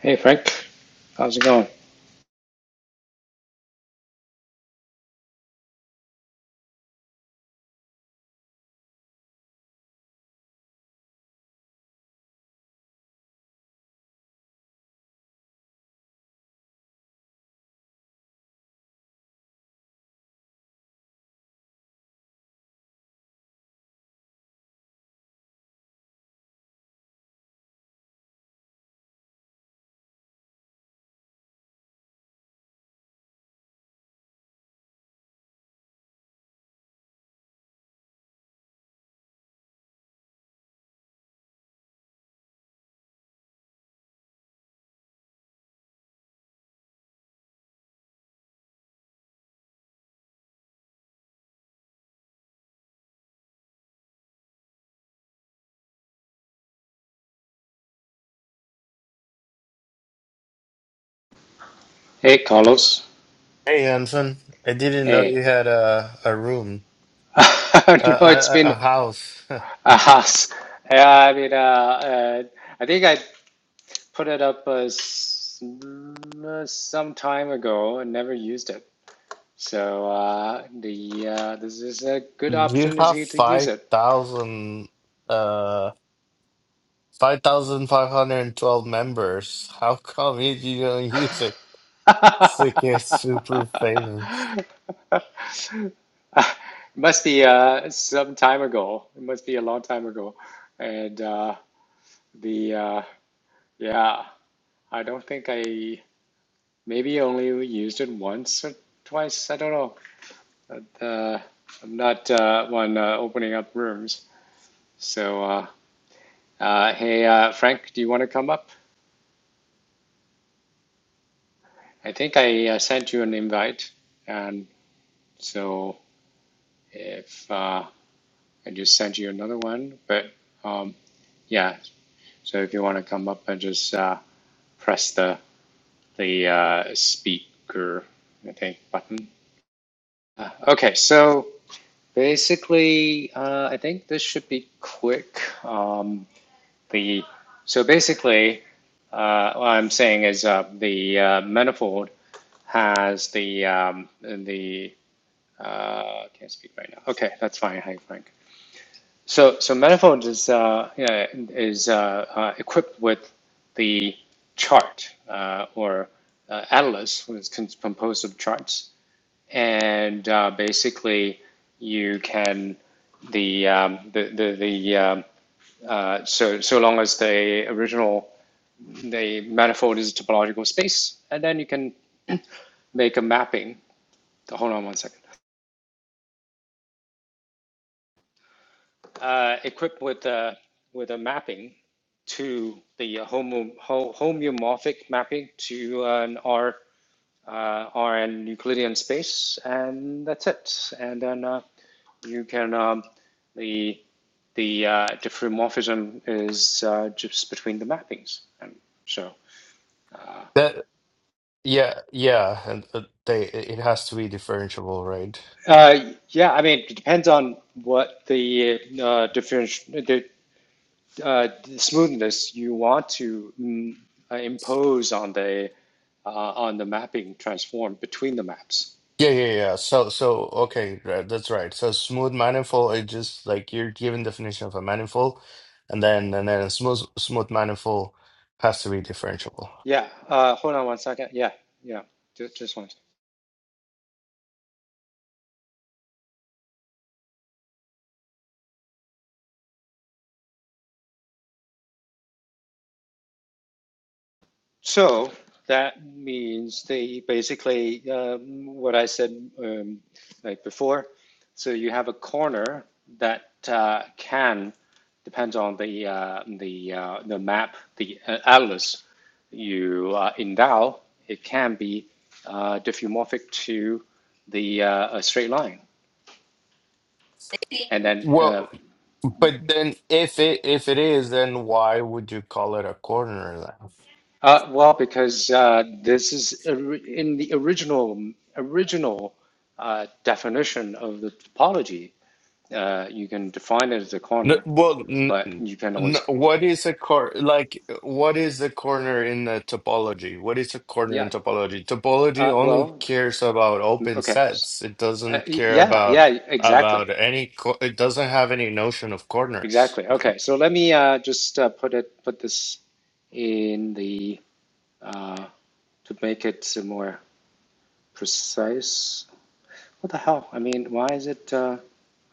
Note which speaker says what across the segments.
Speaker 1: Hey Frank, how's it going? Hey Carlos.
Speaker 2: Hey Hanson, I didn't know
Speaker 1: Hey.
Speaker 2: you had a a room, a a,
Speaker 1: no, it's
Speaker 2: a a
Speaker 1: been
Speaker 2: house.
Speaker 1: a house. Yeah, I mean, uh, uh, I think I put it up uh, s- uh, some time ago and never used it. So uh, the uh, this is a good
Speaker 2: You have
Speaker 1: opportunity to use
Speaker 2: five
Speaker 1: it.
Speaker 2: thousand, uh, five thousand five hundred and twelve members. How come you you don't use it? It's like it's super famous.
Speaker 1: must be uh, some time ago. It must be a long time ago. And uh, the uh, yeah. I don't think I maybe only used it once or twice. I don't know. But, uh, I'm not uh, one uh, opening up rooms. So, uh, uh, hey, uh, Frank, do you want to come up? I think I uh, sent you an invite, and so if uh, I just sent you another one, but um, yeah, so if you want to come up and just uh, press the the uh, speaker, I think, button. Uh, okay, so. Basically, uh, I think this should be quick. Um, the so basically, uh, what I'm saying is uh, the uh, manifold has the um, the uh, can't speak right now. Okay, that's fine. Hi, Frank. So so manifold is uh, yeah, is uh, uh, equipped with the chart uh, or uh, atlas, which is composed of charts and uh, basically you can the um, the the, the um, uh, so so long as the original the manifold is a topological space, and then you can make a mapping. Hold on one second. Uh, equipped with a with a mapping to the homo, homeomorphic mapping to an R uh, RN Euclidean space, and that's it. And then uh, you can um, the the uh, diffeomorphism is uh, just between the mappings. And so,
Speaker 2: That yeah yeah, and uh, they it has to be differentiable, right?
Speaker 1: uh, yeah, I mean, it depends on what the uh, different the, uh, smoothness you want to mm, uh, impose on the uh, on the mapping transform between the maps.
Speaker 2: Yeah, yeah, yeah. So, so okay, right, that's right. So, smooth manifold is just like you're given definition of a manifold, and then and then a smooth smooth manifold has to be differentiable.
Speaker 1: Yeah. Uh, hold on one second. Yeah. Yeah. Ju- Just one So that means they basically, um, what I said um, like before, so you have a corner that uh, can, depends on the, uh, the, uh, the map, the uh, atlas you uh, endow, it can be uh, diffeomorphic to the uh, a straight line. And then uh,
Speaker 2: Well, but then if it if it is, then why would you call it a corner then?
Speaker 1: Uh, well, because uh, this is or- in the original original uh, definition of the topology. Uh, you can define it as a
Speaker 2: No,
Speaker 1: corner,
Speaker 2: well, n
Speaker 1: but you can
Speaker 2: n
Speaker 1: always
Speaker 2: what is a cor like what is a corner in the topology? What is a corner
Speaker 1: yeah.
Speaker 2: in topology? Topology
Speaker 1: Uh,
Speaker 2: only
Speaker 1: well,
Speaker 2: cares about
Speaker 1: mm,
Speaker 2: open
Speaker 1: okay,
Speaker 2: sets. It
Speaker 1: uh,
Speaker 2: doesn't
Speaker 1: y-
Speaker 2: care
Speaker 1: yeah,
Speaker 2: about
Speaker 1: yeah, exactly,
Speaker 2: about any co it doesn't have any notion of corners,
Speaker 1: exactly.
Speaker 2: right?
Speaker 1: Okay, so let me uh, just uh, put it put this in the uh, to make it more precise. What the hell? I mean, why is it? Uh,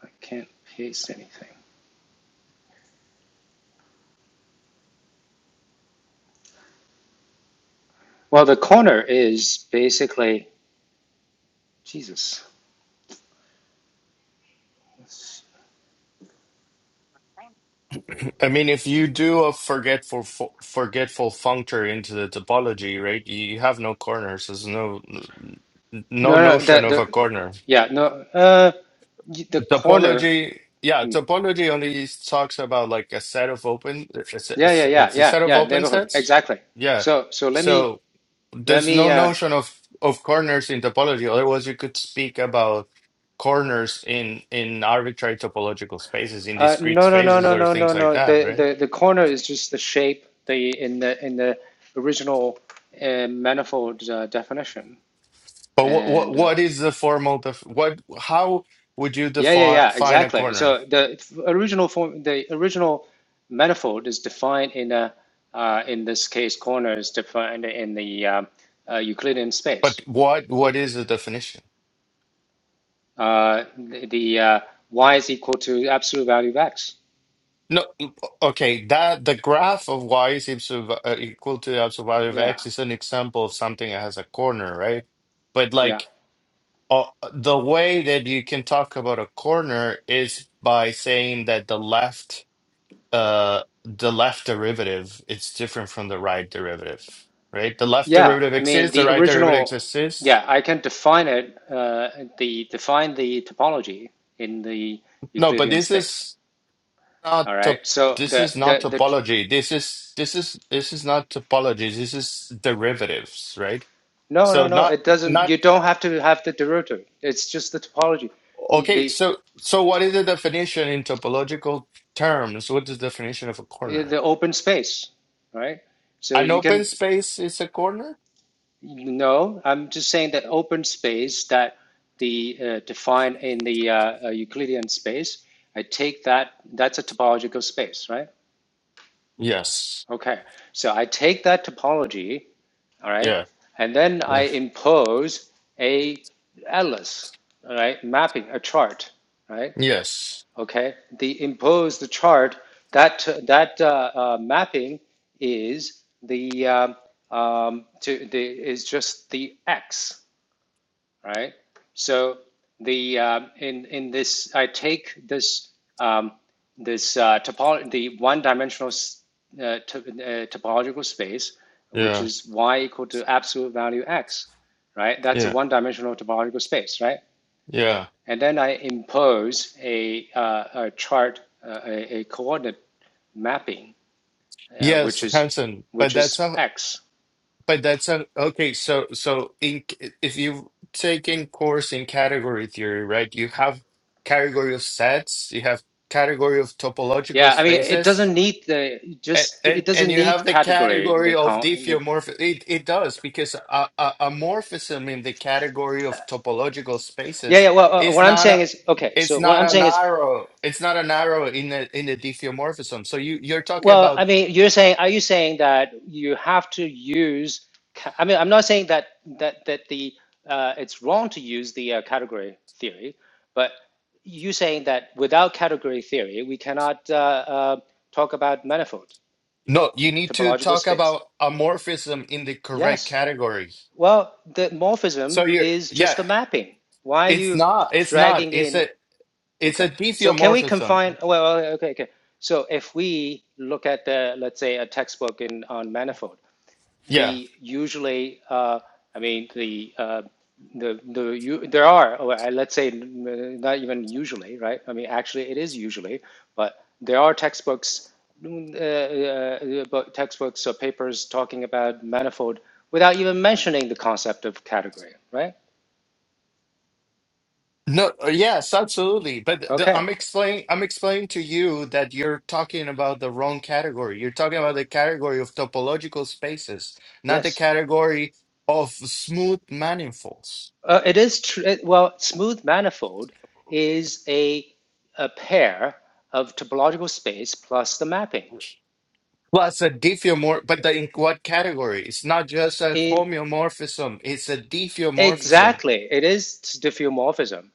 Speaker 1: I can't paste anything. Well, the corner is basically Jesus.
Speaker 2: I mean, if you do a forgetful fo forgetful functor into the topology, right? You have no corners. There's no no
Speaker 1: No, no, the
Speaker 2: notion of a
Speaker 1: the
Speaker 2: corner.
Speaker 1: yeah, no, uh, y- the corner.
Speaker 2: Topology, yeah,
Speaker 1: hmm.
Speaker 2: topology only talks about like a set of open, it's a,
Speaker 1: Yeah, yeah,
Speaker 2: it's a
Speaker 1: yeah,
Speaker 2: it's a
Speaker 1: yeah,
Speaker 2: set of
Speaker 1: yeah.
Speaker 2: open
Speaker 1: Neighborhood,
Speaker 2: sets.
Speaker 1: exactly.
Speaker 2: Yeah.
Speaker 1: So, so let me
Speaker 2: So
Speaker 1: let
Speaker 2: there's
Speaker 1: me.
Speaker 2: no
Speaker 1: Uh,
Speaker 2: notion of of corners in topology. Otherwise, you could speak about corners in in arbitrary topological spaces, in
Speaker 1: uh,
Speaker 2: discrete
Speaker 1: no, no, no,
Speaker 2: spaces,
Speaker 1: no,
Speaker 2: or
Speaker 1: no, no,
Speaker 2: things like
Speaker 1: no.
Speaker 2: that,
Speaker 1: The
Speaker 2: right?
Speaker 1: the the corner is just the shape. The in the in the original uh, manifold uh, definition,
Speaker 2: But what what
Speaker 1: and uh,
Speaker 2: what is the formal def what how would you
Speaker 1: Yeah, yeah,
Speaker 2: define
Speaker 1: yeah,
Speaker 2: find a
Speaker 1: exactly.
Speaker 2: corner?
Speaker 1: So the f- original form, the original manifold is defined in a, uh, in this case, corner is defined in the um, uh, Euclidean space.
Speaker 2: But what what is the definition?
Speaker 1: Uh, the the uh, y is equal to absolute value of x.
Speaker 2: No, okay, that the graph of y is equal to, uh, equal to the absolute value of
Speaker 1: Yeah,
Speaker 2: x is an example of something that has a corner, right? But
Speaker 1: yeah,
Speaker 2: like uh, the way that you can talk about a corner is by saying that the left uh the left derivative is different from the right derivative, right? The left
Speaker 1: yeah.
Speaker 2: derivative
Speaker 1: I mean,
Speaker 2: exists, the
Speaker 1: the
Speaker 2: right derivative
Speaker 1: original.
Speaker 2: exists.
Speaker 1: Yeah, I can define it. Uh, the define the topology in the
Speaker 2: No, but
Speaker 1: Euclidean
Speaker 2: this
Speaker 1: space.
Speaker 2: is not
Speaker 1: All
Speaker 2: to,
Speaker 1: right. So
Speaker 2: this
Speaker 1: the
Speaker 2: is not
Speaker 1: the the
Speaker 2: topology. This is this is this is not topology. This is derivatives, right?
Speaker 1: No,
Speaker 2: So
Speaker 1: no, no.
Speaker 2: not
Speaker 1: It doesn't.
Speaker 2: not
Speaker 1: You don't have to have the derivative. It's just the topology, You-
Speaker 2: okay.
Speaker 1: the
Speaker 2: So so what is the definition in topological terms? What is the definition of a corner?
Speaker 1: the open space, right? So
Speaker 2: An
Speaker 1: you
Speaker 2: open
Speaker 1: can
Speaker 2: space is a corner.
Speaker 1: no. I'm just saying that open space that the uh, defined in the uh, uh, Euclidean space. I take that. That's a topological space, right?
Speaker 2: Yes.
Speaker 1: Okay. So I take that topology, all right,
Speaker 2: Yeah.
Speaker 1: and then I
Speaker 2: Yeah.
Speaker 1: impose a atlas, all right, mapping a chart, right?
Speaker 2: Yes.
Speaker 1: Okay, the imposed chart that that uh, uh, mapping is the um, um, to the is just the x, right? So the um in in this I take this um, this uh, topo the one dimensional uh, to, uh, topological space, which
Speaker 2: Yeah.
Speaker 1: is y equal to absolute value x, right? That's a
Speaker 2: Yeah.
Speaker 1: one dimensional topological space, right?
Speaker 2: Yeah.
Speaker 1: And then I impose a, uh, a chart, uh, a, a coordinate mapping, uh, which
Speaker 2: Yes,
Speaker 1: is
Speaker 2: Hanson. But
Speaker 1: which
Speaker 2: that's
Speaker 1: is
Speaker 2: a
Speaker 1: X.
Speaker 2: But that's a, okay. So, so in if you take in course in category theory, right? You have category of sets, you have category of topological
Speaker 1: Yeah, I mean, it doesn't
Speaker 2: spaces,
Speaker 1: need the
Speaker 2: and
Speaker 1: just it
Speaker 2: and,
Speaker 1: doesn't
Speaker 2: and you
Speaker 1: need
Speaker 2: have the
Speaker 1: category.
Speaker 2: category
Speaker 1: The,
Speaker 2: of
Speaker 1: the
Speaker 2: diffeomorphism. It it does because a, a, a morphism in the category of topological
Speaker 1: yeah,
Speaker 2: spaces
Speaker 1: yeah. Well, uh,
Speaker 2: is
Speaker 1: what I'm
Speaker 2: not
Speaker 1: saying
Speaker 2: a
Speaker 1: is okay.
Speaker 2: it's
Speaker 1: So what
Speaker 2: not
Speaker 1: I'm
Speaker 2: an
Speaker 1: saying is
Speaker 2: arrow. It's not an arrow in the in the diffeomorphism. So you you're talking
Speaker 1: Well,
Speaker 2: about
Speaker 1: I mean, you're saying, are you saying that you have to use? ca- I mean, I'm not saying that that that the uh, it's wrong to use the uh, category theory, but you saying that without category theory, we cannot uh, uh, talk about manifold
Speaker 2: No, you need to
Speaker 1: topological
Speaker 2: talk
Speaker 1: space.
Speaker 2: about amorphism in the correct
Speaker 1: Yes.
Speaker 2: category.
Speaker 1: Well, the morphism
Speaker 2: So you,
Speaker 1: is just
Speaker 2: yeah,
Speaker 1: a mapping. Why are
Speaker 2: it's
Speaker 1: you
Speaker 2: not, it's not,
Speaker 1: dragging
Speaker 2: it's
Speaker 1: in?
Speaker 2: a, it's
Speaker 1: Okay.
Speaker 2: a
Speaker 1: So can we
Speaker 2: diffeomorphism.
Speaker 1: confine? Well, okay, okay. So if we look at the, let's say, a textbook in on manifold.
Speaker 2: Yeah.
Speaker 1: the usually, uh, I mean, the uh, the the you, there are or let's say not even usually, right? I mean, actually, it is usually, but there are textbooks, mm, uh, uh, textbooks or papers talking about manifold without even mentioning the concept of category, right?
Speaker 2: No, uh, yes, absolutely. But the,
Speaker 1: Okay.
Speaker 2: I'm explaining, I'm explaining to you that you're talking about the wrong category. You're talking about the category of topological spaces, not the
Speaker 1: Yes.
Speaker 2: category of smooth manifolds.
Speaker 1: Uh, it is true. Well, smooth manifold is a a pair of topological space plus the mapping.
Speaker 2: Plus a diffeomorph, but the, in what category? It's not just a
Speaker 1: In
Speaker 2: homeomorphism, it's a diffeomorphism.
Speaker 1: Exactly. It is diffeomorphism.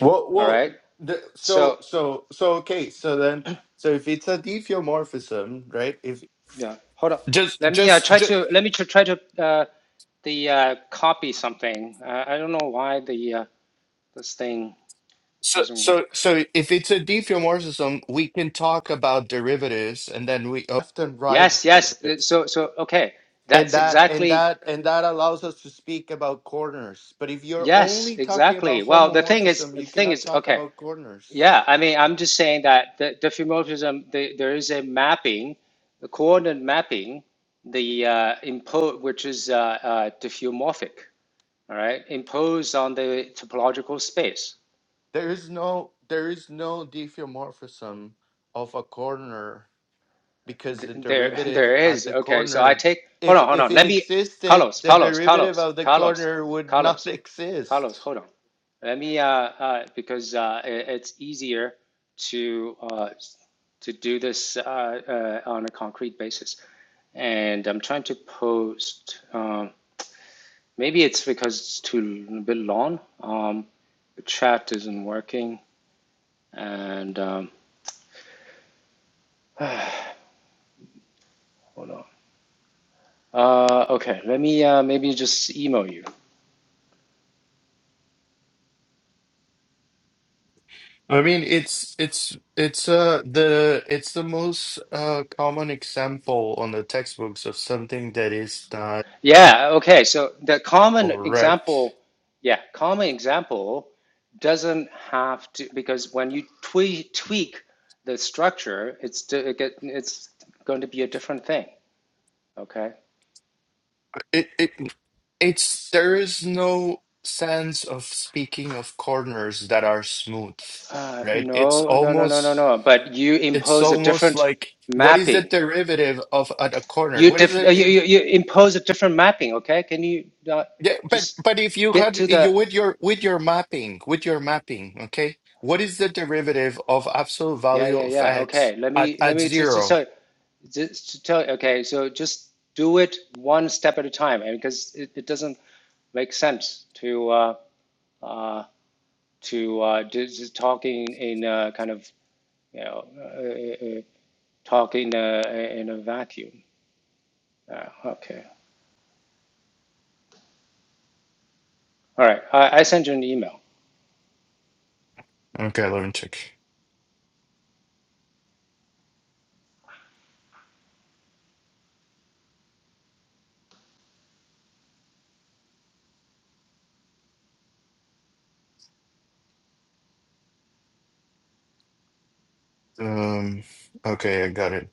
Speaker 2: Well,
Speaker 1: All
Speaker 2: well,
Speaker 1: right.
Speaker 2: the, so,
Speaker 1: So
Speaker 2: so, so, okay. So then, so if it's a diffeomorphism, right? If
Speaker 1: yeah, hold on.
Speaker 2: just,
Speaker 1: Let me uh,
Speaker 2: just,
Speaker 1: try
Speaker 2: just,
Speaker 1: to let me tr- try to uh, the uh, copy something. Uh, I don't know why the uh, this thing
Speaker 2: so,
Speaker 1: doesn't
Speaker 2: so,
Speaker 1: work.
Speaker 2: so, if it's a diffeomorphism, we can talk about derivatives, and then we oh, left and right
Speaker 1: Yes, yes. th-
Speaker 2: derivatives,
Speaker 1: So so okay.
Speaker 2: and
Speaker 1: That's
Speaker 2: that, and
Speaker 1: exactly
Speaker 2: that, and that allows us to speak about corners. But if you're
Speaker 1: yes,
Speaker 2: only talking
Speaker 1: exactly.
Speaker 2: about
Speaker 1: Well, the thing is
Speaker 2: homomorphism,
Speaker 1: the
Speaker 2: you
Speaker 1: thing
Speaker 2: cannot
Speaker 1: is
Speaker 2: talk
Speaker 1: okay.
Speaker 2: about corners.
Speaker 1: Yeah, I mean, I'm just saying that the diffeomorphism, the, there is a mapping, the coordinate mapping, the uh, impo which is uh, uh, diffeomorphic. all right, imposed on the topological space.
Speaker 2: There is no, there is no diffeomorphism of a corner because the
Speaker 1: There,
Speaker 2: derivative
Speaker 1: there
Speaker 2: at
Speaker 1: is.
Speaker 2: the
Speaker 1: Okay, so I
Speaker 2: corner
Speaker 1: take. Hold
Speaker 2: if
Speaker 1: on, hold
Speaker 2: if
Speaker 1: on.
Speaker 2: it
Speaker 1: Let me,
Speaker 2: existed
Speaker 1: Carlos,
Speaker 2: the
Speaker 1: Carlos,
Speaker 2: derivative
Speaker 1: Carlos,
Speaker 2: of the
Speaker 1: Carlos,
Speaker 2: corner would not
Speaker 1: Carlos, Carlos.
Speaker 2: exist
Speaker 1: Hold on. Let me, uh, uh, because uh, it, it's easier to uh, to do this uh, uh, on a concrete basis, and I'm trying to post. Um, maybe it's because it's too a bit long. Um, the chat isn't working, and um, hold on. Uh, okay, let me uh, maybe just email you.
Speaker 2: I mean, it's it's it's uh the it's the most uh common example on the textbooks of something that is not
Speaker 1: Yeah, okay. So the common
Speaker 2: correct.
Speaker 1: example, yeah, common example doesn't have to because when you tweak tweak the structure, it's to, it get, it's going to be a different thing. Okay.
Speaker 2: It it it's there is no sense of speaking of corners that are smooth,
Speaker 1: Uh,
Speaker 2: right? It's
Speaker 1: no, no, no, no, no,
Speaker 2: almost
Speaker 1: no. But you
Speaker 2: It's
Speaker 1: impose a
Speaker 2: almost
Speaker 1: different
Speaker 2: like what is the
Speaker 1: mapping.
Speaker 2: derivative of at a corner?
Speaker 1: You
Speaker 2: What is
Speaker 1: diff uh,
Speaker 2: it?
Speaker 1: you, you
Speaker 2: it-
Speaker 1: you impose a different mapping. Okay. Can you uh,
Speaker 2: Yeah, but
Speaker 1: just
Speaker 2: but if you
Speaker 1: get
Speaker 2: had
Speaker 1: to
Speaker 2: you
Speaker 1: the
Speaker 2: with your with your mapping with your mapping, okay, what is the derivative of absolute
Speaker 1: Yeah,
Speaker 2: value
Speaker 1: yeah,
Speaker 2: of
Speaker 1: yeah. Okay.
Speaker 2: x
Speaker 1: Let
Speaker 2: at
Speaker 1: me let
Speaker 2: at
Speaker 1: me just, just
Speaker 2: zero?
Speaker 1: tell just to tell okay, so just do it one step at a time and because it, it doesn't make sense to uh uh to uh just, just talking in uh kind of you know uh, uh, talking uh, in a in a vacuum. Uh, okay. All right. I, I sent you an email.
Speaker 2: Okay, let me check. Um, okay, I got it.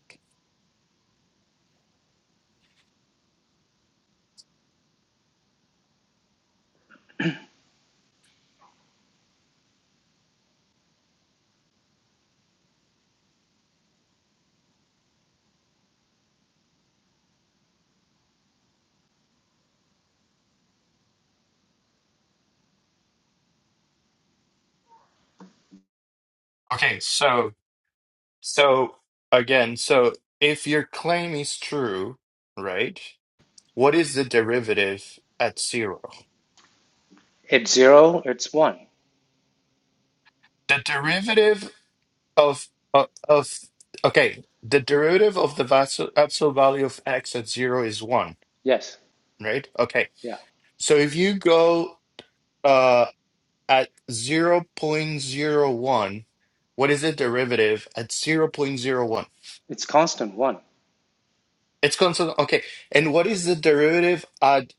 Speaker 2: Okay, so so again, so if your claim is true, right? What is the derivative at zero?
Speaker 1: It's zero, it's one.
Speaker 2: The derivative of of, of okay the derivative of the vas- absolute value of x at zero is one
Speaker 1: Yes.
Speaker 2: right okay
Speaker 1: Yeah.
Speaker 2: so if you go uh at zero point zero 0.01 what is the derivative at zero point zero 0.01
Speaker 1: It's constant one.
Speaker 2: it's constant okay and what is the derivative at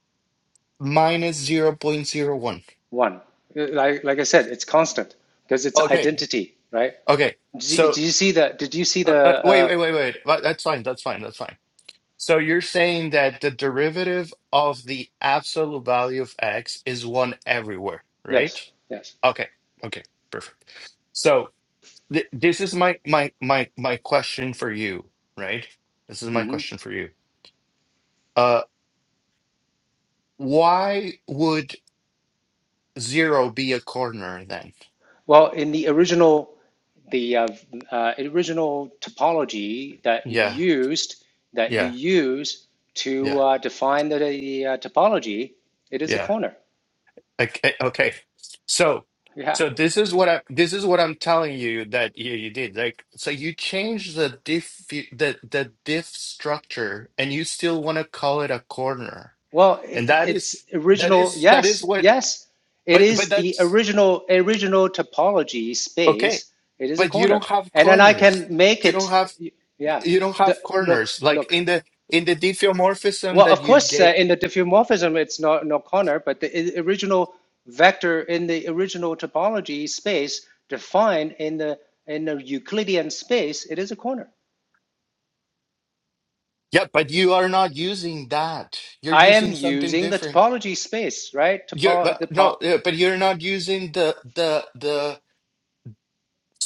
Speaker 2: minus zero point zero 0.01
Speaker 1: One. Uh, Like like I said, it's constant because it's
Speaker 2: okay
Speaker 1: identity, right?
Speaker 2: okay
Speaker 1: Did you,
Speaker 2: so
Speaker 1: see the? Did you see
Speaker 2: uh,
Speaker 1: the?
Speaker 2: uh, wait
Speaker 1: Uh,
Speaker 2: wait wait wait But that's fine that's fine that's fine So you're saying that the derivative of the absolute value of x is one everywhere, right?
Speaker 1: yes, yes.
Speaker 2: Okay. Okay. Perfect. So th this is my my my my question for you, right? This is my
Speaker 1: hmm
Speaker 2: question for you. Uh, why would zero be a corner then?
Speaker 1: Well, in the original, the uh, uh, original topology that you
Speaker 2: Yeah.
Speaker 1: used, that you
Speaker 2: Yeah.
Speaker 1: use to
Speaker 2: Yeah.
Speaker 1: uh, define the, the uh, topology, it is a
Speaker 2: Yeah.
Speaker 1: corner.
Speaker 2: Okay, okay. So,
Speaker 1: Yeah.
Speaker 2: so this is what I this is what I'm telling you that you, you did. Like, so you changed the diff the the diff structure, and you still want to call it a corner,
Speaker 1: Well,
Speaker 2: and
Speaker 1: it,
Speaker 2: that
Speaker 1: it's
Speaker 2: is that
Speaker 1: original.
Speaker 2: is that is
Speaker 1: Yes,
Speaker 2: what.
Speaker 1: yes. It
Speaker 2: But but
Speaker 1: is the
Speaker 2: that's
Speaker 1: original original topology
Speaker 2: okay.
Speaker 1: space. It is a
Speaker 2: But you
Speaker 1: corner,
Speaker 2: don't have
Speaker 1: and then I can
Speaker 2: corners.
Speaker 1: make
Speaker 2: You
Speaker 1: it.
Speaker 2: don't have
Speaker 1: Yeah.
Speaker 2: you don't
Speaker 1: The,
Speaker 2: have
Speaker 1: look,
Speaker 2: corners. Like
Speaker 1: look.
Speaker 2: in the in the diffeomorphism
Speaker 1: Well,
Speaker 2: that
Speaker 1: of
Speaker 2: you
Speaker 1: course, uh,
Speaker 2: gave.
Speaker 1: in the diffeomorphism, it's not no corner, but the original vector in the original topology space defined in the in the Euclidean space, it is a corner.
Speaker 2: Yeah, but you are not using that. You're
Speaker 1: I am
Speaker 2: using something
Speaker 1: using the
Speaker 2: different.
Speaker 1: topology space, right?
Speaker 2: You're
Speaker 1: Topo-
Speaker 2: but
Speaker 1: the
Speaker 2: no, yeah, but you're not using the the the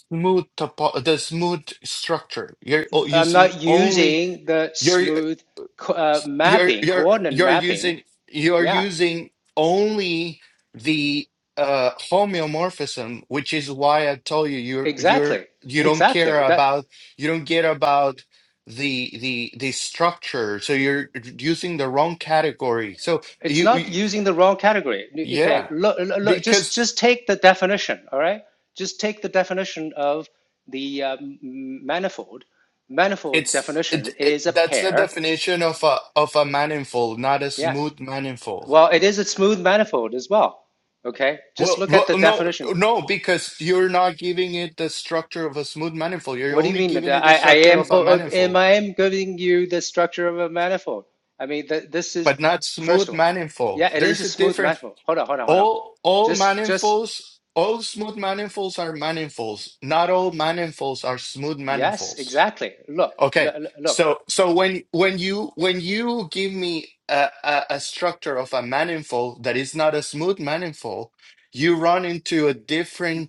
Speaker 2: smooth topo the smooth structure. You're o-
Speaker 1: I'm
Speaker 2: using
Speaker 1: not
Speaker 2: only
Speaker 1: using the
Speaker 2: you're
Speaker 1: smooth co- uh,
Speaker 2: you're
Speaker 1: mapping,
Speaker 2: you're
Speaker 1: coordinate
Speaker 2: you're
Speaker 1: mapping.
Speaker 2: using you're
Speaker 1: Yeah,
Speaker 2: using only the uh homeomorphism, which is why I told you you're you're
Speaker 1: exactly,
Speaker 2: you don't
Speaker 1: exactly.
Speaker 2: care
Speaker 1: That
Speaker 2: about you don't care about the the the structure. So you're using the wrong category. So
Speaker 1: It's
Speaker 2: you,
Speaker 1: not
Speaker 2: you
Speaker 1: using the wrong category. Okay,
Speaker 2: yeah,
Speaker 1: look, look, just
Speaker 2: because.
Speaker 1: just take the definition. All right, just take the definition of the um, manifold. Manifold
Speaker 2: It's it,
Speaker 1: definition
Speaker 2: it
Speaker 1: is a
Speaker 2: that's the
Speaker 1: pair.
Speaker 2: definition of a of a manifold, not a
Speaker 1: Yeah.
Speaker 2: smooth manifold.
Speaker 1: Well, it is a smooth manifold as well. Okay, just
Speaker 2: Well,
Speaker 1: look at
Speaker 2: well,
Speaker 1: the
Speaker 2: no,
Speaker 1: definition.
Speaker 2: no, because you're not giving it the structure of a smooth manifold. You're
Speaker 1: What do you
Speaker 2: only
Speaker 1: mean?
Speaker 2: giving it the
Speaker 1: I, I
Speaker 2: structure
Speaker 1: am
Speaker 2: of a
Speaker 1: am
Speaker 2: manifold,
Speaker 1: I am giving you the structure of a manifold. I mean, th this is
Speaker 2: but not
Speaker 1: first
Speaker 2: smooth
Speaker 1: of all. Yeah,
Speaker 2: manifold.
Speaker 1: it is a
Speaker 2: There's a
Speaker 1: smooth
Speaker 2: difference.
Speaker 1: manifold. Hold on, hold on, hold on.
Speaker 2: All all
Speaker 1: Just just
Speaker 2: manifolds, all smooth manifolds are manifolds. Not all manifolds are smooth
Speaker 1: Yes,
Speaker 2: manifolds.
Speaker 1: exactly. Look,
Speaker 2: Okay.
Speaker 1: look, look.
Speaker 2: So so when when you when you give me a, a, a structure of a manifold that is not a smooth manifold, you run into a different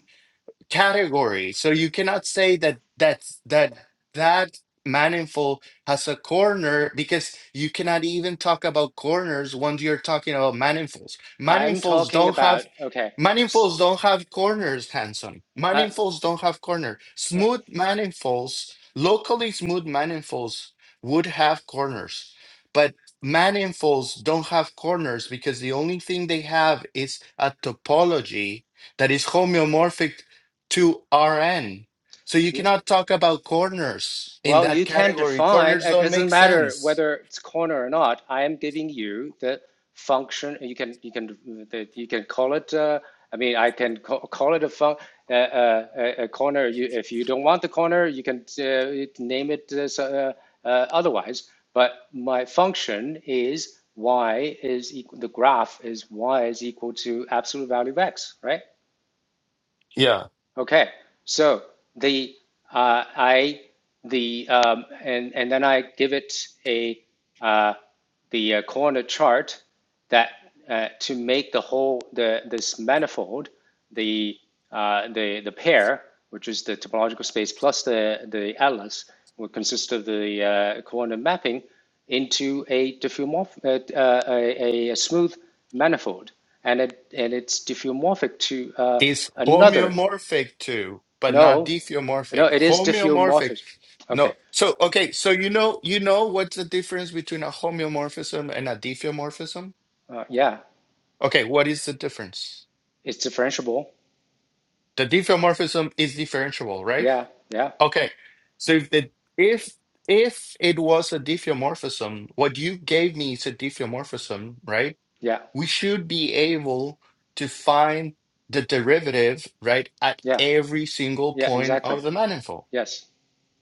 Speaker 2: category. So you cannot say that that's that that manifold has a corner because you cannot even talk about corners once you're talking about manifolds.
Speaker 1: I'm
Speaker 2: Manifolds
Speaker 1: talking
Speaker 2: don't have
Speaker 1: about okay. s-
Speaker 2: manifolds don't have corners, Hanson.
Speaker 1: Uh,
Speaker 2: Manifolds don't have corner.
Speaker 1: uh,
Speaker 2: Smooth manifolds, locally smooth manifolds would have corners, but manifolds don't have corners because the only thing they have is a topology that is homeomorphic to RN. So you
Speaker 1: yeah,
Speaker 2: cannot talk about corners in
Speaker 1: Well,
Speaker 2: that
Speaker 1: you can
Speaker 2: category.
Speaker 1: define,
Speaker 2: Corners
Speaker 1: it
Speaker 2: don't
Speaker 1: doesn't
Speaker 2: make
Speaker 1: matter
Speaker 2: sense.
Speaker 1: whether it's corner or not. I am giving you the function. You can you can you can call it. Uh, I mean, I can call, call it a fun, uh, uh, a corner. You, if you don't want the corner, you can uh, name it uh, so- uh, uh, otherwise. But my function is y is equal. The graph is y is equal to absolute value of x, right?
Speaker 2: Yeah.
Speaker 1: Okay, so the uh, I the um, and and then I give it a uh, the uh, corner chart that uh, to make the whole the this manifold the uh, the the pair which is the topological space plus the the atlas will consist of the uh, coordinate mapping into a diffeomorph uh, uh, a, a smooth manifold and it and it's diffeomorphic to uh,
Speaker 2: It's
Speaker 1: another
Speaker 2: homeomorphic too, but not
Speaker 1: no, no,
Speaker 2: diffeomorphic.
Speaker 1: it is
Speaker 2: Homeomorphic.
Speaker 1: diffeomorphism. Okay.
Speaker 2: No. So okay, so you know you know what's the difference between a homeomorphism and a diffeomorphism?
Speaker 1: Uh, yeah,
Speaker 2: Okay, what is the difference?
Speaker 1: it's differentiable.
Speaker 2: The diffeomorphism is differentiable, right?
Speaker 1: Yeah, yeah,
Speaker 2: Okay. So if the if if it was a diffeomorphism, what you gave me is a diffeomorphism, right?
Speaker 1: yeah,
Speaker 2: we should be able to find the derivative, right, at
Speaker 1: yeah,
Speaker 2: every single
Speaker 1: yeah,
Speaker 2: point
Speaker 1: exactly.
Speaker 2: of the manifold.
Speaker 1: Yes.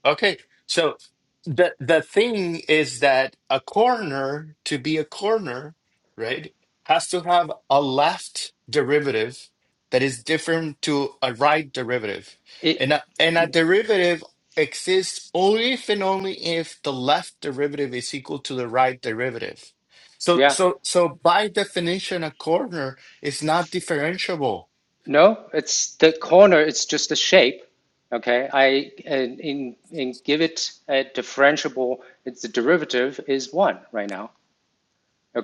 Speaker 2: Okay, so the the thing is that a corner to be a corner, right, has to have a left derivative that is different to a right derivative,
Speaker 1: It,
Speaker 2: and a, and a derivative exists only if and only if the left derivative is equal to the right derivative. So
Speaker 1: yeah.
Speaker 2: so so by definition, a corner is not differentiable.
Speaker 1: No, it's the corner, it's just the shape. Okay. I, and in, in give it a differentiable, it's the derivative is one right now.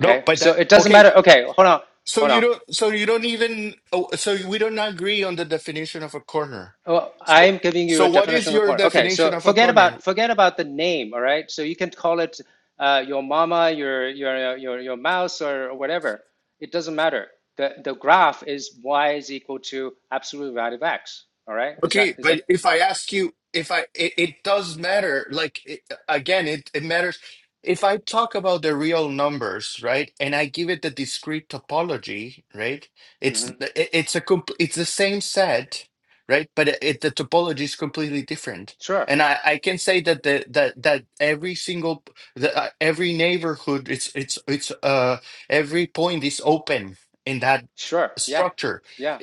Speaker 2: No, but
Speaker 1: So
Speaker 2: that
Speaker 1: it doesn't
Speaker 2: okay.
Speaker 1: matter. Okay. Hold on.
Speaker 2: So
Speaker 1: Hold
Speaker 2: you
Speaker 1: on.
Speaker 2: don't. So you don't even. Oh, so we don't agree on the definition of a corner.
Speaker 1: Well,
Speaker 2: So
Speaker 1: I'm giving you a
Speaker 2: so what is
Speaker 1: definition of
Speaker 2: your
Speaker 1: corn. Okay,
Speaker 2: definition
Speaker 1: so
Speaker 2: of a
Speaker 1: forget
Speaker 2: corner?
Speaker 1: about forget about the name. All right, so you can call it uh, your mama, your your your your mouse, or or whatever. It doesn't matter. the The graph is y is equal to absolute value of x. All right, is that
Speaker 2: Okay,
Speaker 1: is that?
Speaker 2: but if I ask you, if I, it, it does matter. Like it, again, it it matters. If I talk about the real numbers, right, and I give it the discrete topology, right, it's
Speaker 1: mhm.
Speaker 2: it- it's a comp it's the same set, right, but it, it- the topology is completely different.
Speaker 1: Sure,
Speaker 2: And I, I can say that the that that every single the, uh, every neighborhood it's it's it's uh every point is open in that
Speaker 1: sure, yeah,
Speaker 2: structure
Speaker 1: yeah.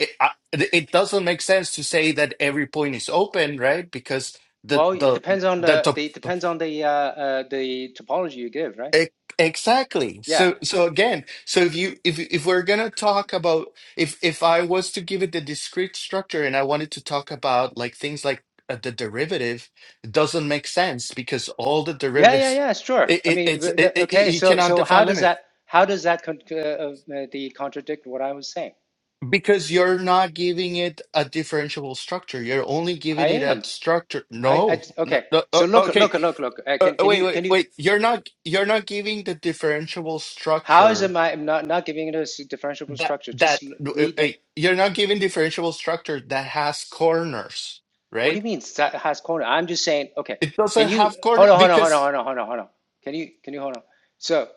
Speaker 2: it it doesn't make sense to say that every point is open, right? Because the
Speaker 1: Well, it
Speaker 2: the
Speaker 1: depends on
Speaker 2: the
Speaker 1: the
Speaker 2: top
Speaker 1: the it depends on the uh, uh, the topology you give, right?
Speaker 2: e- exactly.
Speaker 1: Yeah.
Speaker 2: So so again, so if you if if we're gonna talk about if if I was to give it the discrete structure and I wanted to talk about like things like uh, the derivative, it doesn't make sense because all the
Speaker 1: Yeah, yeah,
Speaker 2: derivatives,
Speaker 1: yeah, sure.
Speaker 2: it,
Speaker 1: I
Speaker 2: it
Speaker 1: mean,
Speaker 2: it's
Speaker 1: the,
Speaker 2: it,
Speaker 1: the-
Speaker 2: it, it-
Speaker 1: okay,
Speaker 2: you
Speaker 1: so
Speaker 2: cannot
Speaker 1: so how
Speaker 2: define
Speaker 1: does
Speaker 2: limit.
Speaker 1: that how does that con uh, uh, the contradict what I was saying?
Speaker 2: Because you're not giving it a differentiable structure. You're only
Speaker 1: I
Speaker 2: giving it a
Speaker 1: am.
Speaker 2: structure.
Speaker 1: I, I
Speaker 2: No, no,
Speaker 1: okay.
Speaker 2: no, uh,
Speaker 1: So look,
Speaker 2: okay.
Speaker 1: look, look, look. Uh,
Speaker 2: Uh,
Speaker 1: can can
Speaker 2: wait,
Speaker 1: you
Speaker 2: wait,
Speaker 1: can you?
Speaker 2: wait. You're not you're not giving the differentiable
Speaker 1: How is it
Speaker 2: structure
Speaker 1: my I'm not not giving it a s- differentiable
Speaker 2: that
Speaker 1: structure? Just
Speaker 2: that
Speaker 1: l-
Speaker 2: uh,
Speaker 1: read.
Speaker 2: uh,
Speaker 1: the
Speaker 2: you're not giving differentiable structure that has corners,
Speaker 1: What do you
Speaker 2: right?
Speaker 1: mean sa- has corner? I'm just saying, okay,
Speaker 2: It
Speaker 1: can
Speaker 2: doesn't
Speaker 1: you
Speaker 2: have
Speaker 1: hold
Speaker 2: corner
Speaker 1: on, hold on, hold on,
Speaker 2: because
Speaker 1: hold on, hold on, hold on. Can you can you hold on? So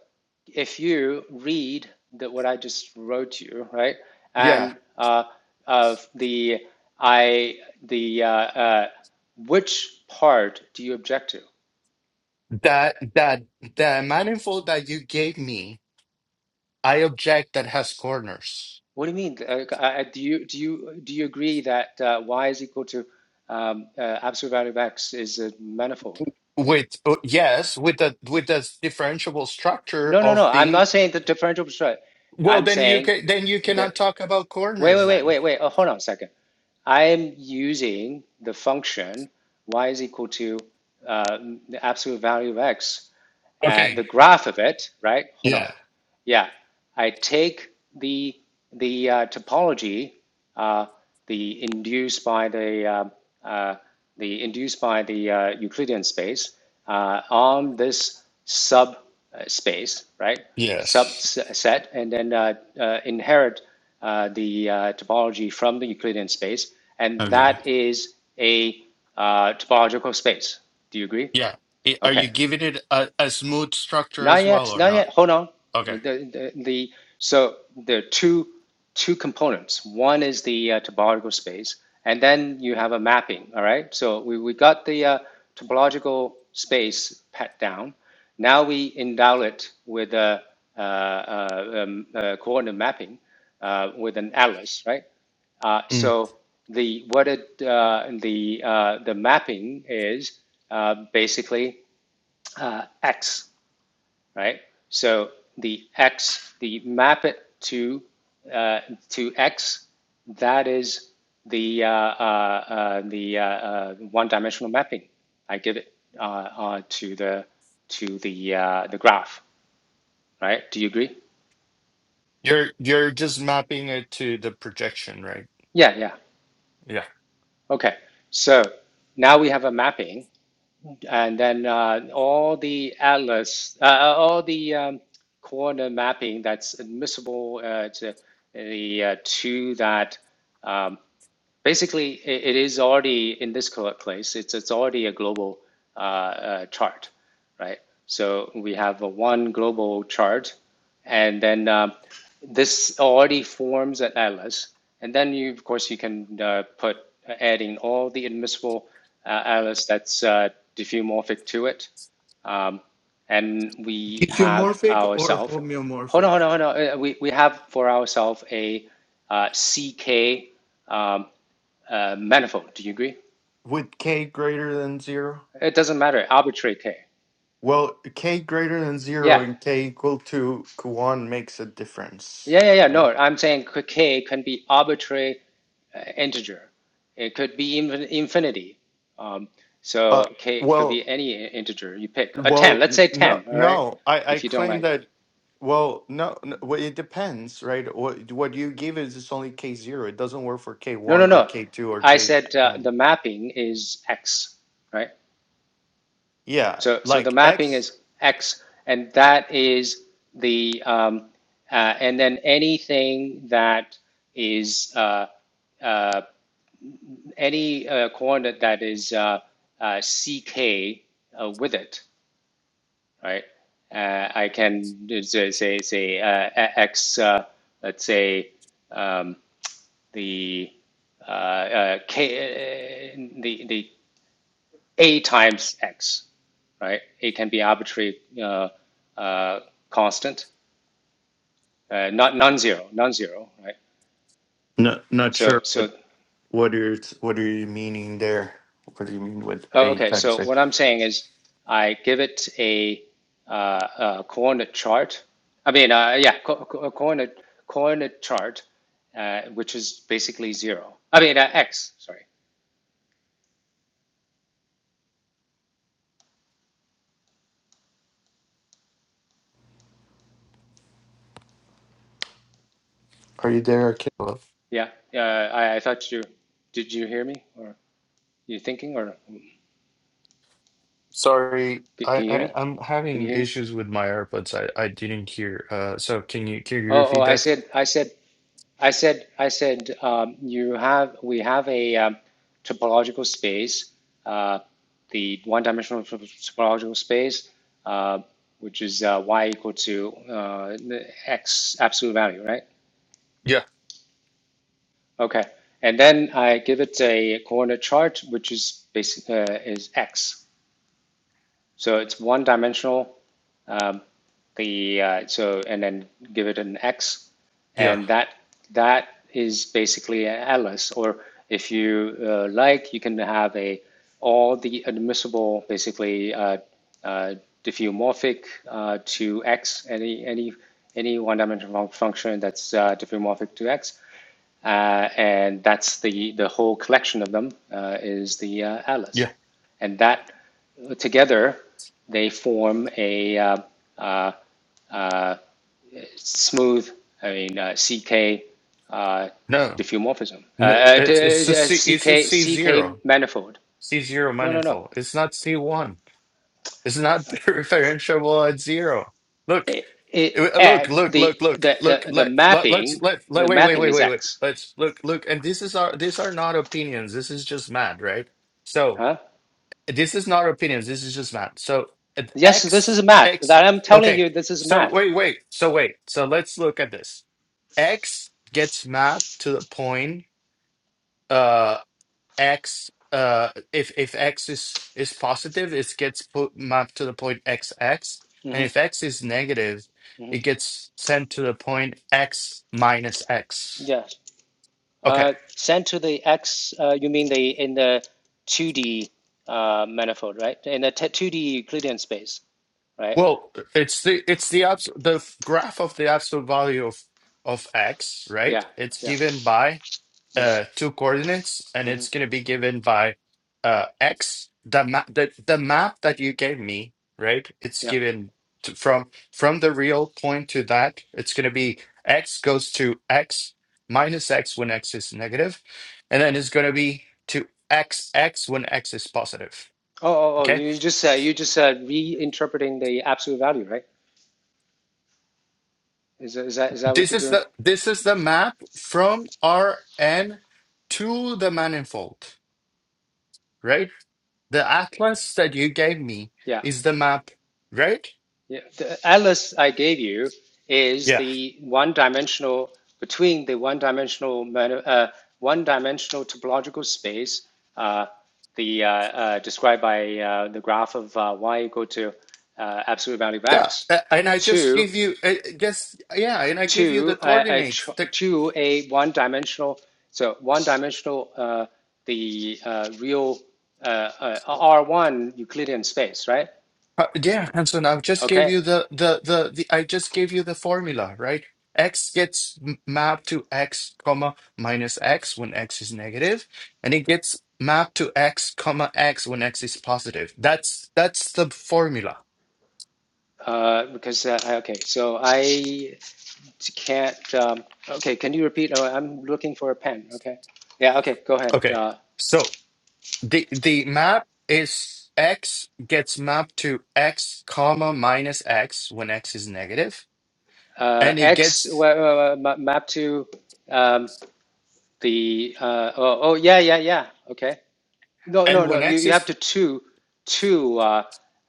Speaker 1: if you read the, what I just wrote you, right,
Speaker 2: yeah,
Speaker 1: and uh, of the I the uh, uh, which part do you object to?
Speaker 2: that that the manifold that you gave me, I object that has corners.
Speaker 1: What do you mean? Uh, uh, do you do you do you agree that uh, y is equal to um, uh, absolute value of x is a manifold?
Speaker 2: With uh, yes, with the with the differentiable structure
Speaker 1: No, no, no.
Speaker 2: of
Speaker 1: I'm
Speaker 2: being
Speaker 1: not saying the differential is right.
Speaker 2: well,
Speaker 1: I'm
Speaker 2: then you
Speaker 1: saying
Speaker 2: can then you
Speaker 1: the
Speaker 2: cannot talk about
Speaker 1: Wait, wait,
Speaker 2: corners
Speaker 1: wait,
Speaker 2: then.
Speaker 1: wait, wait. Oh, hold on a second. I'm using the function y is equal to uh, the absolute value of x, uh,
Speaker 2: Okay.
Speaker 1: the graph of it, right? Hold on.
Speaker 2: Yeah.
Speaker 1: Yeah, I take the the uh, topology, uh, the induced by the uh, uh, the induced by the uh, Euclidean space uh, on this sub uh, space, right?
Speaker 2: Yes.
Speaker 1: Subset, and then uh, uh, inherit uh, the uh, topology from the Euclidean space, and
Speaker 2: Okay.
Speaker 1: that is a uh, topological space. Do you agree?
Speaker 2: Yeah. I- Are you
Speaker 1: Okay.
Speaker 2: giving it a, a smooth structure
Speaker 1: Not
Speaker 2: as well
Speaker 1: yet,
Speaker 2: or
Speaker 1: not
Speaker 2: not?
Speaker 1: yet. Hold on. Uh,
Speaker 2: Okay.
Speaker 1: The, the, the so there are two two components. One is the uh, topological space, and then you have a mapping. All right. So we, we got the uh, topological space pat down. Now we endow it with a, uh, uh, um, uh, coordinate mapping uh, with an atlas, right? Uh,
Speaker 2: Mm.
Speaker 1: so the what it uh, the uh, the mapping is uh, basically uh, x right? So the x, the map it to uh, to x, that is the uh, uh, uh, the uh, uh, one-dimensional mapping. I give it uh, uh, to the to the uh, the graph, right? Do you agree?
Speaker 2: You're you're just mapping it to the projection, right?
Speaker 1: Yeah, yeah.
Speaker 2: Yeah.
Speaker 1: Okay. So now we have a mapping And then uh, all the atlas, uh, uh, all the um, corner mapping that's admissible uh, to the uh, to that. um, basically, it is already in this cl- place. It's it's already a global uh, uh, chart, right? So we have a one global chart, and then um, this already forms an atlas. And then you, of course, you can uh, put uh, adding all the admissible uh, atlas that's uh, diffeomorphic to it. Um, and we have
Speaker 2: Etiomorphic or
Speaker 1: ourselves, hold
Speaker 2: homeomorphic?
Speaker 1: on, hold on, hold on. uh, We, we have for ourselves a uh, CK uh, manifold. Do you agree?
Speaker 2: With k greater than zero?
Speaker 1: It doesn't matter. Arbitrary k.
Speaker 2: Well, k greater than zero
Speaker 1: Yeah.
Speaker 2: and k equal to one makes a difference.
Speaker 1: Yeah, yeah, yeah.
Speaker 2: Right.
Speaker 1: No, I'm saying k can be arbitrary uh, integer. It could be infin infinity. Um, so
Speaker 2: Uh,
Speaker 1: k could
Speaker 2: well,
Speaker 1: be any integer you pick. A 10,
Speaker 2: Well,
Speaker 1: let's say
Speaker 2: no,
Speaker 1: 10, all right?
Speaker 2: no. I I
Speaker 1: If you don't
Speaker 2: claim
Speaker 1: like.
Speaker 2: that. Well, no, no. Well, it depends, right? What what you give is it's only K zero. It doesn't work for K
Speaker 1: No, no,
Speaker 2: one or
Speaker 1: no.
Speaker 2: K two or
Speaker 1: I
Speaker 2: K
Speaker 1: said uh,
Speaker 2: n.
Speaker 1: the mapping is x, right?
Speaker 2: Yeah,
Speaker 1: So, so the
Speaker 2: like
Speaker 1: mapping
Speaker 2: X.
Speaker 1: is x, and that is the um, uh, and then anything that is uh, uh, any uh, coordinate that is uh, uh, CK uh, with it, right? Uh, I can uh, say say, say uh, a- X, uh, let's say um, the uh, uh, K, uh, the the A times X, right? A can be arbitrary uh, uh, constant, uh, not non-zero, non-zero, right?
Speaker 2: No, not
Speaker 1: So
Speaker 2: sure what
Speaker 1: so
Speaker 2: what are you- what are you meaning there? What do you mean with
Speaker 1: Oh,
Speaker 2: A
Speaker 1: okay.
Speaker 2: times
Speaker 1: So
Speaker 2: X?
Speaker 1: what I'm saying is, I give it a, uh, a coordinate chart. I mean, uh, yeah, co- co- coordinate coordinate chart, uh, which is basically zero. I mean, uh, x. Sorry.
Speaker 2: Are you there, Caleb?
Speaker 1: Yeah. Uh, I, I thought you. Did you hear me, or you thinking, or
Speaker 2: Sorry,
Speaker 1: c-
Speaker 2: I,
Speaker 1: can you hear
Speaker 2: I
Speaker 1: me?
Speaker 2: I'm
Speaker 1: Can you
Speaker 2: having
Speaker 1: hear me?
Speaker 2: issues with my AirPods. I I didn't hear. Uh, so can you can you
Speaker 1: Oh, oh.
Speaker 2: repeat
Speaker 1: I
Speaker 2: that?
Speaker 1: said. I said. I said, I said, um, you have, we have a um, topological space, uh, the one-dimensional topological space, uh, which is uh, y equal to uh, x absolute value, right?
Speaker 2: Yeah,
Speaker 1: Okay, and then I give it a coordinate chart, which is basically uh, is x. So it's one dimensional. Um, the uh, so and then give it an x,
Speaker 2: yeah,
Speaker 1: and that that is basically an atlas. Or if you uh, like, you can have a all the admissible basically uh, uh, diffeomorphic uh, to x any any any one dimensional function that's uh, diffeomorphic to x uh, and that's the, the whole collection of them uh, is the uh, atlas.
Speaker 2: yeah.
Speaker 1: And that together, they form a uh, uh, uh, smooth, I mean, uh, CK uh,
Speaker 2: No.
Speaker 1: diffeomorphism, uh,
Speaker 2: No,
Speaker 1: uh,
Speaker 2: it's it's a
Speaker 1: t- uh,
Speaker 2: C it's a
Speaker 1: CK,
Speaker 2: C zero.
Speaker 1: CK manifold.
Speaker 2: C zero
Speaker 1: No, no, no.
Speaker 2: manifold. It's not C one. It's not differentiable at zero. Look,
Speaker 1: It, it,
Speaker 2: uh, look,
Speaker 1: and
Speaker 2: look,
Speaker 1: the,
Speaker 2: look, look,
Speaker 1: the,
Speaker 2: look,
Speaker 1: the, the
Speaker 2: let, let let's
Speaker 1: mapping,
Speaker 2: let let
Speaker 1: the
Speaker 2: wait, wait,
Speaker 1: mapping
Speaker 2: wait,
Speaker 1: is
Speaker 2: wait, wait.
Speaker 1: X.
Speaker 2: Let's look, look, and this is our these are not opinions. This is just math, right? So
Speaker 1: Huh?
Speaker 2: this is not opinions, this is just math. So at
Speaker 1: Yes, this is
Speaker 2: X
Speaker 1: math.
Speaker 2: X
Speaker 1: That I'm telling
Speaker 2: okay.
Speaker 1: you, this is
Speaker 2: So
Speaker 1: math.
Speaker 2: wait, wait, so wait. So let's look at this. X gets mapped to the point. uh, x uh if if x is is positive it gets put mapped to the point x x, and
Speaker 1: Mm-hmm.
Speaker 2: if x is negative it gets sent to the point x minus x
Speaker 1: Yes.
Speaker 2: okay
Speaker 1: Uh, sent to the X, uh, you mean the in the 2D uh, manifold, right? In the 2D Euclidean space, right?
Speaker 2: well it's the it's the abs- the graph of the absolute value of of x
Speaker 1: Yeah,
Speaker 2: right it's
Speaker 1: yeah,
Speaker 2: given by
Speaker 1: yeah,
Speaker 2: uh, two coordinates, and
Speaker 1: hmm
Speaker 2: it's going to be given by uh, x. The map, the, the map that you gave me, right? It's
Speaker 1: yeah.
Speaker 2: given to, from from the real point to that. It's going to be x goes to x minus x when x is negative, and then it's going to be to x x when x is positive.
Speaker 1: Oh, oh, oh!
Speaker 2: Okay,
Speaker 1: You just uh, you just uh, reinterpreting the absolute value, right? Is that- is that is that what
Speaker 2: this
Speaker 1: you're
Speaker 2: is
Speaker 1: doing?
Speaker 2: the this is the map from Rn to the manifold, right? The atlas that you gave me
Speaker 1: Yeah.
Speaker 2: is the map, right?
Speaker 1: Yeah, the atlas I gave you is
Speaker 2: Yeah.
Speaker 1: the one-dimensional between the one-dimensional uh, one-dimensional topological space, uh, the uh, uh, described by uh, the graph of uh, y equal to uh, absolute value of
Speaker 2: Yeah,
Speaker 1: x,
Speaker 2: a- and I just
Speaker 1: to
Speaker 2: give you uh, just yeah, and I give you the
Speaker 1: to uh, a
Speaker 2: coordinates. The
Speaker 1: to a one-dimensional so one-dimensional uh, the uh, real uh, uh, R1 Euclidean space, right?
Speaker 2: uh, yeah, Hanson, I just gave
Speaker 1: Okay,
Speaker 2: you the, the the the I just gave you the formula, right? X gets m- mapped to x comma minus x when x is negative, and it gets mapped to x comma x when x is positive. That's that's the formula.
Speaker 1: Uh, because uh, okay, so I can't. Um, okay, can you repeat? Oh, I'm looking for a pen. Okay, yeah. Okay, go ahead.
Speaker 2: Okay.
Speaker 1: Uh,
Speaker 2: So. The the map is x gets mapped to x comma minus x when x is negative,
Speaker 1: uh,
Speaker 2: and it
Speaker 1: X
Speaker 2: gets
Speaker 1: well, uh, ma- map to um, the. Uh, oh, oh, yeah, yeah, yeah. Okay. No,
Speaker 2: and
Speaker 1: no, no.
Speaker 2: when
Speaker 1: You,
Speaker 2: x
Speaker 1: you have
Speaker 2: is
Speaker 1: to two, two. Uh,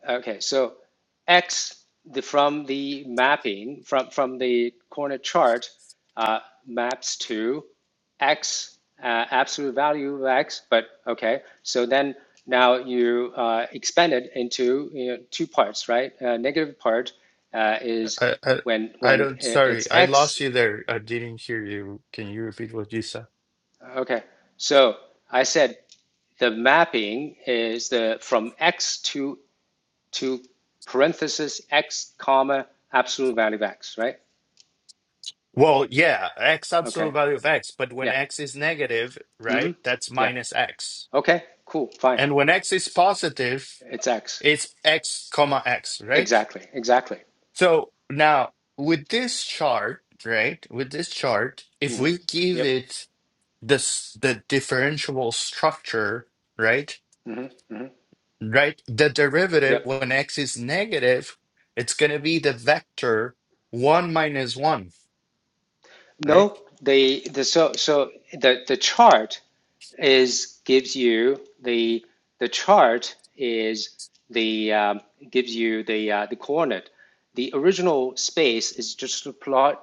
Speaker 1: okay, so x the, from the mapping from from the corner chart uh, maps to x uh, absolute value of x. But okay, so then now you uh, expand it into you know, two parts, right? Uh, negative part uh, is
Speaker 2: I I,
Speaker 1: when
Speaker 2: I
Speaker 1: when
Speaker 2: don't sorry
Speaker 1: it's
Speaker 2: I lost
Speaker 1: x.
Speaker 2: you there I didn't hear you. Can you repeat what you said?
Speaker 1: Okay, so I said the mapping is the from x to to parenthesis x comma absolute value of x, right?
Speaker 2: Well, yeah, x
Speaker 1: Okay,
Speaker 2: absolute value of x, but when
Speaker 1: yeah,
Speaker 2: x is negative,
Speaker 1: mm-hmm,
Speaker 2: right? That's
Speaker 1: yeah,
Speaker 2: minus x,
Speaker 1: okay, cool, fine,
Speaker 2: and when x is positive,
Speaker 1: it's x,
Speaker 2: it's x comma x, right?
Speaker 1: exactly, exactly.
Speaker 2: So now with this chart, right? With this chart, if
Speaker 1: Mm-hmm.
Speaker 2: we give
Speaker 1: Yep,
Speaker 2: it this the differentiable structure, right?
Speaker 1: mm-hmm, mm-hmm,
Speaker 2: Right? The derivative
Speaker 1: yep.
Speaker 2: when x is negative, it's gonna be the vector one minus one, right?
Speaker 1: No, they the so so the the chart is gives you the the chart is the um, gives you the uh, the coordinate. The original space is just a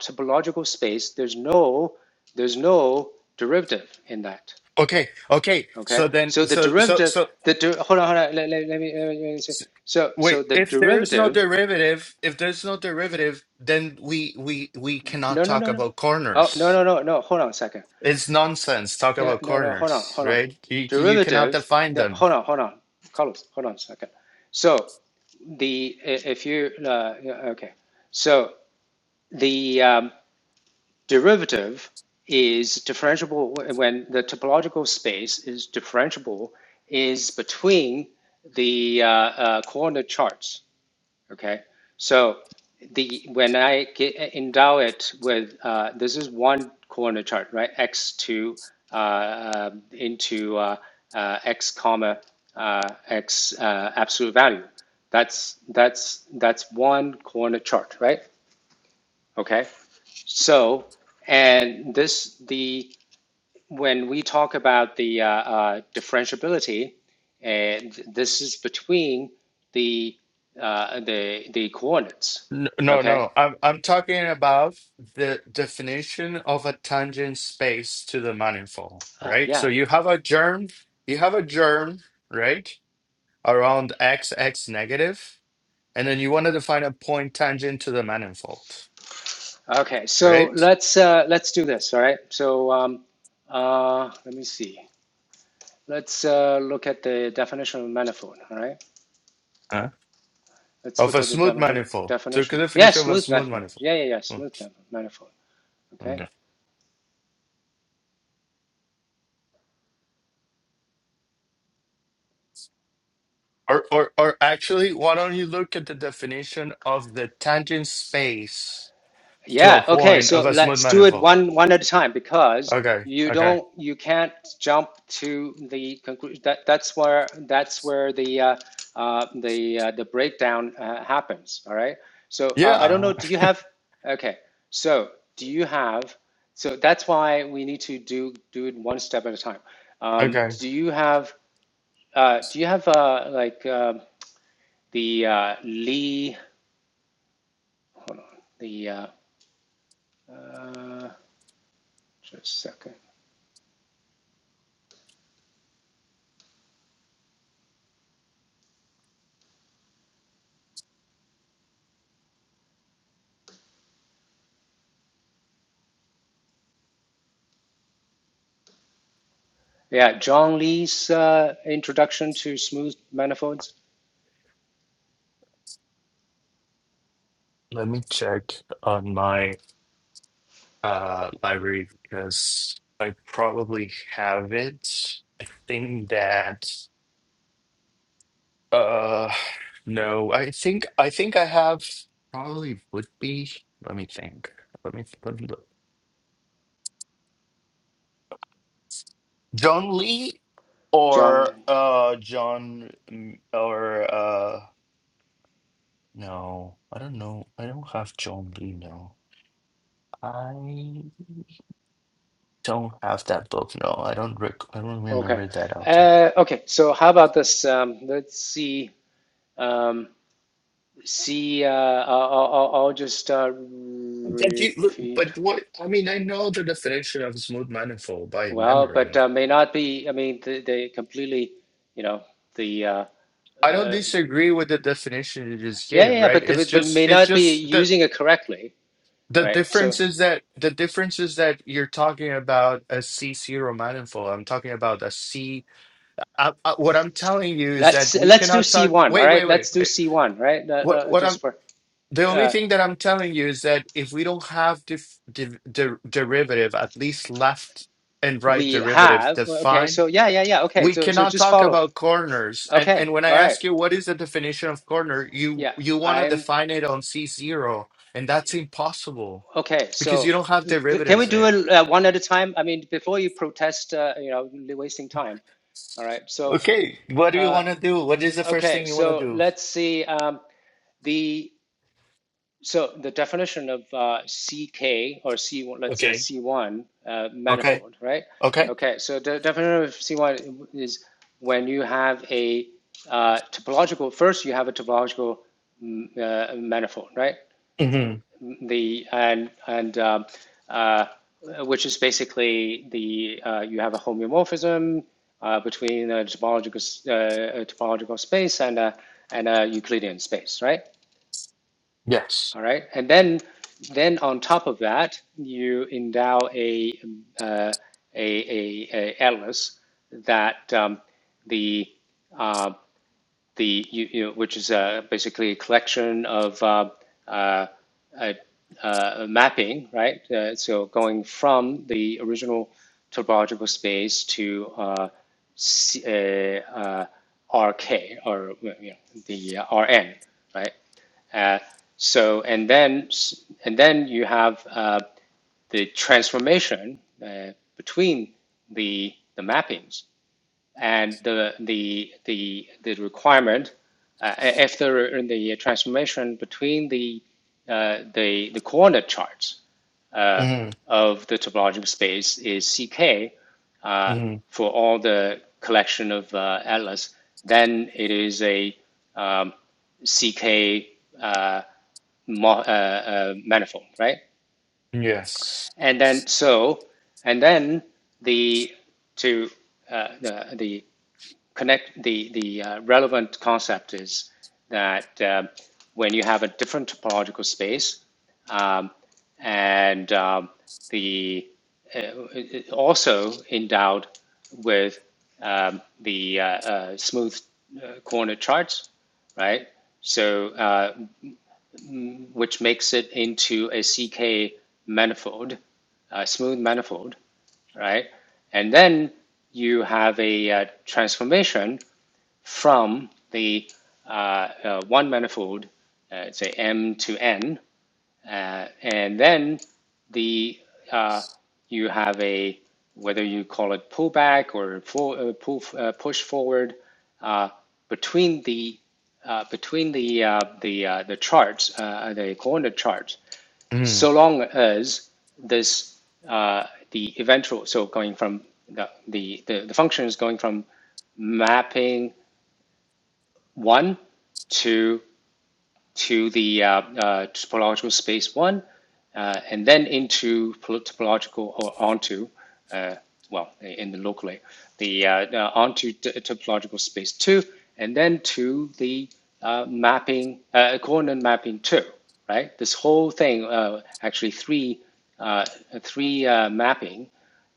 Speaker 1: topological space. There's no there's no derivative in that.
Speaker 2: Okay, okay.
Speaker 1: Okay,
Speaker 2: So then
Speaker 1: so the
Speaker 2: so so
Speaker 1: derivative
Speaker 2: so
Speaker 1: the der- hold on hold on let, let, me let me let me say
Speaker 2: s-
Speaker 1: so
Speaker 2: wait,
Speaker 1: so the
Speaker 2: if there is no
Speaker 1: derivative
Speaker 2: derivative, if there's no derivative, then we we we cannot
Speaker 1: no no
Speaker 2: talk
Speaker 1: no no
Speaker 2: about
Speaker 1: oh no
Speaker 2: corners.
Speaker 1: no no no hold on a second
Speaker 2: It's nonsense. Talk
Speaker 1: yeah
Speaker 2: about
Speaker 1: no no hold on
Speaker 2: corners,
Speaker 1: hold on
Speaker 2: right? You you cannot
Speaker 1: derivative
Speaker 2: define
Speaker 1: no,
Speaker 2: them.
Speaker 1: hold on hold on Carlos hold on a second. So the if you uh, yeah, okay so the um, derivative is differentiable when the topological space is differentiable is between the uh, uh, coordinate charts Okay, so the when I get, endow it with uh, this is one corner chart, right? X two uh, uh, into uh, uh, X comma uh, X uh, absolute value. That's that's that's one corner chart, right? Okay, so and this the when we talk about the uh, uh, differentiability, and this is between the uh, the the coordinates.
Speaker 2: N- No,
Speaker 1: Okay.
Speaker 2: no. I'm I'm talking about the definition of a tangent space to the manifold,
Speaker 1: Uh,
Speaker 2: right? So
Speaker 1: yeah.
Speaker 2: you have a germ, you have a germ, right, around x x negative, and then you want to define a point tangent to the manifold,
Speaker 1: Okay. So
Speaker 2: right?
Speaker 1: let's uh, let's do this. All right. So um, uh, let me see. Let's uh, look at the definition of manifold. All right.
Speaker 2: Huh?
Speaker 1: Let's
Speaker 2: Of
Speaker 1: look
Speaker 2: a
Speaker 1: at the
Speaker 2: smooth
Speaker 1: definition.
Speaker 2: manifold, to the
Speaker 1: Definition. Yes, yeah,
Speaker 2: definition of a
Speaker 1: smooth
Speaker 2: smooth
Speaker 1: manifold.
Speaker 2: manifold.
Speaker 1: Yeah, yeah, yeah. Smooth manifold.
Speaker 2: Hmm.
Speaker 1: Okay.
Speaker 2: Or, or, or actually, why don't you look at the definition of the tangent space to a
Speaker 1: Yeah, okay.
Speaker 2: point of
Speaker 1: So
Speaker 2: a smooth
Speaker 1: let's do it
Speaker 2: manifold?
Speaker 1: one one at a time because
Speaker 2: Okay,
Speaker 1: you
Speaker 2: okay.
Speaker 1: don't you can't jump to the conclusion. That that's where that's where the uh, uh, the uh, the breakdown uh, happens. All right. So uh, I don't know.
Speaker 2: Yeah,
Speaker 1: Do you have? Okay. So do you have? So that's why we need to do do it one step at a time. Um,
Speaker 2: okay.
Speaker 1: do you have? Uh, do you have uh, like uh, the uh, Lee? Hold on. The uh, uh, just a second. Yeah, John Lee's uh, introduction to smooth manifolds.
Speaker 2: Let me check on my uh library because I probably have it. I think that uh no, I think I think I have probably would be. Let me think. Let me let me look. John Lee
Speaker 1: John,
Speaker 2: or uh John mm, or uh no, I don't know. I don't have John Lee No, I don't have that book. No, I don't rec I don't
Speaker 1: okay.
Speaker 2: remember that author.
Speaker 1: Uh, okay, so how about this? Um, let's see. Um, see, uh, I'll, I'll, I'll just uh,
Speaker 2: That you look,
Speaker 1: repeat.
Speaker 2: but what I mean, I know the definition of smooth manifold by
Speaker 1: Well, but
Speaker 2: memory.
Speaker 1: uh, may not be, I mean, they, they completely, you know, the, uh,
Speaker 2: I don't
Speaker 1: uh,
Speaker 2: disagree with the definition you just
Speaker 1: yeah, yeah,
Speaker 2: gave,
Speaker 1: yeah,
Speaker 2: right?
Speaker 1: but,
Speaker 2: It's
Speaker 1: but, but may
Speaker 2: just, it's
Speaker 1: not be
Speaker 2: just the
Speaker 1: using it correctly,
Speaker 2: The
Speaker 1: right? So
Speaker 2: difference is that the difference is that you're talking about a C0 manifold. I'm talking about a C. I, I, what I'm telling you is that
Speaker 1: let's,
Speaker 2: we
Speaker 1: let's do
Speaker 2: cannot talk.
Speaker 1: C1, all
Speaker 2: Wait, wait,
Speaker 1: right?
Speaker 2: wait,
Speaker 1: Let's do
Speaker 2: wait.
Speaker 1: C1, right? Uh,
Speaker 2: What
Speaker 1: uh,
Speaker 2: what
Speaker 1: just
Speaker 2: I'm
Speaker 1: for,
Speaker 2: the only
Speaker 1: uh,
Speaker 2: thing that I'm telling you is that if we don't have dif, div, der- derivative, at least left and right
Speaker 1: We
Speaker 2: derivatives
Speaker 1: have. Well, Okay. So
Speaker 2: defined,
Speaker 1: yeah, yeah, yeah. Okay.
Speaker 2: we
Speaker 1: So so
Speaker 2: cannot
Speaker 1: just
Speaker 2: talk
Speaker 1: follow.
Speaker 2: about corners. And
Speaker 1: Okay.
Speaker 2: and when I
Speaker 1: All right.
Speaker 2: ask you what is the definition of corner, you
Speaker 1: Yeah.
Speaker 2: you want to
Speaker 1: I'm
Speaker 2: define it on C0, and that's impossible
Speaker 1: okay.
Speaker 2: because
Speaker 1: So
Speaker 2: you don't have
Speaker 1: c- can we
Speaker 2: derivatives
Speaker 1: do
Speaker 2: there.
Speaker 1: it uh, one at a time? I mean, before you protest, uh, you know, you're wasting time. All right. So
Speaker 2: Okay, what do you
Speaker 1: uh,
Speaker 2: want to do? What is the first
Speaker 1: okay.
Speaker 2: thing you want to
Speaker 1: So
Speaker 2: do?
Speaker 1: let's see. Um, the So the definition of uh, CK or C, let's say
Speaker 2: Okay,
Speaker 1: C1 uh,
Speaker 2: okay,
Speaker 1: manifold, right?
Speaker 2: okay.
Speaker 1: Okay, so the definition of C1 is when you have a uh, topological, first you have a topological mm, uh, manifold, right?
Speaker 2: Mm-hmm.
Speaker 1: The and and um, uh, which is basically the uh, you have a homeomorphism uh, between a topological uh, a topological space and a and a Euclidean space, right?
Speaker 2: Yes.
Speaker 1: All right, and then then on top of that, you endow a uh, a, a, a atlas that um, the uh, the you, you know, which is uh, basically a collection of uh, uh, uh, uh, mapping, right? Uh, so going from the original topological space to uh, C, uh, uh, RK or you know, the uh, RN, right? Uh, so and then and then you have uh, the transformation uh, between the the mappings, and the the the the requirement uh, if the the transformation between the uh, the the coordinate charts uh,
Speaker 2: Mm-hmm.
Speaker 1: of the topological space is CK uh,
Speaker 2: Mm-hmm.
Speaker 1: for all the collection of uh, atlas, then it is a um, CK uh, mo- uh, uh, manifold, right?
Speaker 2: Yes.
Speaker 1: and then so and then the to uh, the, the connect the the uh, relevant concept is that uh, when you have a different topological space um, and um, the uh, uh, also endowed with um, the uh, uh, smooth uh, corner charts, right? So uh, which makes it into a CK manifold, a smooth manifold, right? And then you have a uh, transformation from the uh, uh, one manifold, uh, say M to N, uh, and then the uh, you have a whether you call it pullback or full, uh, pull, uh, push forward uh, between the uh, between the uh, the uh, the charts, uh, the coordinate charts,
Speaker 2: Mm-hmm.
Speaker 1: so long as this uh, the eventual so going from the, the the the function is going from mapping one two to the uh, uh, topological space one, uh, and then into topological or onto, uh, well, in the locally, the uh, uh, onto topological space two, and then to the uh, mapping uh, coordinate mapping two. Right, this whole thing uh, actually three uh, three uh, mapping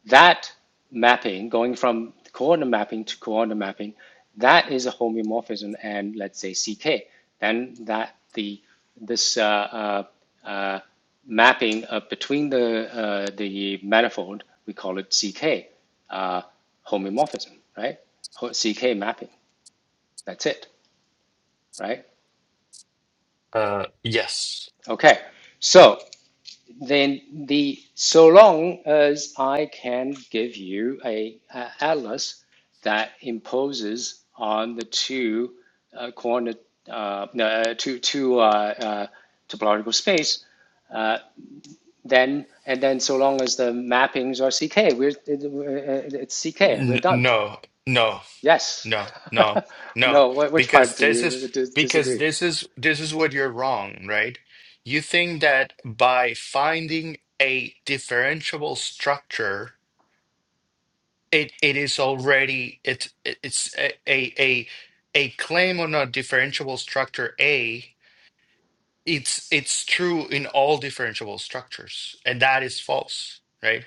Speaker 1: that mapping, going from coordinate mapping to coordinate mapping, that is a homeomorphism and let's say CK. Then that the this uh, uh, uh, mapping uh, between the uh, the manifold, we call it CK uh, homeomorphism, right? CK mapping. That's it, right?
Speaker 2: Uh, yes.
Speaker 1: Okay. So then the so long as I can give you a, a atlas that imposes on the two uh, corner uh, no, uh, two two uh, uh, topological space, uh, then and then so long as the mappings are CK, we're it, uh, it's CK. We're
Speaker 2: N
Speaker 1: done.
Speaker 2: no, no,
Speaker 1: Yes.
Speaker 2: no, no, no.
Speaker 1: no. Which part
Speaker 2: Because
Speaker 1: do
Speaker 2: this is
Speaker 1: you
Speaker 2: because
Speaker 1: disagree?
Speaker 2: this is this is what you're wrong, right? You think that by finding a differentiable structure. It it is already it it- it's a a a a claim on a differentiable structure A. It's it's true in all differentiable structures, and that is false, right?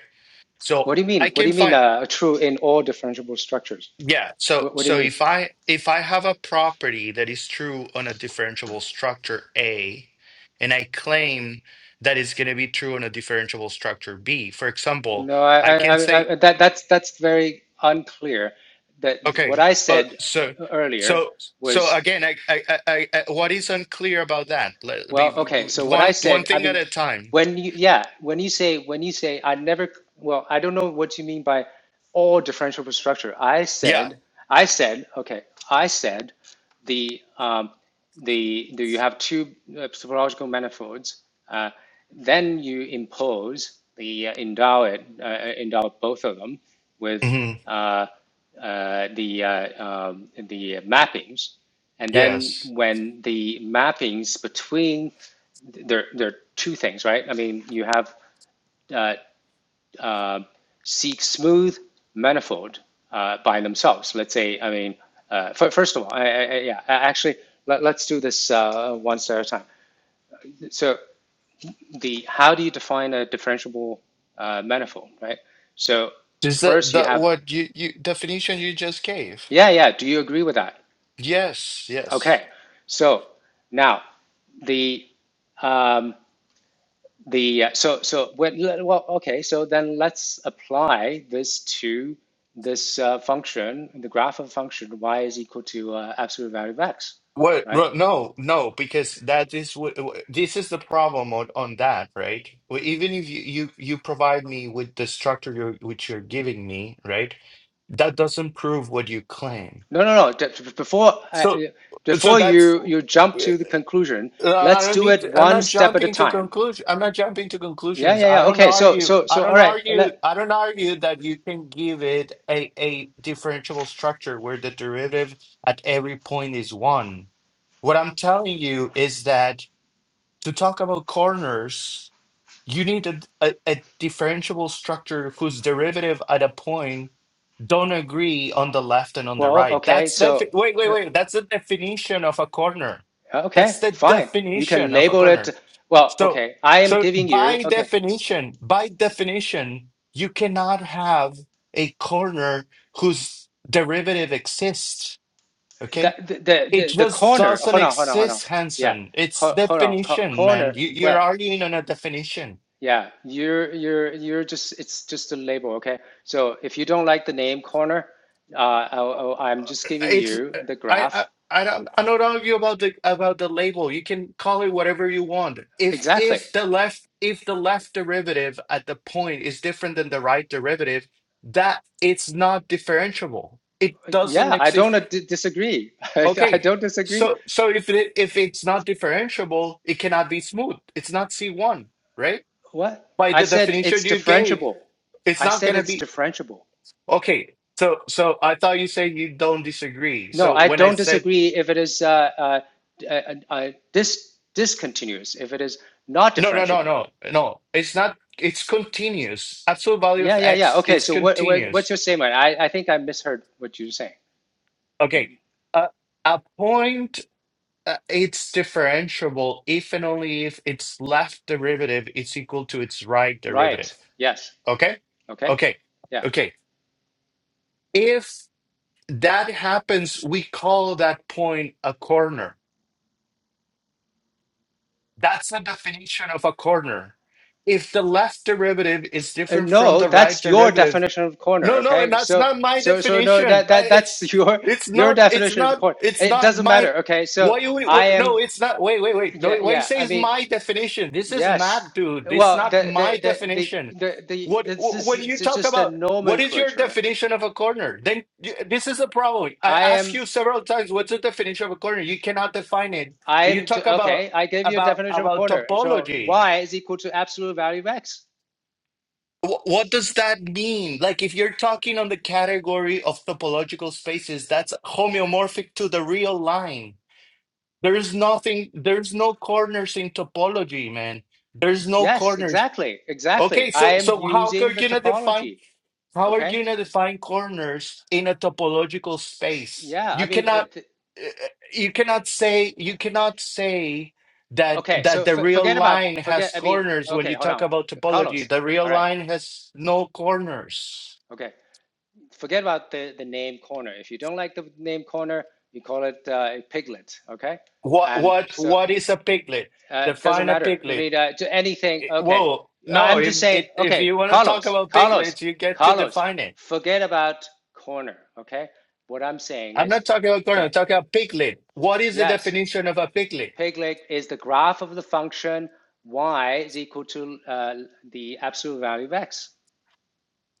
Speaker 1: What
Speaker 2: So
Speaker 1: do you mean?
Speaker 2: I
Speaker 1: What do
Speaker 2: can
Speaker 1: you mean?
Speaker 2: find
Speaker 1: Uh, true in all differentiable structures.
Speaker 2: yeah. So
Speaker 1: What, what do you
Speaker 2: so
Speaker 1: mean?
Speaker 2: if I if I have a property that is true on a differentiable structure A, and I claim that it's going to be true on a differentiable structure B, for example,
Speaker 1: No, I,
Speaker 2: I
Speaker 1: I,
Speaker 2: can say
Speaker 1: I, that, that's, that's very unclear. That
Speaker 2: Okay.
Speaker 1: what I
Speaker 2: Uh,
Speaker 1: said
Speaker 2: so,
Speaker 1: earlier
Speaker 2: so, so
Speaker 1: was,
Speaker 2: again, I, I, I, I, I- what is unclear about that? Let be
Speaker 1: well, okay, so what I
Speaker 2: one, one
Speaker 1: said, I
Speaker 2: thing at
Speaker 1: mean,
Speaker 2: a time.
Speaker 1: when you, yeah, when you say, when you say, I never, well, I don't know what you mean by all differentiable structure. I
Speaker 2: Yeah.
Speaker 1: said, I said, okay, I said the, um, the, the you have two uh, topological manifolds, uh, then you impose the uh, endow it, uh, endow both of them with
Speaker 2: hmm
Speaker 1: uh, uh, the uh, um, the mappings, and then
Speaker 2: Yes.
Speaker 1: when the mappings between there there are two things, right? I mean, you have uh, uh, seek smooth manifold uh, by themselves. Let's say, I mean, uh, first of all, I, I, yeah, actually, let, let's do this uh, one step at a time. So, the how do you define a differentiable uh, manifold, right? So,
Speaker 2: Is that
Speaker 1: first you
Speaker 2: that
Speaker 1: have,
Speaker 2: what you you definition you just gave?
Speaker 1: yeah, yeah. Do you agree with that?
Speaker 2: Yes. Yes.
Speaker 1: Okay. So now the um, the uh, so so well, well okay so then let's apply this to this uh, function the graph of a function y is equal to uh, absolute value of x
Speaker 2: What?
Speaker 1: right
Speaker 2: ro- No. No. Because that is what this is the problem on on that, right? Well, Even if you you you provide me with the structure you're, which you're giving me, right? That doesn't prove what you claim
Speaker 1: no no no before uh, uh,
Speaker 2: So, so
Speaker 1: before
Speaker 2: that's.
Speaker 1: you you jump
Speaker 2: uh,
Speaker 1: to the conclusion
Speaker 2: I
Speaker 1: let's
Speaker 2: don't
Speaker 1: do
Speaker 2: need.
Speaker 1: it
Speaker 2: To, I'm
Speaker 1: one
Speaker 2: not
Speaker 1: step at a
Speaker 2: jumping to
Speaker 1: time
Speaker 2: conclusion. I'm not jumping to
Speaker 1: yeah
Speaker 2: conclusions.
Speaker 1: yeah
Speaker 2: I
Speaker 1: yeah
Speaker 2: don't
Speaker 1: okay so
Speaker 2: argue.
Speaker 1: so
Speaker 2: I
Speaker 1: so all
Speaker 2: don't
Speaker 1: right
Speaker 2: argue.
Speaker 1: let
Speaker 2: I don't argue that you can give it a a differentiable structure where the derivative at every point is one. What I'm telling you is that to talk about corners. You need a, a, a differentiable structure whose derivative at a point don't agree on the left and on the
Speaker 1: well
Speaker 2: right.
Speaker 1: okay
Speaker 2: That's the
Speaker 1: so
Speaker 2: defi- wait, wait,
Speaker 1: uh,
Speaker 2: wait. That's the definition of a corner. That's
Speaker 1: okay
Speaker 2: the
Speaker 1: fine you can
Speaker 2: definition of a
Speaker 1: label it
Speaker 2: corner.
Speaker 1: well
Speaker 2: So,
Speaker 1: okay i am
Speaker 2: so
Speaker 1: giving you
Speaker 2: by
Speaker 1: okay
Speaker 2: definition, by definition, you cannot have a corner whose derivative exists.
Speaker 1: the
Speaker 2: Okay.
Speaker 1: the
Speaker 2: It
Speaker 1: the, the
Speaker 2: just
Speaker 1: corner.
Speaker 2: doesn't
Speaker 1: Hold on, hold on, hold on.
Speaker 2: exist,
Speaker 1: Yeah,
Speaker 2: Hanson. It's
Speaker 1: hold, hold on. Co-
Speaker 2: definition, man.
Speaker 1: corner.
Speaker 2: You, you're
Speaker 1: Well,
Speaker 2: arguing on a definition.
Speaker 1: yeah, you're you're you're just it's just a label, okay? So if you don't like the name corner, uh, I, I- am just giving
Speaker 2: It's
Speaker 1: you
Speaker 2: uh,
Speaker 1: the
Speaker 2: I I
Speaker 1: graph.
Speaker 2: I don't I don't argue about the about the label. You can call it whatever you want. If
Speaker 1: Exactly.
Speaker 2: if the left if the left derivative at the point is different than the right derivative, that it's not differentiable. It doesn't
Speaker 1: Yeah, I
Speaker 2: exist.
Speaker 1: don't uh, d- disagree. I, I
Speaker 2: Okay.
Speaker 1: don't disagree.
Speaker 2: So so if it if it's not differentiable, it cannot be smooth. It's not C1, right?
Speaker 1: What?
Speaker 2: By
Speaker 1: I
Speaker 2: the
Speaker 1: said it's
Speaker 2: definition you gave,
Speaker 1: differentiable.
Speaker 2: it's
Speaker 1: I
Speaker 2: not
Speaker 1: said
Speaker 2: gonna
Speaker 1: it's
Speaker 2: be
Speaker 1: differentiable.
Speaker 2: okay. So so I thought you said you don't disagree.
Speaker 1: No,
Speaker 2: So
Speaker 1: I
Speaker 2: when I
Speaker 1: don't
Speaker 2: said
Speaker 1: disagree if it is uh, uh, uh, uh, dis discontinuous, if it is not
Speaker 2: No, no, no,
Speaker 1: differentiable.
Speaker 2: no, no. It's not. It's continuous. Absolute value
Speaker 1: Yeah,
Speaker 2: of
Speaker 1: yeah, yeah.
Speaker 2: x
Speaker 1: Okay,
Speaker 2: is
Speaker 1: so what, what what's your
Speaker 2: continuous.
Speaker 1: statement? I, I think I misheard what you're saying.
Speaker 2: Okay. Uh, a point. Uh, it's differentiable if and only if its left derivative is equal to its right
Speaker 1: Right.
Speaker 2: derivative.
Speaker 1: Yes.
Speaker 2: Okay.
Speaker 1: Okay.
Speaker 2: Okay.
Speaker 1: Yeah.
Speaker 2: Okay. If that happens, we call that point a corner. That's the definition of a corner. If the left derivative is
Speaker 1: Uh,
Speaker 2: different from
Speaker 1: no,
Speaker 2: the right
Speaker 1: that's your
Speaker 2: derivative,
Speaker 1: definition of corner,
Speaker 2: No, no, and
Speaker 1: okay?
Speaker 2: that's
Speaker 1: So
Speaker 2: not my
Speaker 1: so so no
Speaker 2: definition.
Speaker 1: that that
Speaker 2: I- It's
Speaker 1: that's your
Speaker 2: it's
Speaker 1: your
Speaker 2: not it's
Speaker 1: definition of
Speaker 2: not
Speaker 1: corner.
Speaker 2: it's
Speaker 1: It
Speaker 2: not
Speaker 1: doesn't
Speaker 2: my
Speaker 1: matter, okay? So
Speaker 2: Why you
Speaker 1: I
Speaker 2: what no,
Speaker 1: am
Speaker 2: it's not wait, wait, wait. No,
Speaker 1: yeah,
Speaker 2: what you
Speaker 1: yeah.
Speaker 2: say
Speaker 1: I
Speaker 2: is
Speaker 1: mean,
Speaker 2: my definition. This is mad,
Speaker 1: yes.
Speaker 2: dude. It's
Speaker 1: Well,
Speaker 2: not
Speaker 1: the
Speaker 2: my
Speaker 1: the the
Speaker 2: definition.
Speaker 1: the the, the
Speaker 2: What
Speaker 1: this
Speaker 2: wh- when
Speaker 1: is
Speaker 2: you
Speaker 1: it's
Speaker 2: talk
Speaker 1: just a
Speaker 2: about what is your
Speaker 1: nomenclature.
Speaker 2: definition of a corner? Then you, this is a problem. I
Speaker 1: I
Speaker 2: asked
Speaker 1: am
Speaker 2: you several times what's the definition of a corner? You cannot define it.
Speaker 1: I
Speaker 2: You
Speaker 1: am
Speaker 2: talk
Speaker 1: to,
Speaker 2: about
Speaker 1: okay, I gave you a
Speaker 2: about
Speaker 1: definition of
Speaker 2: about
Speaker 1: corner. So
Speaker 2: topology.
Speaker 1: y is equal to absolute value of x.
Speaker 2: Wh- What does that mean? Like, if you're talking on the category of topological spaces, that's homeomorphic to the real line. There's nothing, there's no corners in topology, man. There's no
Speaker 1: Yes,
Speaker 2: corners.
Speaker 1: exactly. Exactly.
Speaker 2: Okay,
Speaker 1: I
Speaker 2: so
Speaker 1: am
Speaker 2: so how are
Speaker 1: using
Speaker 2: you
Speaker 1: the
Speaker 2: gonna define
Speaker 1: topology.
Speaker 2: how are you
Speaker 1: Okay.
Speaker 2: going to define corners in a topological space?
Speaker 1: Yeah. I
Speaker 2: You
Speaker 1: mean, uh,
Speaker 2: cannot
Speaker 1: th-
Speaker 2: eh, eh, you cannot say you cannot say that
Speaker 1: okay. So
Speaker 2: that the
Speaker 1: f-
Speaker 2: real
Speaker 1: forget about,
Speaker 2: line has
Speaker 1: forget, I mean,
Speaker 2: corners when
Speaker 1: okay,
Speaker 2: you
Speaker 1: hold
Speaker 2: talk
Speaker 1: on.
Speaker 2: about topology.
Speaker 1: Carlos.
Speaker 2: The real
Speaker 1: All right.
Speaker 2: line has no corners.
Speaker 1: Okay. Forget about the, the name corner. If you don't like the name corner, you call it uh, a piglet. Okay.
Speaker 2: What
Speaker 1: And
Speaker 2: what
Speaker 1: so
Speaker 2: what is a piglet?
Speaker 1: uh, it doesn't
Speaker 2: Define a
Speaker 1: matter. I
Speaker 2: piglet.
Speaker 1: mean, uh, to anything.
Speaker 2: It-
Speaker 1: Okay.
Speaker 2: Whoa, no.
Speaker 1: I'm just
Speaker 2: If
Speaker 1: saying,
Speaker 2: it, if
Speaker 1: okay,
Speaker 2: you want to talk
Speaker 1: Carlos,
Speaker 2: about
Speaker 1: Carlos,
Speaker 2: piglets, you get to
Speaker 1: Carlos,
Speaker 2: define it.
Speaker 1: forget about corner. Okay. What I'm saying
Speaker 2: I'm
Speaker 1: is,
Speaker 2: not talking about corner.
Speaker 1: the
Speaker 2: I'm talking about piglet. What is the
Speaker 1: yes
Speaker 2: definition of a piglet?
Speaker 1: piglet is the graph of the function y is equal to uh, the absolute value of x.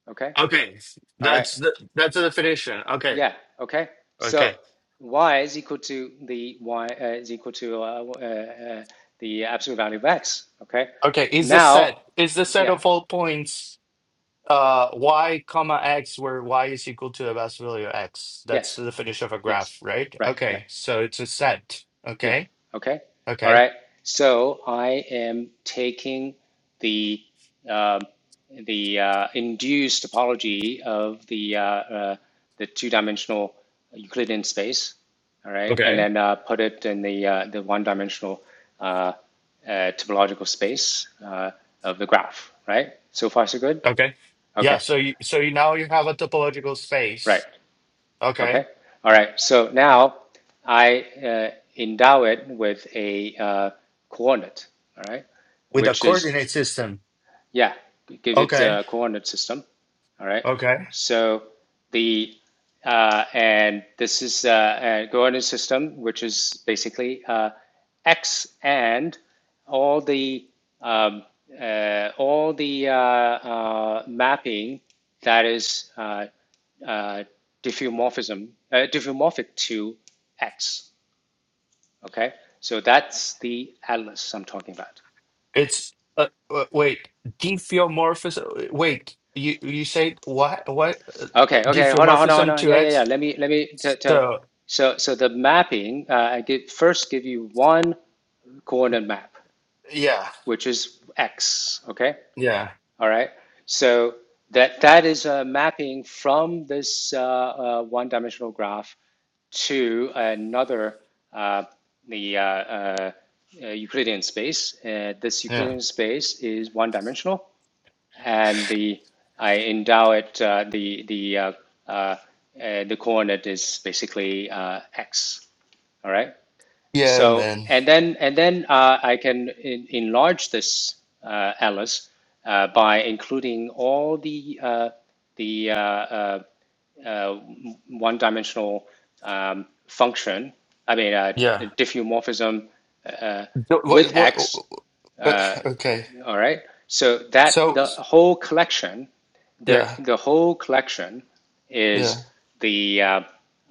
Speaker 1: Okay.
Speaker 2: Okay,
Speaker 1: All right.
Speaker 2: that's the that's the definition. Okay,
Speaker 1: Yeah. Okay. So
Speaker 2: okay,
Speaker 1: y is equal to the y uh, is equal to uh, uh, uh, the absolute value of x. Okay.
Speaker 2: okay. Is the
Speaker 1: Now,
Speaker 2: set is the set
Speaker 1: yeah.
Speaker 2: of all points uh y comma x where y is equal to the best value of x? That's
Speaker 1: Yes.
Speaker 2: the definition of a
Speaker 1: Yes.
Speaker 2: graph, right?
Speaker 1: Right. Right.
Speaker 2: Okay, so it's a set.
Speaker 1: Yeah.
Speaker 2: Okay,
Speaker 1: Okay. All
Speaker 2: okay,
Speaker 1: right. So I am taking the uh, the uh, induced topology of the uh, uh, the two-dimensional Euclidean space. All right, and
Speaker 2: okay,
Speaker 1: then uh, put it in the uh, the one-dimensional uh, uh, topological space uh, of the graph. Right. So far, so good.
Speaker 2: okay. Yeah.
Speaker 1: Okay.
Speaker 2: So you so you now you have a topological space.
Speaker 1: Right.
Speaker 2: Okay,
Speaker 1: Okay. All right. So now I uh, endow it with a uh, coordinate, all right,
Speaker 2: with a
Speaker 1: which is
Speaker 2: coordinate system.
Speaker 1: yeah, give it
Speaker 2: Okay,
Speaker 1: a coordinate system. All right.
Speaker 2: okay.
Speaker 1: So the uh, and this is uh, a coordinate system, which is basically uh, x and all the um, uh, all the uh, uh, mapping that is uh, uh, diffeomorphism uh, diffeomorphic to x. Okay, so that's the atlas I'm talking about.
Speaker 2: It's uh, uh, wait, diffeomorphism. Wait, you you said what? What uh,
Speaker 1: Okay, okay, hold on, hold on, hold
Speaker 2: diffeomorphism
Speaker 1: on.
Speaker 2: two
Speaker 1: Yeah, yeah, yeah.
Speaker 2: X?
Speaker 1: Let me, let me. To, to,
Speaker 2: So
Speaker 1: so, so the mapping. Uh, I give first give you one coordinate map,
Speaker 2: yeah,
Speaker 1: which is x. Okay,
Speaker 2: yeah,
Speaker 1: all right. So that that is a mapping from this uh, uh, one-dimensional graph to another uh, the uh, uh, uh, Euclidean space. Uh, this
Speaker 2: yeah,
Speaker 1: Euclidean space is one-dimensional, and the I endow it uh, the the uh, uh, uh, the coordinate is basically uh, x. All right.
Speaker 2: yeah,
Speaker 1: So
Speaker 2: man,
Speaker 1: and then and then uh, I can en- enlarge this uh, Alice uh, by including all the uh, the uh, uh, one-dimensional um, function. I mean, uh,
Speaker 2: yeah.
Speaker 1: diffeomorphism uh, uh,
Speaker 2: Th-
Speaker 1: with
Speaker 2: What what?
Speaker 1: x.
Speaker 2: Uh,
Speaker 1: Uh,
Speaker 2: uh, okay,
Speaker 1: all right. So that
Speaker 2: so
Speaker 1: the whole collection, the
Speaker 2: yeah,
Speaker 1: the whole collection
Speaker 2: yeah.
Speaker 1: is the uh,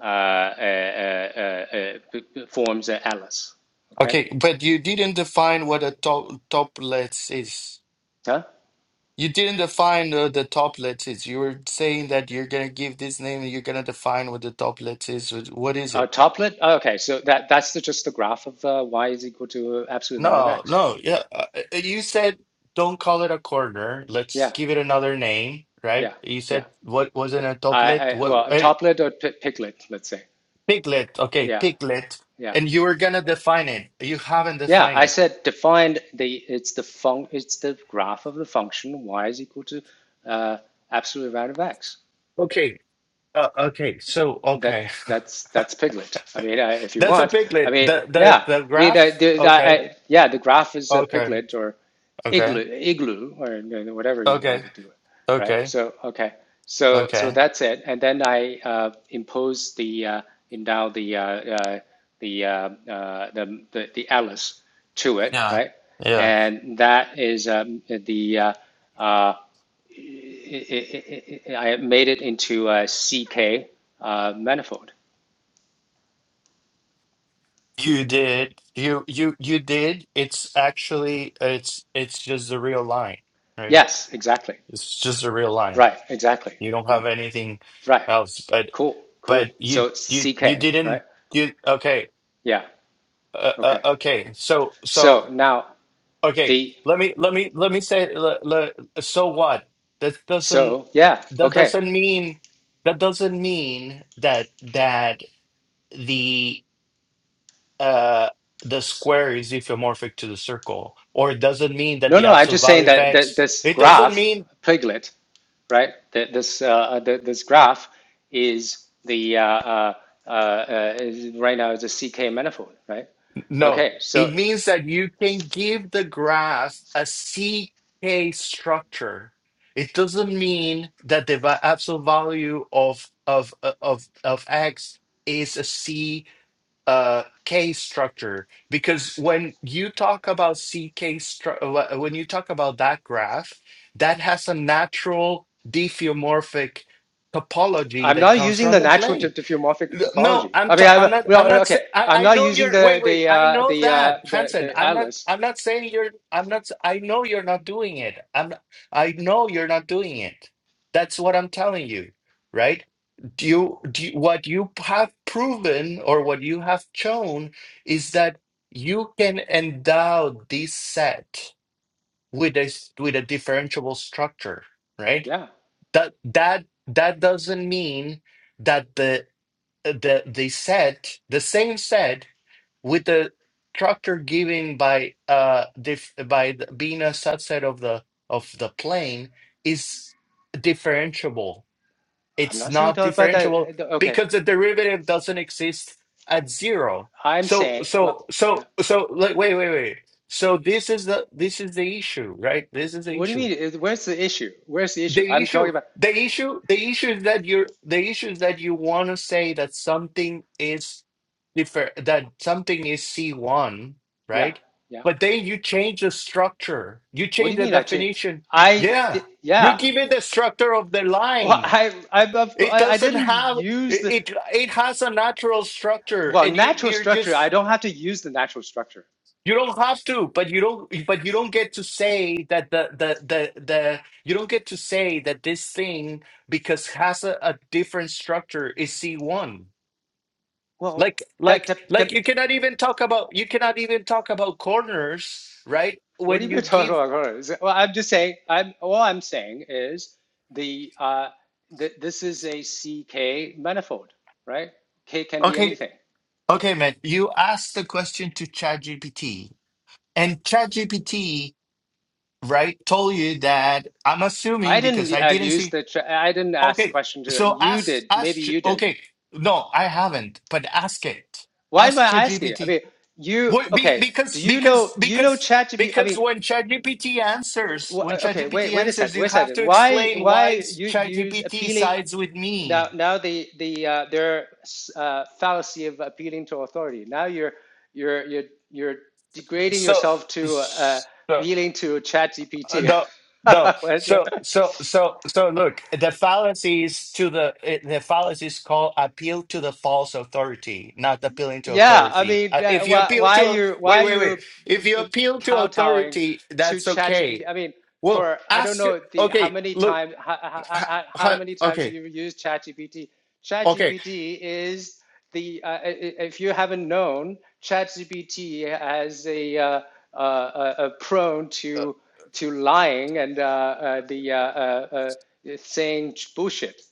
Speaker 1: uh, uh, uh, uh, uh, forms an atlas. Okay.
Speaker 2: Okay, but you didn't define what a top toplets is.
Speaker 1: Huh?
Speaker 2: You didn't define uh, the toplets is. You were saying that you're gonna give this name and you're gonna define what the toplets is. What is
Speaker 1: Uh,
Speaker 2: it?
Speaker 1: toplet. Oh, okay. So that that's the, just the graph of uh, y is equal to absolute value of
Speaker 2: No,
Speaker 1: x.
Speaker 2: no, yeah. uh, uh, uh, You said don't call it a corner. Let's
Speaker 1: Yeah.
Speaker 2: give it another name, right?
Speaker 1: Yeah.
Speaker 2: You
Speaker 1: Yeah.
Speaker 2: said what was it a
Speaker 1: I,
Speaker 2: toplet?
Speaker 1: I
Speaker 2: What
Speaker 1: well, a
Speaker 2: uh,
Speaker 1: toplet or pi- piglet. Let's say.
Speaker 2: piglet? Okay,
Speaker 1: Yeah.
Speaker 2: piglet.
Speaker 1: Yeah.
Speaker 2: And you were gonna define it. You haven't
Speaker 1: Yeah,
Speaker 2: defined
Speaker 1: I
Speaker 2: it.
Speaker 1: said define the it's the fun it's the graph of the function y is equal to uh, absolute value of x
Speaker 2: Okay. Uh, okay. So
Speaker 1: that
Speaker 2: okay,
Speaker 1: that's that's Piglet. I mean, I, if you
Speaker 2: that's a
Speaker 1: want, I
Speaker 2: piglet.
Speaker 1: mean,
Speaker 2: The the
Speaker 1: yeah,
Speaker 2: the
Speaker 1: I mean,
Speaker 2: graph.
Speaker 1: I, the, I,
Speaker 2: Okay.
Speaker 1: yeah, the graph is a
Speaker 2: Okay.
Speaker 1: Piglet or
Speaker 2: Okay.
Speaker 1: igloo, igloo, or whatever you want
Speaker 2: Okay.
Speaker 1: to do it, right?
Speaker 2: Okay.
Speaker 1: So okay, so so
Speaker 2: Okay.
Speaker 1: that's it, and then I uh, impose the uh, endow the uh, uh, the, uh, uh, the the the Alice to it,
Speaker 2: Yeah.
Speaker 1: right?
Speaker 2: Yeah.
Speaker 1: And that is um, the uh, uh, I I- I- I made it into a CK uh, manifold.
Speaker 2: You did. You you you did. It's actually it's it's just the real line, right?
Speaker 1: Yes, exactly.
Speaker 2: It's just the real line.
Speaker 1: Right, exactly.
Speaker 2: You don't
Speaker 1: Mm,
Speaker 2: have anything
Speaker 1: Right.
Speaker 2: else, but
Speaker 1: Cool, cool.
Speaker 2: but you
Speaker 1: So
Speaker 2: you you
Speaker 1: CK, right?
Speaker 2: didn't you okay
Speaker 1: Yeah.
Speaker 2: uh, uh,
Speaker 1: Okay.
Speaker 2: okay so
Speaker 1: So
Speaker 2: so
Speaker 1: now
Speaker 2: okay
Speaker 1: the
Speaker 2: let me let me let me say le, le, so what that doesn't
Speaker 1: so yeah,
Speaker 2: that
Speaker 1: okay.
Speaker 2: doesn't mean that doesn't mean that that the. uh, the square is isomorphic to the circle, or it doesn't mean that
Speaker 1: No,
Speaker 2: the
Speaker 1: no, I'm
Speaker 2: absolute
Speaker 1: just saying
Speaker 2: value of
Speaker 1: that, that
Speaker 2: x.
Speaker 1: this
Speaker 2: It doesn't
Speaker 1: graph
Speaker 2: mean
Speaker 1: piglet, right? That this uh, uh, that this graph is the uh, uh, uh, uh, is right now is a CK manifold, right?
Speaker 2: no.
Speaker 1: Okay, so
Speaker 2: It means that you can give the graph a C K structure. It doesn't mean that the va- absolute value of of uh, of of x is a C. uh k structure because when you talk about ck stru- uh, wh- when you talk about that graph that has a natural diffeomorphic topology
Speaker 1: I'm
Speaker 2: that
Speaker 1: not
Speaker 2: comes
Speaker 1: using
Speaker 2: from
Speaker 1: the
Speaker 2: the
Speaker 1: natural
Speaker 2: plane
Speaker 1: tip diffeomorphic
Speaker 2: no,
Speaker 1: topology.
Speaker 2: I'm
Speaker 1: I mean,
Speaker 2: ta-
Speaker 1: I,
Speaker 2: I'm not I'm
Speaker 1: well,
Speaker 2: not
Speaker 1: okay.
Speaker 2: saying I
Speaker 1: I'm
Speaker 2: I
Speaker 1: not
Speaker 2: know
Speaker 1: using
Speaker 2: you're
Speaker 1: the
Speaker 2: wait wait
Speaker 1: the
Speaker 2: I
Speaker 1: uh,
Speaker 2: know
Speaker 1: the, uh,
Speaker 2: that
Speaker 1: the
Speaker 2: Hansen
Speaker 1: the
Speaker 2: I'm not
Speaker 1: atlas.
Speaker 2: I'm not saying you're I'm not s- I know you're not doing it I'm not- I know you're not doing it that's what I'm telling you right do you do you- what you have proven or what you have shown is that you can endow this set with a s- with a differentiable structure right
Speaker 1: Yeah,
Speaker 2: that that that doesn't mean that the uh, the they said the same said with the structure given by uh dif by the, being a subset of the of the plane is differentiable.
Speaker 1: I'm
Speaker 2: It's
Speaker 1: not saying
Speaker 2: not
Speaker 1: that, but
Speaker 2: differentiable
Speaker 1: that okay.
Speaker 2: because the derivative doesn't exist at zero.
Speaker 1: I'm
Speaker 2: So
Speaker 1: saying, well,
Speaker 2: so
Speaker 1: yeah.
Speaker 2: so so like wait wait wait. So this is the this is the issue, right? This is the
Speaker 1: What do you
Speaker 2: issue
Speaker 1: mean? Where's the issue? Where's the issue?
Speaker 2: the
Speaker 1: I'm talking
Speaker 2: issue,
Speaker 1: about.
Speaker 2: the issue, the issue is that you're the issue is that you want to say that something is different, that something is C1,
Speaker 1: Yeah,
Speaker 2: right?
Speaker 1: yeah.
Speaker 2: But then you change the structure, you
Speaker 1: What do
Speaker 2: change
Speaker 1: you
Speaker 2: the
Speaker 1: mean? Actually,
Speaker 2: definition.
Speaker 1: I
Speaker 2: Yeah,
Speaker 1: did,
Speaker 2: you
Speaker 1: yeah.
Speaker 2: give it the structure of the
Speaker 1: Well,
Speaker 2: line.
Speaker 1: I
Speaker 2: It
Speaker 1: I I
Speaker 2: doesn't
Speaker 1: didn't
Speaker 2: have
Speaker 1: use
Speaker 2: it.
Speaker 1: the
Speaker 2: It, it has a natural structure,
Speaker 1: well
Speaker 2: and you
Speaker 1: natural
Speaker 2: you're
Speaker 1: structure.
Speaker 2: just
Speaker 1: I don't have to use the natural structure.
Speaker 2: you don't have to, but you don't. But you don't get to say that the the the the. You don't get to say that this thing because has a, a different structure is C one.
Speaker 1: Well,
Speaker 2: Like
Speaker 1: that
Speaker 2: like
Speaker 1: that
Speaker 2: like you
Speaker 1: that
Speaker 2: cannot even talk about you cannot even talk about corners, right?
Speaker 1: What have
Speaker 2: When
Speaker 1: you
Speaker 2: you
Speaker 1: been talking
Speaker 2: give
Speaker 1: about? Well, I'm just saying. I'm all I'm saying is the uh, th- this is a C K manifold, right? K can be
Speaker 2: okay
Speaker 1: anything.
Speaker 2: okay man, you asked the question to ChatGPT and ChatGPT right told you that I'm
Speaker 1: I
Speaker 2: assuming because
Speaker 1: didn't
Speaker 2: I
Speaker 1: uh,
Speaker 2: didn't
Speaker 1: use
Speaker 2: see
Speaker 1: the. Tra- I didn't ask
Speaker 2: Okay,
Speaker 1: question to
Speaker 2: so
Speaker 1: you.
Speaker 2: ask
Speaker 1: Did
Speaker 2: ask.
Speaker 1: maybe
Speaker 2: Ch-
Speaker 1: you did?
Speaker 2: Okay, no, I haven't, but ask it.
Speaker 1: Why am I
Speaker 2: Ask
Speaker 1: asking? I
Speaker 2: ChatGPT.
Speaker 1: mean, you
Speaker 2: What? Be,
Speaker 1: okay? Do
Speaker 2: because
Speaker 1: you
Speaker 2: because
Speaker 1: know? Do you know
Speaker 2: because
Speaker 1: ChatGPT? I
Speaker 2: because
Speaker 1: mean,
Speaker 2: when ChatGPT answers, when
Speaker 1: okay. Wait.
Speaker 2: ChatGPT
Speaker 1: Wait a sec.
Speaker 2: answers, you
Speaker 1: Wait a
Speaker 2: have
Speaker 1: second.
Speaker 2: to
Speaker 1: Why?
Speaker 2: explain why
Speaker 1: Why you use
Speaker 2: ChatGPT
Speaker 1: appealing?
Speaker 2: sides with
Speaker 1: now
Speaker 2: me.
Speaker 1: now the the uh, their uh, fallacy of appealing to authority. Now you're you're you're you're degrading
Speaker 2: So
Speaker 1: yourself to uh,
Speaker 2: so
Speaker 1: appealing to
Speaker 2: Uh,
Speaker 1: ChatGPT.
Speaker 2: no no
Speaker 1: GPT.
Speaker 2: so so so so look the fallacies to the eh, the fallacies call appeal to the false authority not appealing to
Speaker 1: Yeah, I
Speaker 2: authority
Speaker 1: mean,
Speaker 2: uh, if
Speaker 1: that,
Speaker 2: you
Speaker 1: why,
Speaker 2: appeal
Speaker 1: why are
Speaker 2: to
Speaker 1: you
Speaker 2: wait
Speaker 1: why are
Speaker 2: wait
Speaker 1: you
Speaker 2: wait if you
Speaker 1: uh,
Speaker 2: appeal to
Speaker 1: kowtowing
Speaker 2: authority
Speaker 1: to
Speaker 2: that's okay
Speaker 1: ChatGPT? I mean,
Speaker 2: well
Speaker 1: for I don't
Speaker 2: ask
Speaker 1: know the how
Speaker 2: okay
Speaker 1: many
Speaker 2: look
Speaker 1: times how, how,
Speaker 2: ha-
Speaker 1: how how
Speaker 2: ha-
Speaker 1: many times
Speaker 2: okay
Speaker 1: you use ChatGPT.
Speaker 2: okay
Speaker 1: ChatGPT is the uh, i- i- if you haven't known, ChatGPT has a uh, uh, uh, uh, prone
Speaker 2: uh,
Speaker 1: to to lying and uh, uh, the uh, uh, uh, saying bullshit.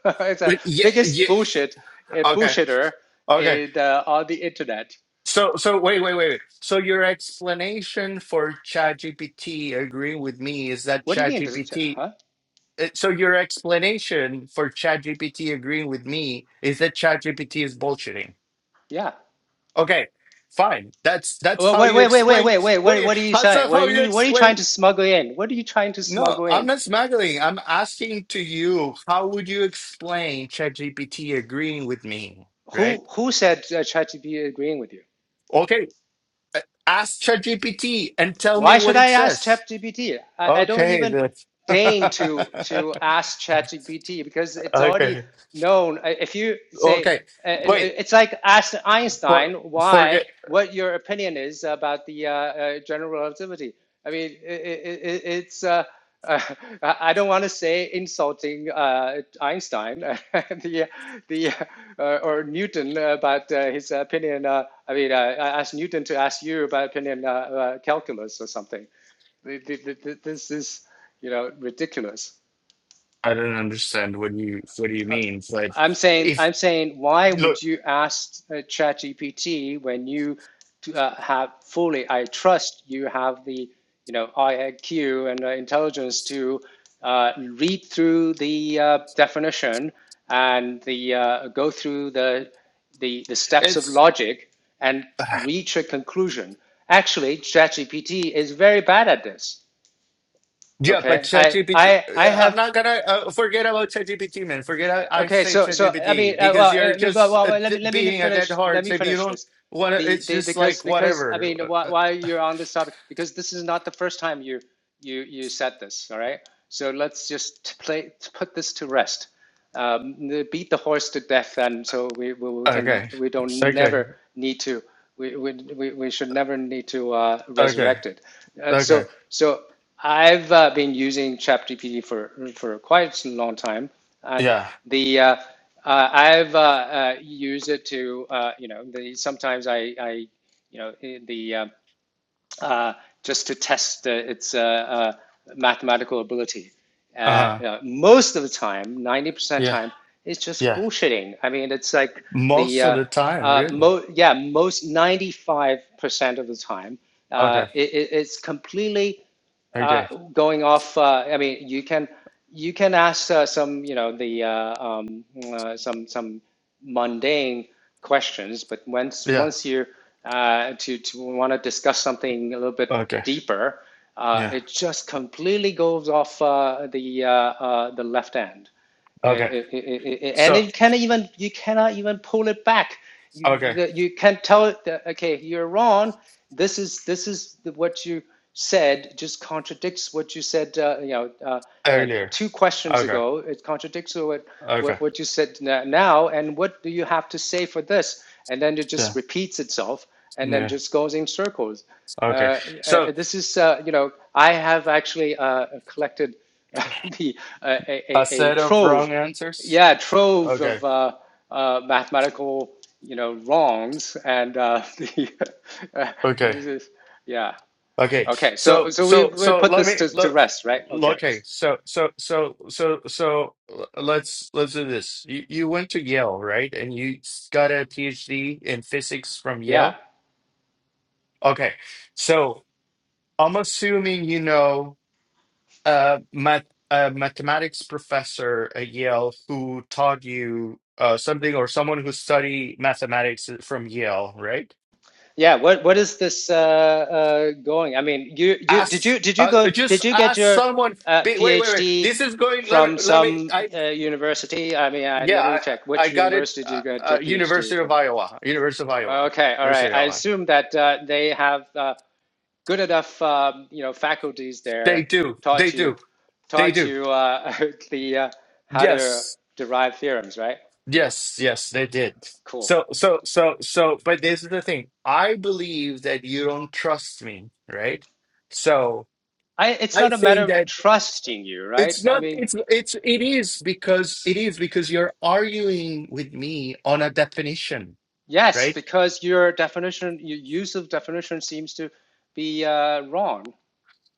Speaker 1: it's the
Speaker 2: wait, yeah
Speaker 1: biggest
Speaker 2: yeah
Speaker 1: bullshit uh,
Speaker 2: okay
Speaker 1: bullshitter
Speaker 2: okay
Speaker 1: in the, on the internet.
Speaker 2: so so wait wait wait wait. so your explanation for ChatGPT agreeing with me is that
Speaker 1: What do you mean? Does it,
Speaker 2: ChatGPT
Speaker 1: huh?
Speaker 2: Uh, So your explanation for ChatGPT agreeing with me is that ChatGPT is bullshitting.
Speaker 1: Yeah.
Speaker 2: Okay, fine. That's that's
Speaker 1: Wait,
Speaker 2: how
Speaker 1: wait,
Speaker 2: you
Speaker 1: wait, wait,
Speaker 2: explain.
Speaker 1: wait, wait. wait, What,
Speaker 2: Wait,
Speaker 1: what are you
Speaker 2: how's
Speaker 1: saying?
Speaker 2: that
Speaker 1: What are
Speaker 2: how you
Speaker 1: you, what are you
Speaker 2: explain?
Speaker 1: trying to smuggle in? What are you trying to
Speaker 2: No,
Speaker 1: smuggle
Speaker 2: I'm
Speaker 1: in?
Speaker 2: not smuggling. I'm asking to you, how would you explain ChatGPT agreeing with me? Right?
Speaker 1: Who who said uh, ChatGPT agreeing with you?
Speaker 2: Okay, uh, ask ChatGPT and tell me
Speaker 1: Why should
Speaker 2: what it
Speaker 1: I ask
Speaker 2: says.
Speaker 1: ChatGPT? I, I don't
Speaker 2: Okay,
Speaker 1: even
Speaker 2: that's
Speaker 1: deign to to ask ChatGPT because it's already
Speaker 2: okay.
Speaker 1: known. If you say
Speaker 2: Okay.
Speaker 1: uh,
Speaker 2: Wait,
Speaker 1: it's like ask
Speaker 2: for
Speaker 1: Einstein why
Speaker 2: forget
Speaker 1: what your opinion is about the uh, uh, general relativity. I mean, it, it, it's. Uh, uh, I don't want to say insulting uh, Einstein, uh, the the uh, or Newton uh, about uh, his opinion. Uh, I mean, uh, I asked Newton to ask you about opinion uh, uh, calculus or something. This is, you know, ridiculous.
Speaker 2: I don't understand what do you what do you mean? Like,
Speaker 1: I'm saying,
Speaker 2: if
Speaker 1: I'm saying, why
Speaker 2: look,
Speaker 1: would you ask uh, ChatGPT when you uh, have fully? I trust you have the, you know, IQ and uh, intelligence to uh, read through the uh, definition and the uh, go through the, the the steps of
Speaker 2: it's
Speaker 1: logic and reach a conclusion. Actually, ChatGPT is very bad at this.
Speaker 2: yeah, but
Speaker 1: Okay, I
Speaker 2: ChatGPT.
Speaker 1: I I
Speaker 2: uh, I'm
Speaker 1: have
Speaker 2: not gonna uh, forget about ChatGPT, man. Forget I, I
Speaker 1: Okay,
Speaker 2: say
Speaker 1: so so I mean,
Speaker 2: ChatGPT
Speaker 1: uh,
Speaker 2: because you're
Speaker 1: well, uh,
Speaker 2: just
Speaker 1: well,
Speaker 2: uh,
Speaker 1: let
Speaker 2: d-
Speaker 1: me let me
Speaker 2: being a dead
Speaker 1: finish let
Speaker 2: horse
Speaker 1: me
Speaker 2: if you
Speaker 1: finish
Speaker 2: don't
Speaker 1: this.
Speaker 2: want to.
Speaker 1: The
Speaker 2: It's
Speaker 1: the
Speaker 2: just
Speaker 1: because
Speaker 2: like
Speaker 1: because I
Speaker 2: whatever.
Speaker 1: mean,
Speaker 2: Uh,
Speaker 1: why
Speaker 2: uh,
Speaker 1: why you're on this topic? Because this is not the first time you you you said this. All right, so let's just play put this to rest. Um, beat the horse to death, and so we we, we can
Speaker 2: Okay,
Speaker 1: we don't
Speaker 2: okay,
Speaker 1: never need to we we we we should never need to uh,
Speaker 2: okay,
Speaker 1: resurrect it. Uh,
Speaker 2: okay.
Speaker 1: so so I've uh, been using ChatGPT for for quite a long time and
Speaker 2: Yeah.
Speaker 1: the uh, uh, I've uh, uh, used it to uh, you know the sometimes I, I you know eh, the uh, uh, just to test uh, its uh, uh, mathematical ability.
Speaker 2: Uh
Speaker 1: Uh,
Speaker 2: huh.
Speaker 1: you know, most of the time, ninety percent
Speaker 2: Yeah.
Speaker 1: time, it's just
Speaker 2: Yeah.
Speaker 1: bullshitting. I mean, it's like the
Speaker 2: Most of
Speaker 1: uh,
Speaker 2: the time,
Speaker 1: uh,
Speaker 2: really.
Speaker 1: mo- yeah most ninety five percent of the time, uh,
Speaker 2: Okay.
Speaker 1: it- it's completely
Speaker 2: Okay.
Speaker 1: uh, going off, uh, I mean, you can you can ask uh, some, you know, the uh, um, uh, some some mundane questions, but once
Speaker 2: Yeah.
Speaker 1: once you uh, to to want to discuss something a little bit
Speaker 2: Okay.
Speaker 1: deeper, uh,
Speaker 2: Yeah.
Speaker 1: it just completely goes off uh, the uh, uh, the left end. Uh, uh,
Speaker 2: Okay.
Speaker 1: uh, uh, and
Speaker 2: So.
Speaker 1: you can't even you cannot even pull it back. You
Speaker 2: Okay.
Speaker 1: you can not tell it that okay, you're wrong. This is this is what you said. Just contradicts what you said. Uh, you know, uh, like
Speaker 2: Earlier.
Speaker 1: two questions
Speaker 2: Okay.
Speaker 1: ago, it contradicts what
Speaker 2: Okay.
Speaker 1: what what you said now. And what do you have to say for this? And then it just
Speaker 2: Yeah.
Speaker 1: repeats itself, and then
Speaker 2: Yeah.
Speaker 1: just goes in circles.
Speaker 2: Okay.
Speaker 1: Uh, uh,
Speaker 2: So
Speaker 1: this is uh, you know, I have actually uh, collected. the uh, a,
Speaker 2: a
Speaker 1: a, a
Speaker 2: set of
Speaker 1: trove,
Speaker 2: wrong answers.
Speaker 1: yeah, trove
Speaker 2: Okay.
Speaker 1: of uh, uh, mathematical, you know, wrongs, and uh, the uh,
Speaker 2: Okay.
Speaker 1: this is yeah.
Speaker 2: Okay.
Speaker 1: Okay, so
Speaker 2: So
Speaker 1: so we
Speaker 2: so
Speaker 1: we
Speaker 2: so
Speaker 1: put
Speaker 2: let
Speaker 1: this
Speaker 2: me
Speaker 1: to, to
Speaker 2: look.
Speaker 1: rest, right? Okay,
Speaker 2: Okay. So so so so so l- let's let's do this. You you went to Yale, right? And you s- got a PhD in physics from
Speaker 1: yeah,
Speaker 2: Yale. Okay. So I'm assuming you know. uh, math, a mathematics professor at Yale who taught you uh, something, or someone who studied mathematics from Yale, right?
Speaker 1: yeah. What what is this uh, uh, going? I mean, you you did
Speaker 2: Ask,
Speaker 1: you did you
Speaker 2: uh,
Speaker 1: go
Speaker 2: just
Speaker 1: did you get
Speaker 2: ask
Speaker 1: your
Speaker 2: someone.
Speaker 1: uh,
Speaker 2: Be, wait, wait, wait.
Speaker 1: PhD
Speaker 2: This is going. Let
Speaker 1: from
Speaker 2: me, let me.
Speaker 1: some
Speaker 2: I
Speaker 1: uh, university? I mean, I, let me
Speaker 2: yeah,
Speaker 1: check.
Speaker 2: I, I
Speaker 1: Which
Speaker 2: got it.
Speaker 1: university did
Speaker 2: Uh,
Speaker 1: you get
Speaker 2: uh,
Speaker 1: your PhD
Speaker 2: University
Speaker 1: from?
Speaker 2: of Iowa, University of Iowa,
Speaker 1: Okay, all right.
Speaker 2: University of
Speaker 1: I
Speaker 2: Iowa.
Speaker 1: assume that uh, they have uh, good enough, um, you know, faculties
Speaker 2: They
Speaker 1: there
Speaker 2: do, they
Speaker 1: taught you,
Speaker 2: do, they
Speaker 1: taught
Speaker 2: do.
Speaker 1: you uh, the uh, how to
Speaker 2: Yes,
Speaker 1: derive theorems, right?
Speaker 2: Yes, yes, they did.
Speaker 1: Cool.
Speaker 2: So, so, so, so, but this is the thing. I believe that you don't trust me, right? So
Speaker 1: I, it's
Speaker 2: I
Speaker 1: not a matter
Speaker 2: think
Speaker 1: of
Speaker 2: that
Speaker 1: trusting you, right?
Speaker 2: it's
Speaker 1: I
Speaker 2: not,
Speaker 1: mean,
Speaker 2: it's, it's, it is because, it is because you're arguing with me on a definition,
Speaker 1: yes,
Speaker 2: right?
Speaker 1: because your definition, your use of definition seems to be uh, wrong.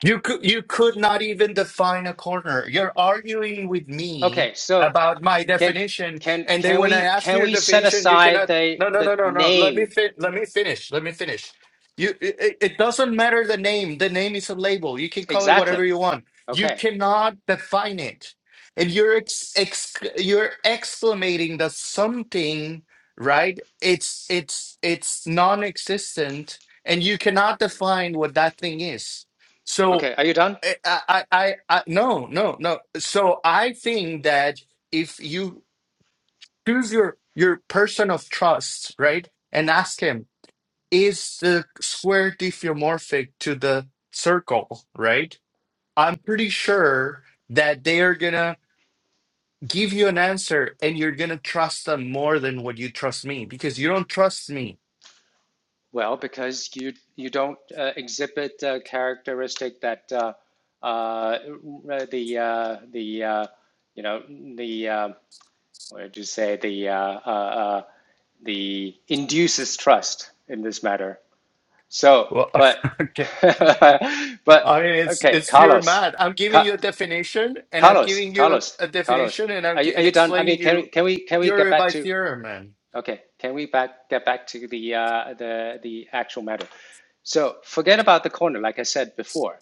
Speaker 2: You could you could not even define a corner. You're arguing with
Speaker 1: Okay,
Speaker 2: me
Speaker 1: so
Speaker 2: about my
Speaker 1: can
Speaker 2: definition,
Speaker 1: can
Speaker 2: and then
Speaker 1: can
Speaker 2: when I
Speaker 1: we
Speaker 2: ask you
Speaker 1: can
Speaker 2: your
Speaker 1: we set
Speaker 2: definition, you
Speaker 1: aside
Speaker 2: cannot.
Speaker 1: the
Speaker 2: No, no,
Speaker 1: the
Speaker 2: no, no, no. Let me
Speaker 1: name
Speaker 2: fin- Let me finish. Let me finish. You. It, it doesn't matter the name. The name is a label. You can call it
Speaker 1: exactly?
Speaker 2: whatever you want. You
Speaker 1: Okay,
Speaker 2: cannot define it, and you're ex, ex you're exclamating that something right. It's it's it's non-existent, and you cannot define what that thing is. So
Speaker 1: okay. Are you done?
Speaker 2: eh, I, I, I, I, no, no, no. So I think that if you choose your your person of trust, right, and ask him, is the square diffeomorphic to the circle, right? I'm pretty sure that they are gonna give you an answer, and you're gonna trust them more than what you trust me because you don't trust me.
Speaker 1: Well, because you you don't uh, exhibit a characteristic that uh, uh, the uh, the uh, you know the uh, what did you say the uh, uh, uh, the induces trust in this matter. So,
Speaker 2: Well,
Speaker 1: but
Speaker 2: okay.
Speaker 1: but
Speaker 2: I mean, it's
Speaker 1: okay,
Speaker 2: it's pure
Speaker 1: Carlos,
Speaker 2: math. I'm giving you a
Speaker 1: Ca
Speaker 2: definition, and I'm
Speaker 1: Carlos,
Speaker 2: giving you
Speaker 1: Carlos,
Speaker 2: a, a
Speaker 1: Carlos,
Speaker 2: definition, and I'm
Speaker 1: are you
Speaker 2: gi-
Speaker 1: are
Speaker 2: and
Speaker 1: you done? I
Speaker 2: explaining
Speaker 1: mean, can we
Speaker 2: you
Speaker 1: can we can we get
Speaker 2: theory
Speaker 1: back
Speaker 2: by
Speaker 1: to?
Speaker 2: theorem, man.
Speaker 1: Okay, can we back get back to the uh, the the actual matter? So forget about the corner, like I said before.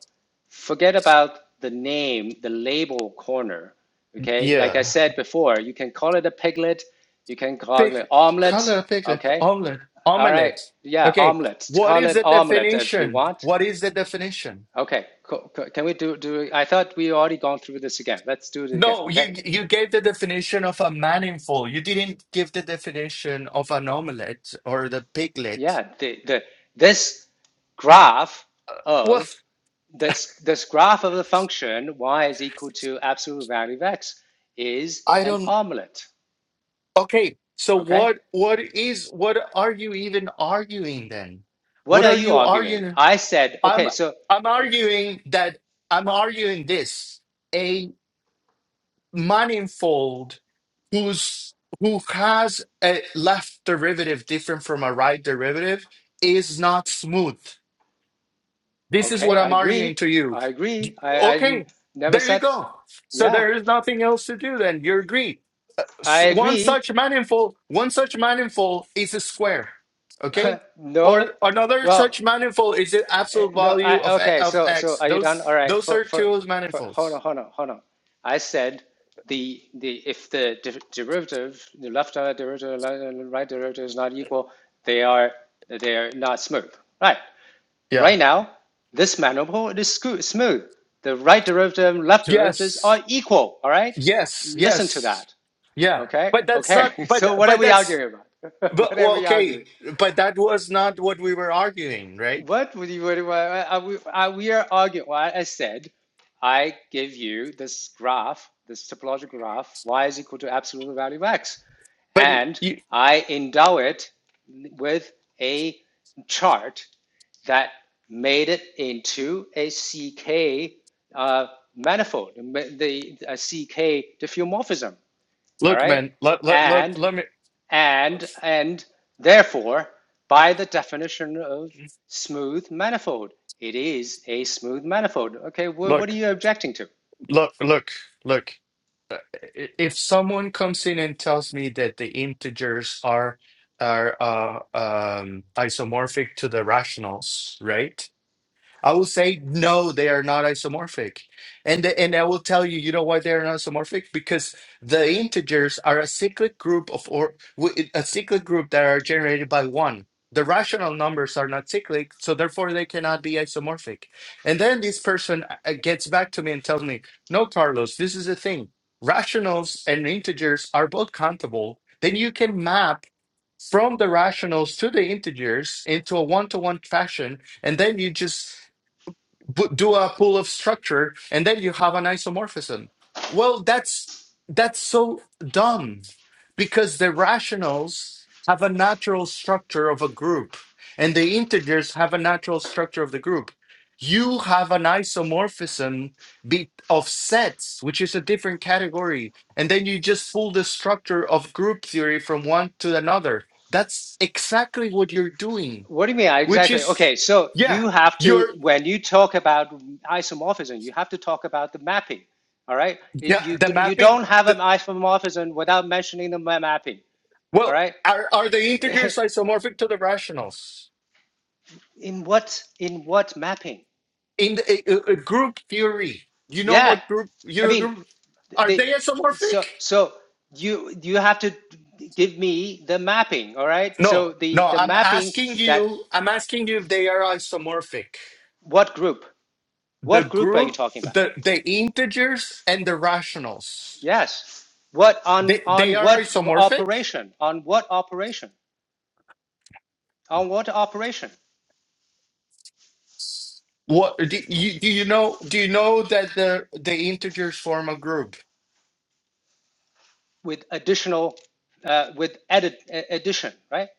Speaker 1: Forget about the name, the label corner. Okay, like I
Speaker 2: Yeah.
Speaker 1: said before, you can call it a piglet, you can call
Speaker 2: Pick
Speaker 1: it omelet.
Speaker 2: color, piglet,
Speaker 1: Okay,
Speaker 2: omelet,
Speaker 1: all right,
Speaker 2: omelet.
Speaker 1: yeah,
Speaker 2: Okay,
Speaker 1: omelet.
Speaker 2: what
Speaker 1: Call
Speaker 2: is
Speaker 1: it
Speaker 2: the
Speaker 1: omelet if you
Speaker 2: definition?
Speaker 1: want.
Speaker 2: What is the definition?
Speaker 1: Okay, cool. cool. Can we do do? I thought we already gone through this again. Let's do it again.
Speaker 2: No,
Speaker 1: Okay,
Speaker 2: you you gave the definition of a manifold. You didn't give the definition of an omelet or the piglet.
Speaker 1: yeah, the the this graph
Speaker 2: What?
Speaker 1: of this, this graph of the function y is equal to absolute value of x is
Speaker 2: I
Speaker 1: an
Speaker 2: don't.
Speaker 1: omelet.
Speaker 2: Okay, so
Speaker 1: Okay.
Speaker 2: what what is what are you even arguing then?
Speaker 1: What
Speaker 2: What
Speaker 1: are
Speaker 2: are
Speaker 1: you
Speaker 2: you
Speaker 1: arguing?
Speaker 2: arguing?
Speaker 1: I said,
Speaker 2: I'm
Speaker 1: okay, so,
Speaker 2: I'm arguing that I'm arguing this a manifold who's who has a left derivative different from a right derivative is not smooth. This is
Speaker 1: okay,
Speaker 2: what
Speaker 1: I
Speaker 2: I'm arguing
Speaker 1: agree.
Speaker 2: to you.
Speaker 1: I agree. I I
Speaker 2: Okay,
Speaker 1: never
Speaker 2: there you
Speaker 1: said,
Speaker 2: go. So
Speaker 1: yeah,
Speaker 2: there is nothing else to do then. You agree s-
Speaker 1: I
Speaker 2: one
Speaker 1: agree.
Speaker 2: such manifold one such manifold is a square okay or
Speaker 1: no.
Speaker 2: another
Speaker 1: Well,
Speaker 2: such manifold is the
Speaker 1: Eh,
Speaker 2: absolute
Speaker 1: No,
Speaker 2: value
Speaker 1: I
Speaker 2: of e,
Speaker 1: okay.
Speaker 2: of
Speaker 1: So so
Speaker 2: x
Speaker 1: are you done?
Speaker 2: those
Speaker 1: All right.
Speaker 2: those
Speaker 1: For
Speaker 2: are
Speaker 1: for
Speaker 2: two
Speaker 1: for hold on,
Speaker 2: manifolds
Speaker 1: hold on, hold on. I said the the if the de derivative, the left uh, derivative, le- right derivative is not equal, they are they are not smooth. Right.
Speaker 2: yeah
Speaker 1: Right now, this manifold is scoo- smooth. The right derivative, and left derivatives
Speaker 2: yes
Speaker 1: are equal. All right.
Speaker 2: yes
Speaker 1: Listen to
Speaker 2: yes
Speaker 1: that.
Speaker 2: yeah
Speaker 1: Okay.
Speaker 2: but that's
Speaker 1: Okay.
Speaker 2: not but
Speaker 1: So what are
Speaker 2: but
Speaker 1: we
Speaker 2: that's
Speaker 1: arguing about? What
Speaker 2: but
Speaker 1: are
Speaker 2: well,
Speaker 1: we arguing?
Speaker 2: okay but that was not what we were arguing right
Speaker 1: What would you, what, do I, I, we, I, we are arguing. Why I said, I give you this graph, this topological graph, y is equal to absolute value of x,
Speaker 2: but
Speaker 1: and
Speaker 2: you,
Speaker 1: I endow it with a chart that made it into a CK uh, manifold, the a CK diffeomorphism. All
Speaker 2: look
Speaker 1: right,
Speaker 2: man let, let, let,
Speaker 1: and
Speaker 2: let me
Speaker 1: and and therefore by the definition of smooth manifold it is a smooth manifold okay wh- what are
Speaker 2: look
Speaker 1: you objecting to
Speaker 2: look look look uh, i- if someone comes in and tells me that the integers are are uh, um, isomorphic to the rationals, right? I will say no, they are not isomorphic. And the- and I will tell you, you know why they are not isomorphic? Because the integers are a cyclic group of or wi- a cyclic group that are generated by one. The rational numbers are not cyclic, so therefore they cannot be isomorphic. And then this person uh, uh, gets back to me and tells me, "No, Carlos, this is the thing. Rationals and integers are both countable. Then you can map from the rationals to the integers into a one-to-one fashion and then you just bu- do a pull of structure and then you have an isomorphism well that's that's so dumb because the rationals have a natural structure of a group and the integers have a natural structure of the group you have an isomorphism be- of sets which is a different category and then you just pull the structure of group theory from one to another that's exactly what you're doing
Speaker 1: what do you mean
Speaker 2: which
Speaker 1: exactly
Speaker 2: is
Speaker 1: okay so
Speaker 2: yeah
Speaker 1: you have to
Speaker 2: you're
Speaker 1: when you talk about isomorphism you have to talk about the mapping all right It-
Speaker 2: Yeah,
Speaker 1: you
Speaker 2: the
Speaker 1: could, you
Speaker 2: mapping.
Speaker 1: don't have an
Speaker 2: The,
Speaker 1: isomorphism without mentioning the mapping all
Speaker 2: well,
Speaker 1: right
Speaker 2: are are the integers isomorphic to the rationals
Speaker 1: in what in what mapping
Speaker 2: in the, uh, uh, group theory? You know
Speaker 1: yeah
Speaker 2: what group
Speaker 1: I
Speaker 2: your
Speaker 1: mean,
Speaker 2: group are
Speaker 1: They
Speaker 2: they
Speaker 1: so
Speaker 2: isomorphic?
Speaker 1: so you you have to give me the mapping, all right? So
Speaker 2: No,
Speaker 1: the
Speaker 2: no.
Speaker 1: the
Speaker 2: I'm
Speaker 1: mapping
Speaker 2: asking
Speaker 1: that
Speaker 2: you. I'm asking you if they are isomorphic.
Speaker 1: what group?
Speaker 2: The
Speaker 1: What group are you
Speaker 2: group,
Speaker 1: talking about?
Speaker 2: the the integers and the rationals.
Speaker 1: Yes. What on
Speaker 2: They they
Speaker 1: on
Speaker 2: are
Speaker 1: what
Speaker 2: isomorphic.
Speaker 1: operation? On what operation? On what operation?
Speaker 2: What do you do? You know? Do you know that the the integers form a group?
Speaker 1: With additional uh, with edit e-, addition, right?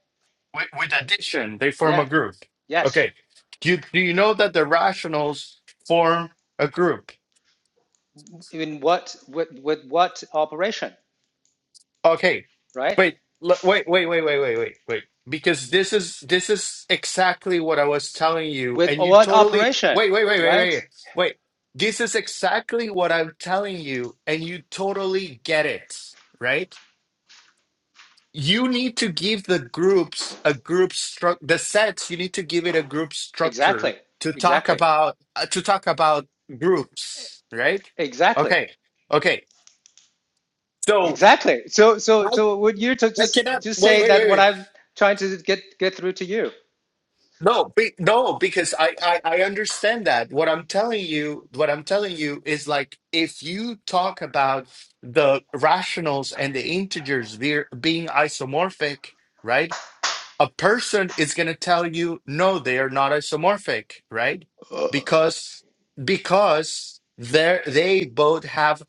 Speaker 2: with, with addition they form a
Speaker 1: Yeah.
Speaker 2: group
Speaker 1: Yes.
Speaker 2: okay do you, do you know that the rationals form a group
Speaker 1: In what with with what operation,
Speaker 2: okay
Speaker 1: right?
Speaker 2: wait l- wait wait wait wait wait wait wait because this is this is exactly what i was telling you
Speaker 1: With
Speaker 2: and you
Speaker 1: what
Speaker 2: totally
Speaker 1: operation,
Speaker 2: wait wait wait wait
Speaker 1: right?
Speaker 2: wait wait this is exactly what i'm telling you and you totally get it right you need to give the groups a group structure the sets you need to give it a group
Speaker 1: Exactly.
Speaker 2: structure to talk
Speaker 1: Exactly.
Speaker 2: about uh, to talk about groups right
Speaker 1: Exactly.
Speaker 2: okay okay so
Speaker 1: Exactly. So so
Speaker 2: i
Speaker 1: so would you to
Speaker 2: i
Speaker 1: just
Speaker 2: cannot
Speaker 1: just
Speaker 2: wait
Speaker 1: say
Speaker 2: wait
Speaker 1: that
Speaker 2: wait
Speaker 1: what
Speaker 2: wait
Speaker 1: I'm trying to get get through to you?
Speaker 2: no be, no because I, I i understand that what i'm telling you what i'm telling you is like if you talk about the rationals and the integers be, being isomorphic right a person is going to tell you no they are not isomorphic right because because they they both have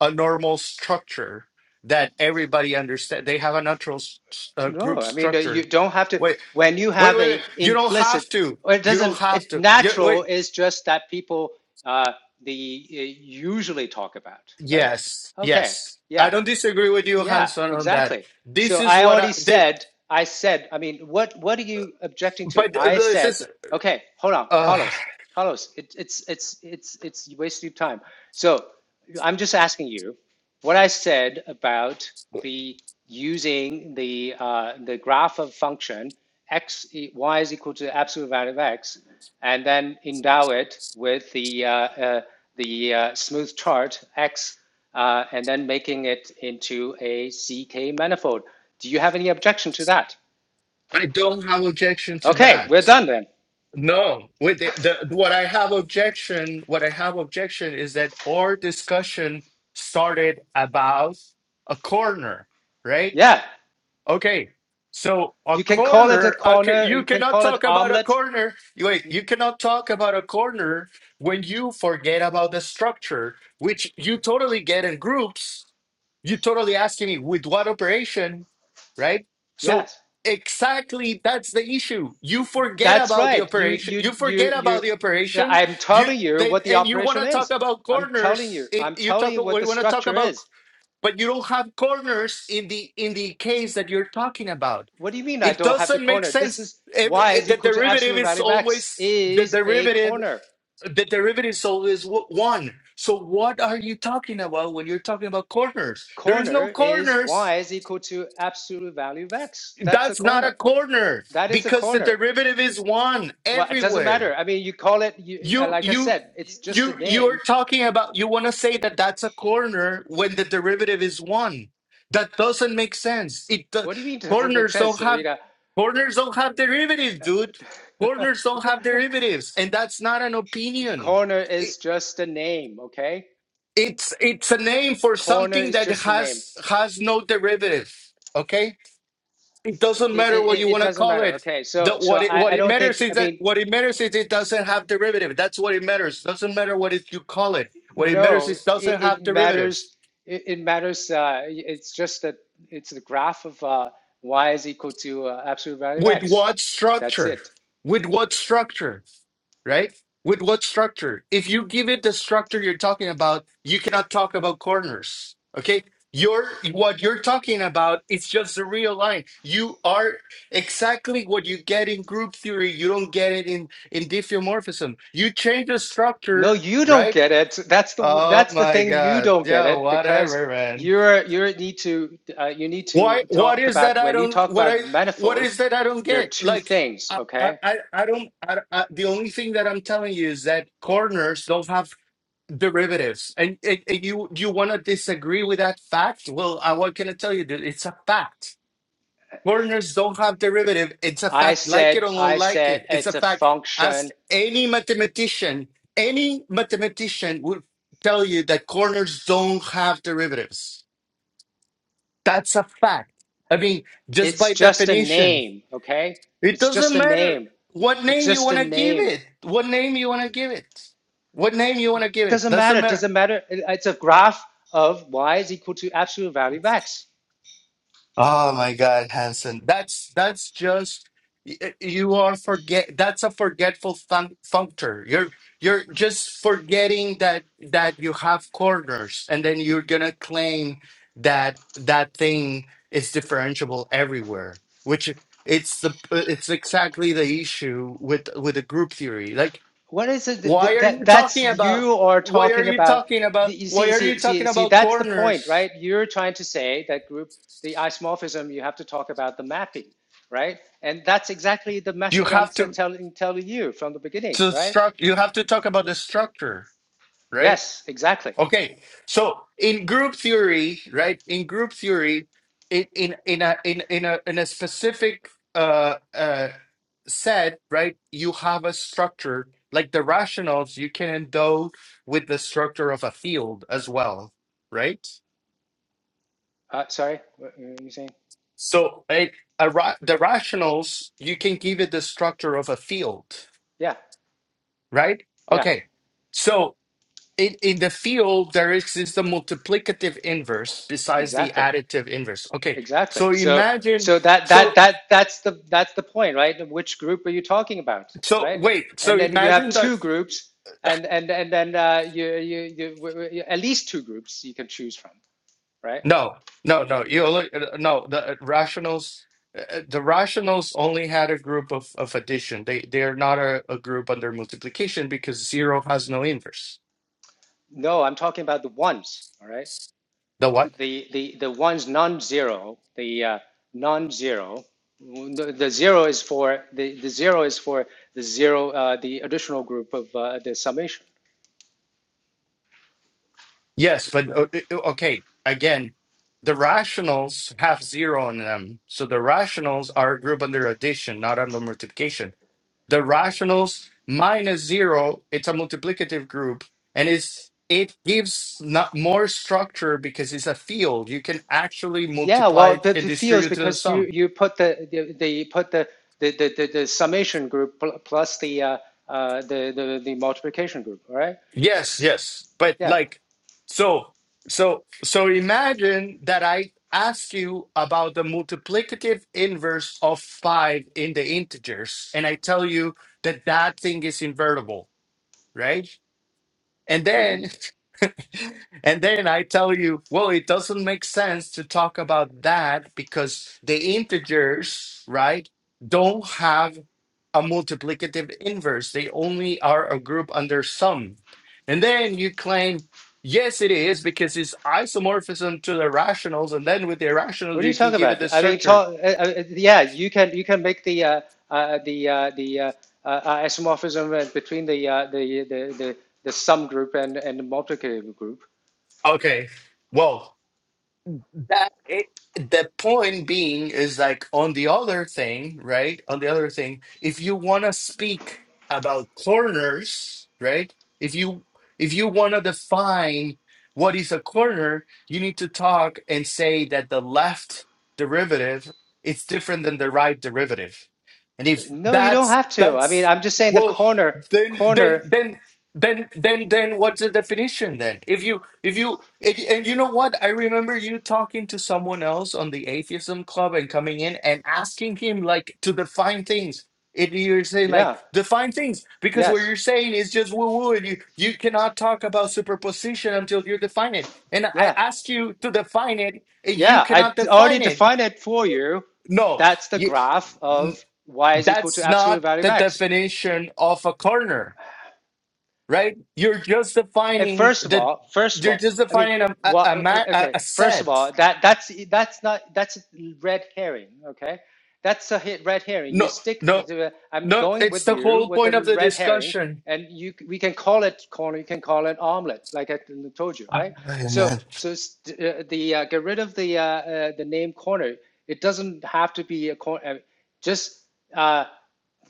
Speaker 2: a normal structure that everybody understands they have a natural s- s- uh, group
Speaker 1: No, I mean uh, you
Speaker 2: structure
Speaker 1: don't have to.
Speaker 2: wait
Speaker 1: When you
Speaker 2: wait
Speaker 1: have
Speaker 2: wait wait
Speaker 1: a
Speaker 2: you don't have
Speaker 1: implicit,
Speaker 2: to
Speaker 1: or it
Speaker 2: you don't
Speaker 1: doesn't.
Speaker 2: have
Speaker 1: It
Speaker 2: to you,
Speaker 1: natural
Speaker 2: wait
Speaker 1: is just that people uh, the uh, usually talk about, right?
Speaker 2: yes
Speaker 1: Okay,
Speaker 2: yes i
Speaker 1: yeah.
Speaker 2: don't disagree with you
Speaker 1: Yeah,
Speaker 2: hanson on that
Speaker 1: exactly. So
Speaker 2: this is
Speaker 1: I
Speaker 2: what i
Speaker 1: already
Speaker 2: they,
Speaker 1: said, I said, I mean, what what are you objecting to?
Speaker 2: but uh,
Speaker 1: I
Speaker 2: this
Speaker 1: said,
Speaker 2: is
Speaker 1: okay, hold on,
Speaker 2: uh,
Speaker 1: Carlos, Carlos, it, it's it's it's it's you wasted your time. So I'm just asking you what I said about the using the uh, the graph of function x e- y is equal to absolute value of x, and then endow it with the uh, uh, the uh, smooth chart x, uh, and then making it into a C k manifold. Do you have any objection to that?
Speaker 2: i don't have objection to
Speaker 1: Okay, we're
Speaker 2: that
Speaker 1: done then.
Speaker 2: No, with the, the what I have objection, what I have objection is that our discussion started about a corner, right?
Speaker 1: Yeah,
Speaker 2: Okay. So a
Speaker 1: you can call it a
Speaker 2: corner, a c-
Speaker 1: corner. Or
Speaker 2: you
Speaker 1: you can
Speaker 2: cannot
Speaker 1: call it
Speaker 2: talk about a
Speaker 1: omelet.
Speaker 2: corner. You- Wait,
Speaker 1: You,
Speaker 2: you cannot talk about a corner when you forget about the structure, which you totally get in groups. You totally asking me with what operation, right? So
Speaker 1: yes.
Speaker 2: exactly that's the issue. You forget
Speaker 1: That's
Speaker 2: about the
Speaker 1: right. You,
Speaker 2: operation.
Speaker 1: you,
Speaker 2: You
Speaker 1: you,
Speaker 2: forget
Speaker 1: you.
Speaker 2: about the operation.
Speaker 1: I'm
Speaker 2: You
Speaker 1: telling you
Speaker 2: then
Speaker 1: what the
Speaker 2: and you want
Speaker 1: operation
Speaker 2: to talk
Speaker 1: is.
Speaker 2: about
Speaker 1: I'm telling you.
Speaker 2: corners. It,
Speaker 1: I'm
Speaker 2: you
Speaker 1: telling
Speaker 2: talk.
Speaker 1: you what
Speaker 2: We
Speaker 1: the
Speaker 2: want to talk
Speaker 1: structure
Speaker 2: about
Speaker 1: is.
Speaker 2: but you don't have corners in the in the case that you're talking about
Speaker 1: What do you mean I
Speaker 2: it
Speaker 1: don't have the
Speaker 2: doesn't make
Speaker 1: corner? This
Speaker 2: sense
Speaker 1: is
Speaker 2: Every,
Speaker 1: y
Speaker 2: eh,
Speaker 1: is
Speaker 2: the
Speaker 1: equal to
Speaker 2: derivative
Speaker 1: absolute
Speaker 2: is
Speaker 1: value of x
Speaker 2: always the
Speaker 1: is a
Speaker 2: derivative
Speaker 1: corner.
Speaker 2: the derivative is always w- one so what are you talking about when you're talking about corners there is no
Speaker 1: Corner is
Speaker 2: corners
Speaker 1: y is equal to absolute value of x. That's a
Speaker 2: that's not a
Speaker 1: corner.
Speaker 2: corner
Speaker 1: That is a
Speaker 2: because the
Speaker 1: corner.
Speaker 2: derivative is one
Speaker 1: Well, it doesn't
Speaker 2: everywhere
Speaker 1: matter. I mean, you call it. You, uh,
Speaker 2: You
Speaker 1: like I
Speaker 2: you
Speaker 1: said, it's just a
Speaker 2: you you're
Speaker 1: name.
Speaker 2: talking about you want to say that that's a corner when the derivative is one. That doesn't make sense. It do-
Speaker 1: What do you mean? it Doesn't make
Speaker 2: corners don't
Speaker 1: sense,
Speaker 2: have
Speaker 1: Oida?
Speaker 2: corners don't have derivatives, dude. Corners don't have derivatives, and that's not an opinion.
Speaker 1: Corner is
Speaker 2: It,
Speaker 1: just a name, okay?
Speaker 2: it's it's a name for
Speaker 1: Corner
Speaker 2: something
Speaker 1: is
Speaker 2: that
Speaker 1: just a name.
Speaker 2: has has no derivative. Okay? It
Speaker 1: It,
Speaker 2: doesn't
Speaker 1: it,
Speaker 2: matter what
Speaker 1: it,
Speaker 2: you want to
Speaker 1: doesn't
Speaker 2: call
Speaker 1: matter.
Speaker 2: it.
Speaker 1: Okay,
Speaker 2: The,
Speaker 1: so so
Speaker 2: what it
Speaker 1: I,
Speaker 2: what
Speaker 1: I
Speaker 2: it
Speaker 1: don't think
Speaker 2: matters
Speaker 1: I
Speaker 2: is that
Speaker 1: mean
Speaker 2: what it matters is it doesn't have derivative. That's what it matters. Doesn't matter what it, you call it. What it matters
Speaker 1: no,
Speaker 2: is
Speaker 1: it,
Speaker 2: doesn't
Speaker 1: it
Speaker 2: have derivatives.
Speaker 1: matters. It, it matters. Uh, it's just that it's the graph of uh, y is equal to uh, absolute value of
Speaker 2: With
Speaker 1: x.
Speaker 2: what
Speaker 1: That's
Speaker 2: structure?
Speaker 1: it.
Speaker 2: With what structure? right? With what structure? If you give it the structure you're talking about, you cannot talk about corners. Okay? You're what you're talking about, it's just the real line. You are exactly what you get in group theory. You don't get it in, in diffeomorphism. You change the
Speaker 1: No,
Speaker 2: structure,
Speaker 1: you don't
Speaker 2: right?
Speaker 1: get it. That's the
Speaker 2: Oh
Speaker 1: that's the
Speaker 2: my
Speaker 1: thing you
Speaker 2: god.
Speaker 1: don't get
Speaker 2: Yeah,
Speaker 1: it because
Speaker 2: whatever, man
Speaker 1: you're you need to uh, you need
Speaker 2: why
Speaker 1: to
Speaker 2: what
Speaker 1: talk
Speaker 2: is that
Speaker 1: about
Speaker 2: i
Speaker 1: when you
Speaker 2: don't
Speaker 1: talk
Speaker 2: what i
Speaker 1: about
Speaker 2: what
Speaker 1: manifold.
Speaker 2: is that i don't
Speaker 1: There are
Speaker 2: get
Speaker 1: two
Speaker 2: like
Speaker 1: things.
Speaker 2: i i
Speaker 1: Okay,
Speaker 2: i I don't I, I, the only thing that i'm telling you is that corners don't have derivatives and, and, and you you want to disagree with that fact well i what can i tell you dude it's a fact corners don't have derivative it's a
Speaker 1: I
Speaker 2: fact like it
Speaker 1: said,
Speaker 2: or don't
Speaker 1: I
Speaker 2: like
Speaker 1: said,
Speaker 2: it it's a
Speaker 1: it's a
Speaker 2: fact ask
Speaker 1: function.
Speaker 2: any mathematician any mathematician would tell you that corners don't have derivatives that's a fact. I mean, just
Speaker 1: It's
Speaker 2: by
Speaker 1: just a
Speaker 2: definition,
Speaker 1: name, okay?
Speaker 2: it
Speaker 1: It's just
Speaker 2: doesn't
Speaker 1: a
Speaker 2: matter
Speaker 1: name.
Speaker 2: what
Speaker 1: It's
Speaker 2: name you
Speaker 1: just a
Speaker 2: want to give
Speaker 1: name.
Speaker 2: it. What name you want to give it. What name you want to give it.
Speaker 1: Doesn't
Speaker 2: Doesn't
Speaker 1: matter.
Speaker 2: matter.
Speaker 1: Doesn't matter. It's a graph of y is equal to absolute value of x.
Speaker 2: Oh my God, Hanson. That's that's just y- you are forget that's a forgetful fun functor. You're you're just forgetting that that you have corners and then you're gonna claim that that thing is differentiable everywhere, which it's the it's exactly the issue with with the group theory. Like
Speaker 1: What is it
Speaker 2: why are you
Speaker 1: that that's
Speaker 2: talking about
Speaker 1: you are
Speaker 2: why are
Speaker 1: talking
Speaker 2: you
Speaker 1: about?
Speaker 2: talking about
Speaker 1: You
Speaker 2: why
Speaker 1: see,
Speaker 2: are
Speaker 1: see,
Speaker 2: you talking
Speaker 1: see, see.
Speaker 2: about
Speaker 1: That's the point,
Speaker 2: corners?
Speaker 1: right? You're trying to say that group, the isomorphism. You have to talk about the mapping, right? And that's exactly the
Speaker 2: You
Speaker 1: message I'm
Speaker 2: have to.
Speaker 1: telling telling you from the beginning,
Speaker 2: So
Speaker 1: right?
Speaker 2: struct you have to talk about the structure, right?
Speaker 1: Yes, exactly.
Speaker 2: Okay. So in group theory, right? In group theory, in in in a in in a in a specific uh uh set, right? You have a structure like the rationals. You can endow with the structure of a field as well, right?
Speaker 1: Uh, sorry, what were you saying?
Speaker 2: So it, a ra the rationals, you can give it the structure of a field,
Speaker 1: Yeah,
Speaker 2: right?
Speaker 1: yeah,
Speaker 2: Okay. So. in, in the field there exists the multiplicative inverse besides the
Speaker 1: exactly,
Speaker 2: additive inverse okay
Speaker 1: exactly.
Speaker 2: so
Speaker 1: So,
Speaker 2: imagine
Speaker 1: so that that
Speaker 2: so
Speaker 1: that that's the that's the point, right? Which group are you talking about,
Speaker 2: so
Speaker 1: right?
Speaker 2: wait so
Speaker 1: And then you have
Speaker 2: imagine that
Speaker 1: two groups, and and and then uh, you, you you w- w- at least two groups you can choose from, right?
Speaker 2: no no no you look no the rationals uh, the rationals only had a group of, of addition they they are not a, a group under multiplication because zero has no inverse
Speaker 1: No, I'm talking about the ones, all right?
Speaker 2: the what
Speaker 1: The the the ones non-zero, the uh, non-zero. The, the zero is for the, the zero is for the zero uh, the additional group of uh, the summation
Speaker 2: Yes, but o- okay, again, the rationals have zero in them. So the rationals are a group under addition, not under multiplication. The rationals minus zero, it's a multiplicative group, and it's it gives not more structure because it's a field. You can actually
Speaker 1: Yeah, well,
Speaker 2: multiply
Speaker 1: the,
Speaker 2: and
Speaker 1: the fields
Speaker 2: distribute to the
Speaker 1: because you
Speaker 2: sum.
Speaker 1: you put the the, the put the the, the, the the summation group pl- plus the uh, uh, the, the the multiplication group, right?
Speaker 2: Yes,
Speaker 1: S-
Speaker 2: yes. But
Speaker 1: Yeah.
Speaker 2: like, so, so, so imagine that I ask you about the multiplicative inverse of five in the integers, and I tell you that that thing is invertible, right? And
Speaker 1: hmm
Speaker 2: then and then I tell you, well, it doesn't make sense to talk about that because the integers, right, don't have a multiplicative inverse. They only are a group under sum. And then you claim, yes, it is because it's isomorphism to the rationals. And then with the
Speaker 1: What
Speaker 2: irrationals,
Speaker 1: are you
Speaker 2: you can
Speaker 1: talking
Speaker 2: give it
Speaker 1: about?
Speaker 2: the
Speaker 1: I mean,
Speaker 2: structure.
Speaker 1: talk. Uh, uh, yeah, you can you can make the uh, uh, the uh, the uh, uh, isomorphism uh, between the, uh, the the the the sum group and and the multiplicative group.
Speaker 2: Okay. Well. that it the point being is like on the other thing right on the other thing if you want to speak about corners right if you if you want to define what is a corner you need to talk and say that the left derivative is different than the right derivative and if
Speaker 1: No, you don't
Speaker 2: that's
Speaker 1: have to. I mean,
Speaker 2: that's
Speaker 1: I'm just saying the
Speaker 2: well
Speaker 1: corner
Speaker 2: then then
Speaker 1: corner.
Speaker 2: then then, then, then, what's the definition then? If you, if you, and, and you know what? I remember you talking to someone else on the atheism club and coming in and asking him like to define things. And you're saying
Speaker 1: Yeah.
Speaker 2: like define things because what
Speaker 1: Yes.
Speaker 2: you're saying is just woo woo, and you you cannot talk about superposition until you define it. And I
Speaker 1: Yeah.
Speaker 2: asked you to define it, and you
Speaker 1: Yeah, I
Speaker 2: cannot
Speaker 1: already
Speaker 2: define it.
Speaker 1: defined it for you.
Speaker 2: No,
Speaker 1: That's the
Speaker 2: you,
Speaker 1: graph
Speaker 2: n-
Speaker 1: of y is equal to
Speaker 2: that's
Speaker 1: absolute
Speaker 2: not
Speaker 1: value of
Speaker 2: the
Speaker 1: x.
Speaker 2: definition of a corner right? You're just
Speaker 1: eh,
Speaker 2: defining
Speaker 1: first of
Speaker 2: that
Speaker 1: all, first of
Speaker 2: you're
Speaker 1: all,
Speaker 2: just
Speaker 1: I mean,
Speaker 2: defining a a,
Speaker 1: what?
Speaker 2: a, ma- a
Speaker 1: Okay,
Speaker 2: a
Speaker 1: first of
Speaker 2: set.
Speaker 1: all, that that's that's not that's a red herring. Okay, that's a hit red herring. You
Speaker 2: No,
Speaker 1: stick
Speaker 2: no,
Speaker 1: to. I'm
Speaker 2: no.
Speaker 1: going
Speaker 2: It's
Speaker 1: with
Speaker 2: the
Speaker 1: you
Speaker 2: whole
Speaker 1: with
Speaker 2: point
Speaker 1: the
Speaker 2: of the
Speaker 1: red herring,
Speaker 2: discussion.
Speaker 1: and you we can call it corn. You can call it omelet, like I told you,
Speaker 2: Ah,
Speaker 1: right?
Speaker 2: man,
Speaker 1: So so s- uh, the uh, get rid of the uh, uh, the name corner. It doesn't have to be a corner. Just uh,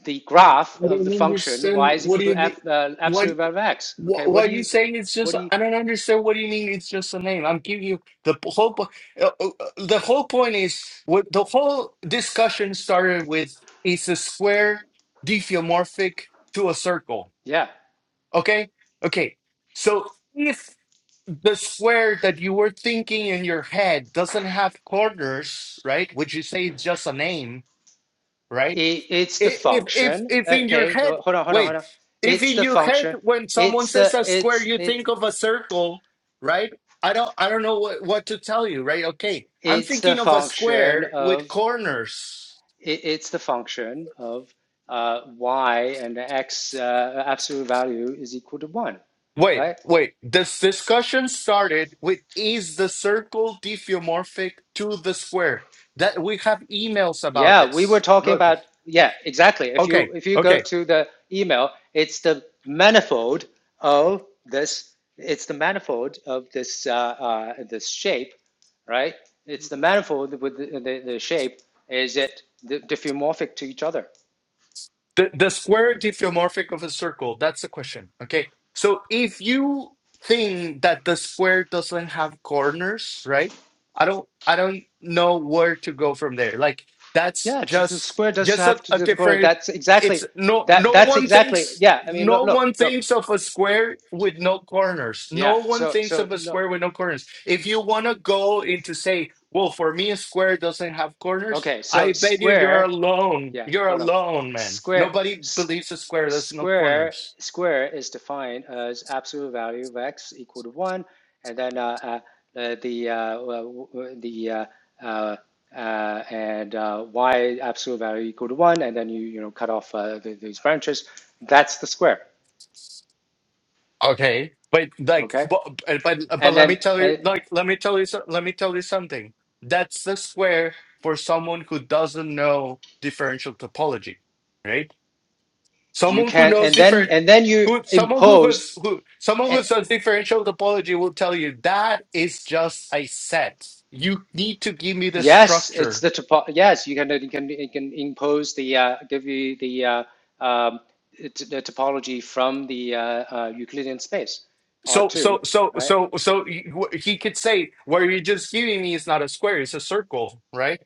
Speaker 1: the graph
Speaker 2: I
Speaker 1: of the
Speaker 2: don't
Speaker 1: function
Speaker 2: understand.
Speaker 1: y is
Speaker 2: What
Speaker 1: equal
Speaker 2: do
Speaker 1: to
Speaker 2: you mean?
Speaker 1: f uh,
Speaker 2: What?
Speaker 1: absolute value of x. Okay,
Speaker 2: What,
Speaker 1: what
Speaker 2: what
Speaker 1: do
Speaker 2: are you
Speaker 1: you,
Speaker 2: saying? It's
Speaker 1: what
Speaker 2: just
Speaker 1: do you,
Speaker 2: I don't understand. What do you mean? It's just a name. I'm giving you the p- whole. po- Uh, uh, uh, the whole point is what the whole discussion started with is a square diffeomorphic to a circle.
Speaker 1: yeah,
Speaker 2: Okay, okay. So if the square that you were thinking in your head doesn't have corners, right? Would you say it's just a name, right?
Speaker 1: it, it's the
Speaker 2: I- If if
Speaker 1: function.
Speaker 2: if in your
Speaker 1: Okay, no,
Speaker 2: head,
Speaker 1: hold on, hold on, hold
Speaker 2: wait,
Speaker 1: on.
Speaker 2: if
Speaker 1: It's
Speaker 2: in
Speaker 1: the
Speaker 2: your head
Speaker 1: function.
Speaker 2: when someone
Speaker 1: It's
Speaker 2: says
Speaker 1: the
Speaker 2: a square,
Speaker 1: it's
Speaker 2: you
Speaker 1: it
Speaker 2: think of a circle, right? I don't I don't know what, what to tell you, right? Okay, I'm
Speaker 1: it's the
Speaker 2: thinking of a
Speaker 1: function
Speaker 2: square with
Speaker 1: of
Speaker 2: corners.
Speaker 1: it, it's the function of uh, y and the x uh, absolute value is equal to one,
Speaker 2: Wait,
Speaker 1: right?
Speaker 2: wait. This discussion started with is the circle diffeomorphic to the square? That we have emails about
Speaker 1: Yeah, we were
Speaker 2: this.
Speaker 1: talking about, yeah, exactly. If you
Speaker 2: Okay,
Speaker 1: if you go
Speaker 2: okay.
Speaker 1: to the email, it's the manifold of this, it's the manifold of this uh, uh, this shape, right? It's the manifold with the, the, the shape. Is it diffeomorphic to each other?
Speaker 2: The the square diffeomorphic of a circle, that's the question. Okay. So if you think that the square doesn't have corners, right? I don't I don't know where to go from there. Like that's
Speaker 1: Yeah, the
Speaker 2: just
Speaker 1: square does
Speaker 2: just a,
Speaker 1: have to
Speaker 2: a
Speaker 1: difficult.
Speaker 2: different
Speaker 1: That's
Speaker 2: it's
Speaker 1: exactly
Speaker 2: no
Speaker 1: that.
Speaker 2: no
Speaker 1: That's
Speaker 2: one
Speaker 1: exactly
Speaker 2: thinks
Speaker 1: yeah. I mean, look,
Speaker 2: no
Speaker 1: look,
Speaker 2: one
Speaker 1: look.
Speaker 2: thinks of a square with no corners. No
Speaker 1: Yeah.
Speaker 2: one
Speaker 1: So
Speaker 2: thinks
Speaker 1: so
Speaker 2: of a
Speaker 1: look.
Speaker 2: square with no corners. If you want to go into say, well, for me a square doesn't have corners,
Speaker 1: Okay. So
Speaker 2: I bet you you're
Speaker 1: square.
Speaker 2: alone.
Speaker 1: yeah,
Speaker 2: You're
Speaker 1: hold on.
Speaker 2: alone, man.
Speaker 1: Square,
Speaker 2: Nobody believes a square There's no
Speaker 1: square,
Speaker 2: corners.
Speaker 1: square is defined as absolute value of x equal to one, and then uh, uh, uh, the uh, the uh, uh, uh, and uh, y absolute value equal to one, and then you you know cut off uh, the, these branches. That's the square,
Speaker 2: Okay, but like,
Speaker 1: okay?
Speaker 2: but, but but
Speaker 1: And
Speaker 2: let me
Speaker 1: then
Speaker 2: tell you,
Speaker 1: uh,
Speaker 2: like, let me tell you, so- let me tell you something. That's the square for someone who doesn't know differential topology, right?
Speaker 1: you
Speaker 2: Someone who
Speaker 1: can,
Speaker 2: knows
Speaker 1: and then
Speaker 2: different,
Speaker 1: and then you
Speaker 2: who someone who
Speaker 1: impose.
Speaker 2: has who someone who says differential topology will tell you that is just a set. You need to give me the
Speaker 1: Yes,
Speaker 2: structure
Speaker 1: it's the topo- yes, you can you can you can impose the uh, give you the uh, um, it, the topology from the uh, uh, Euclidean space
Speaker 2: So,
Speaker 1: R2,
Speaker 2: so, so,
Speaker 1: right?
Speaker 2: so, so he he could say where you're just giving me is not a square; it's a circle, right?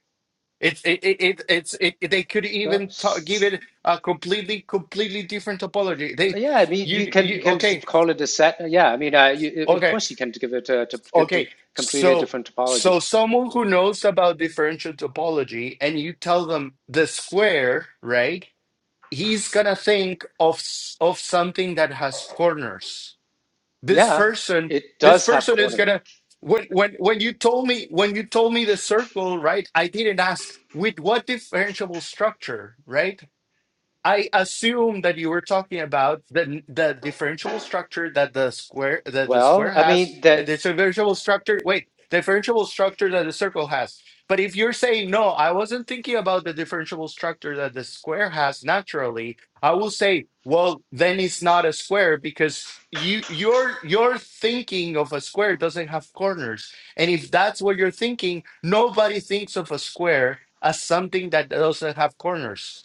Speaker 2: It's it, it, it it's it, it- they could
Speaker 1: No,
Speaker 2: even ta give
Speaker 1: s-
Speaker 2: it a completely completely different topology.
Speaker 1: s-
Speaker 2: They
Speaker 1: yeah, I mean
Speaker 2: you
Speaker 1: you can you
Speaker 2: you
Speaker 1: can
Speaker 2: okay
Speaker 1: call it a set. Yeah, I mean uh, you, of
Speaker 2: okay
Speaker 1: course you can give it a, to, to
Speaker 2: okay.
Speaker 1: completely
Speaker 2: So
Speaker 1: different topology.
Speaker 2: so someone who knows about differential topology and you tell them the square, right? He's gonna think of s- of something that has corners this
Speaker 1: Yeah,
Speaker 2: person
Speaker 1: it
Speaker 2: this
Speaker 1: does have
Speaker 2: person is
Speaker 1: corners.
Speaker 2: gonna when when when you told me when you told me the circle right i didn't ask with what differentiable structure right I assume that you were talking about the the differentiable structure that the square that the
Speaker 1: Well,
Speaker 2: square
Speaker 1: I
Speaker 2: has,
Speaker 1: mean that
Speaker 2: and the differentiable structure. Wait, differentiable structure that the circle has. But if you're saying no, I wasn't thinking about the differentiable structure that the square has naturally. I will say, well, then it's not a square because you your your thinking of a square doesn't have corners. And if that's what you're thinking, nobody thinks of a square as something that doesn't have corners.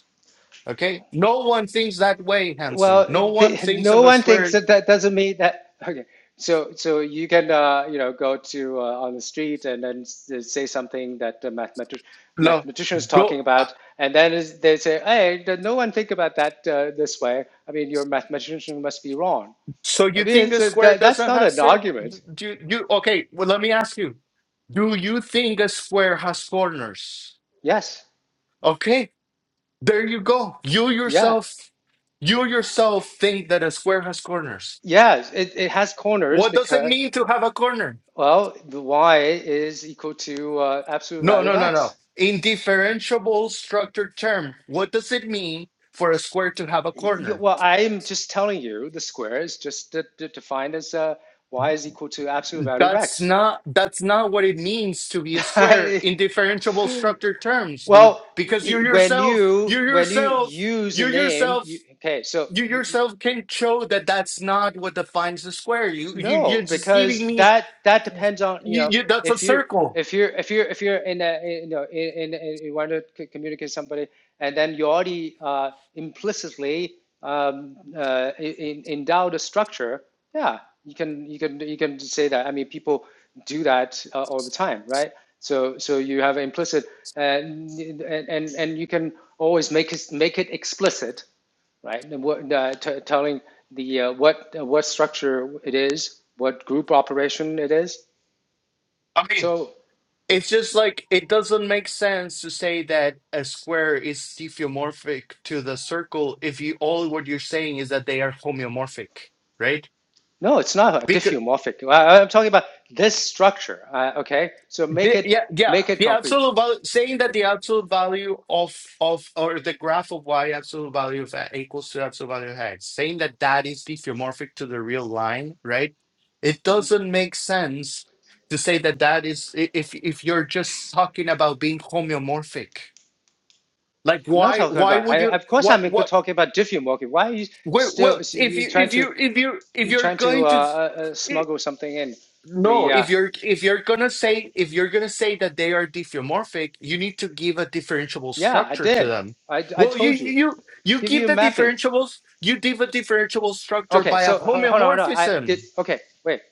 Speaker 2: Okay? No one thinks that way, handsome.
Speaker 1: Well,
Speaker 2: No one
Speaker 1: th
Speaker 2: thinks
Speaker 1: no
Speaker 2: of a
Speaker 1: one thinks
Speaker 2: square.
Speaker 1: that that doesn't mean that. Okay, so so you can uh, you know go to uh, on the street and then s- say something that the mathematician
Speaker 2: Look,
Speaker 1: mathematician is talking
Speaker 2: go. uh,
Speaker 1: about, and then is, they say, hey, th- no one think about that uh, this way. I mean, your mathematician must be wrong.
Speaker 2: So
Speaker 1: I
Speaker 2: you
Speaker 1: mean,
Speaker 2: think
Speaker 1: it's
Speaker 2: a
Speaker 1: a,
Speaker 2: square
Speaker 1: that, that's
Speaker 2: doesn't
Speaker 1: not
Speaker 2: have
Speaker 1: an
Speaker 2: circle?
Speaker 1: argument.
Speaker 2: Do you, you? Okay. Well, let me ask you. Do you think a square has corners?
Speaker 1: Yes.
Speaker 2: Okay. There you go. You
Speaker 1: Yeah.
Speaker 2: yourself. You yourself think that a square has corners.
Speaker 1: Yes. It, it has corners
Speaker 2: What does it
Speaker 1: because
Speaker 2: mean to have a corner?
Speaker 1: well, the y is equal to uh, absolute
Speaker 2: No,
Speaker 1: value of
Speaker 2: no, no,
Speaker 1: x.
Speaker 2: no. In differentiable structure term, what does it mean for a square to have a corner?
Speaker 1: You, well, I'm just telling you the square is just de de defined as uh, y is equal to absolute value of
Speaker 2: That's
Speaker 1: x.
Speaker 2: not that's not what it means to be a square in differentiable structure terms, dude.
Speaker 1: well,
Speaker 2: Because you
Speaker 1: when
Speaker 2: yourself, you
Speaker 1: you when you
Speaker 2: yourself,
Speaker 1: use a
Speaker 2: you
Speaker 1: name, you,
Speaker 2: yourself,
Speaker 1: okay, so
Speaker 2: you
Speaker 1: you,
Speaker 2: yourself can show that that's not what defines a square. You you you're
Speaker 1: No,
Speaker 2: just giving
Speaker 1: because
Speaker 2: me
Speaker 1: that that depends on, you
Speaker 2: you,
Speaker 1: know,
Speaker 2: you that's a
Speaker 1: if you
Speaker 2: circle.
Speaker 1: if you're if you're if you're in a you know in, in, in you want to c- communicate somebody and then you already uh, implicitly um, uh, in, endow the structure, yeah, you can you can you can say that. I mean, people do that uh, all the time, right? So so you have implicit and and and and you can always make it make it explicit right? And what, uh, t- telling the uh, what uh, what structure it is, what group operation it is.
Speaker 2: I mean,
Speaker 1: So
Speaker 2: it's just like it doesn't make sense to say that a square is stereomorphic to the circle if you all what you're saying is that they are homeomorphic, right?
Speaker 1: no, it's not a diffeomorphic. I, I'm talking about this structure. Uh, okay, so make
Speaker 2: Yeah,
Speaker 1: it
Speaker 2: yeah, yeah.
Speaker 1: make it
Speaker 2: The
Speaker 1: concrete.
Speaker 2: absolute value, saying that the absolute value of of or the graph of y absolute value of a equals to absolute value of x, saying that that is diffeomorphic to the real line, right? It doesn't make sense to say that that is i- if if you're just talking about being homeomorphic. Like
Speaker 1: I'm not
Speaker 2: why
Speaker 1: talking
Speaker 2: why
Speaker 1: about. I,
Speaker 2: would you
Speaker 1: of course,
Speaker 2: what
Speaker 1: I'm
Speaker 2: what
Speaker 1: talking about diffeomorphic. Why are you
Speaker 2: well,
Speaker 1: still
Speaker 2: well if
Speaker 1: you
Speaker 2: you
Speaker 1: trying
Speaker 2: if
Speaker 1: to
Speaker 2: you if you if
Speaker 1: you
Speaker 2: you're
Speaker 1: trying to uh,
Speaker 2: going to
Speaker 1: uh, uh, smuggle something in?
Speaker 2: no,
Speaker 1: The uh,
Speaker 2: if you're if you're gonna say if you're gonna say that they are diffeomorphic, you need to give a differentiable
Speaker 1: yeah, I
Speaker 2: structure to
Speaker 1: did.
Speaker 2: them.
Speaker 1: I, I
Speaker 2: Well, you
Speaker 1: told you.
Speaker 2: you you
Speaker 1: Give you
Speaker 2: give
Speaker 1: a
Speaker 2: the
Speaker 1: mapping.
Speaker 2: differentiables, you give a differentiable structure
Speaker 1: Okay,
Speaker 2: by a
Speaker 1: so ho- hold on, hold on. I did.
Speaker 2: homeomorphism.
Speaker 1: Okay, wait.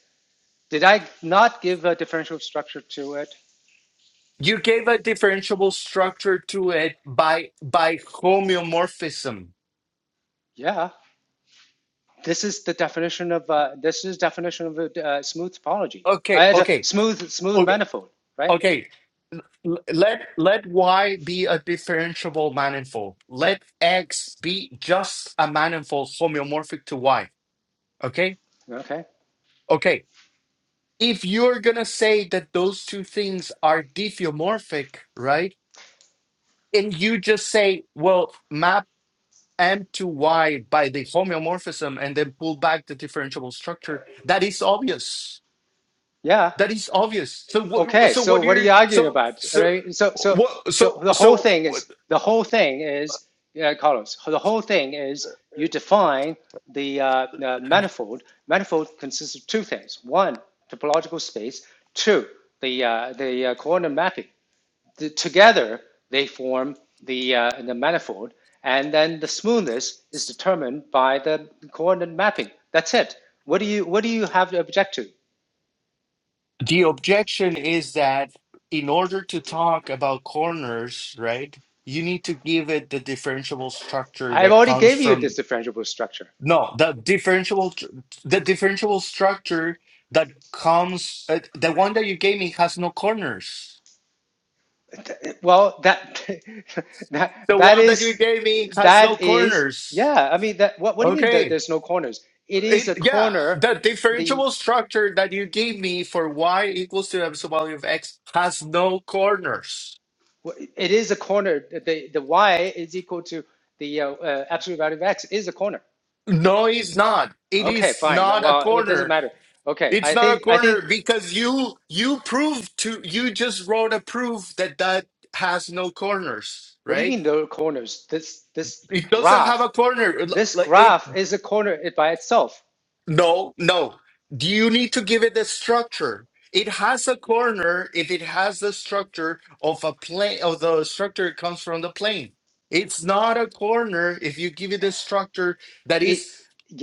Speaker 1: Did I not give a differential structure to it?
Speaker 2: You gave a differentiable structure to it by by homeomorphism.
Speaker 1: Yeah. This is the definition of uh, this is definition of a uh, smooth topology. I
Speaker 2: Okay,
Speaker 1: had a
Speaker 2: okay,
Speaker 1: smooth smooth
Speaker 2: okay,
Speaker 1: manifold, right?
Speaker 2: okay. L- Let let y be a differentiable manifold. Let x be just a manifold homeomorphic to y Okay?
Speaker 1: Okay.
Speaker 2: Okay. If you're going to say that those two things are diffeomorphic, right? And you just say, well, map M to Y by the homeomorphism and then pull back the differentiable structure, that is obvious.
Speaker 1: Yeah.
Speaker 2: That is obvious. So what
Speaker 1: Okay.
Speaker 2: so
Speaker 1: So
Speaker 2: what
Speaker 1: what are
Speaker 2: you're
Speaker 1: you arguing
Speaker 2: so
Speaker 1: about? All
Speaker 2: so
Speaker 1: right. So so
Speaker 2: what
Speaker 1: so
Speaker 2: so
Speaker 1: the whole
Speaker 2: so
Speaker 1: thing
Speaker 2: what,
Speaker 1: is the whole thing is uh, Carlos. The whole thing is you define the uh, uh, manifold. Manifold consists of two things: one, topological space; two, the uh, the uh, coordinate mapping. the, together they form the uh, the manifold, and then the smoothness is determined by the coordinate mapping. That's it. What do you what do you have to object to?
Speaker 2: the objection is that in order to talk about corners, right? You need to give it the differentiable structure
Speaker 1: I have
Speaker 2: that
Speaker 1: already
Speaker 2: comes
Speaker 1: gave you
Speaker 2: from
Speaker 1: this differentiable structure.
Speaker 2: No, the differential, the differential structure that comes, uh, the one that you gave me has no corners.
Speaker 1: Well, that that
Speaker 2: The
Speaker 1: that
Speaker 2: one that you
Speaker 1: is
Speaker 2: gave me has no
Speaker 1: that is
Speaker 2: corners.
Speaker 1: yeah. I mean that what what do you mean that
Speaker 2: Okay.
Speaker 1: there's no corners? It is
Speaker 2: It,
Speaker 1: a
Speaker 2: yeah,
Speaker 1: corner.
Speaker 2: the
Speaker 1: The
Speaker 2: differential structure that you gave me for y equals to the absolute value of x has no corners.
Speaker 1: it is a corner. The the y is equal to the uh, uh, absolute value of x is a corner.
Speaker 2: No, it's not. It
Speaker 1: Okay,
Speaker 2: is
Speaker 1: fine.
Speaker 2: not a
Speaker 1: Well, it doesn't
Speaker 2: corner.
Speaker 1: matter. Okay,
Speaker 2: It's
Speaker 1: I
Speaker 2: not a
Speaker 1: think I
Speaker 2: corner
Speaker 1: think.
Speaker 2: because you you proved to you just wrote a proof that that has no corners,
Speaker 1: What do you
Speaker 2: right?
Speaker 1: mean no corners? This this
Speaker 2: It doesn't have
Speaker 1: graph
Speaker 2: a corner.
Speaker 1: this
Speaker 2: Like it
Speaker 1: graph is a corner it by itself.
Speaker 2: no, no. Do you need to give it a structure? It has a corner if it has the structure of a plane of the structure it comes from the plane. It's not a corner if you give it a structure that
Speaker 1: It,
Speaker 2: is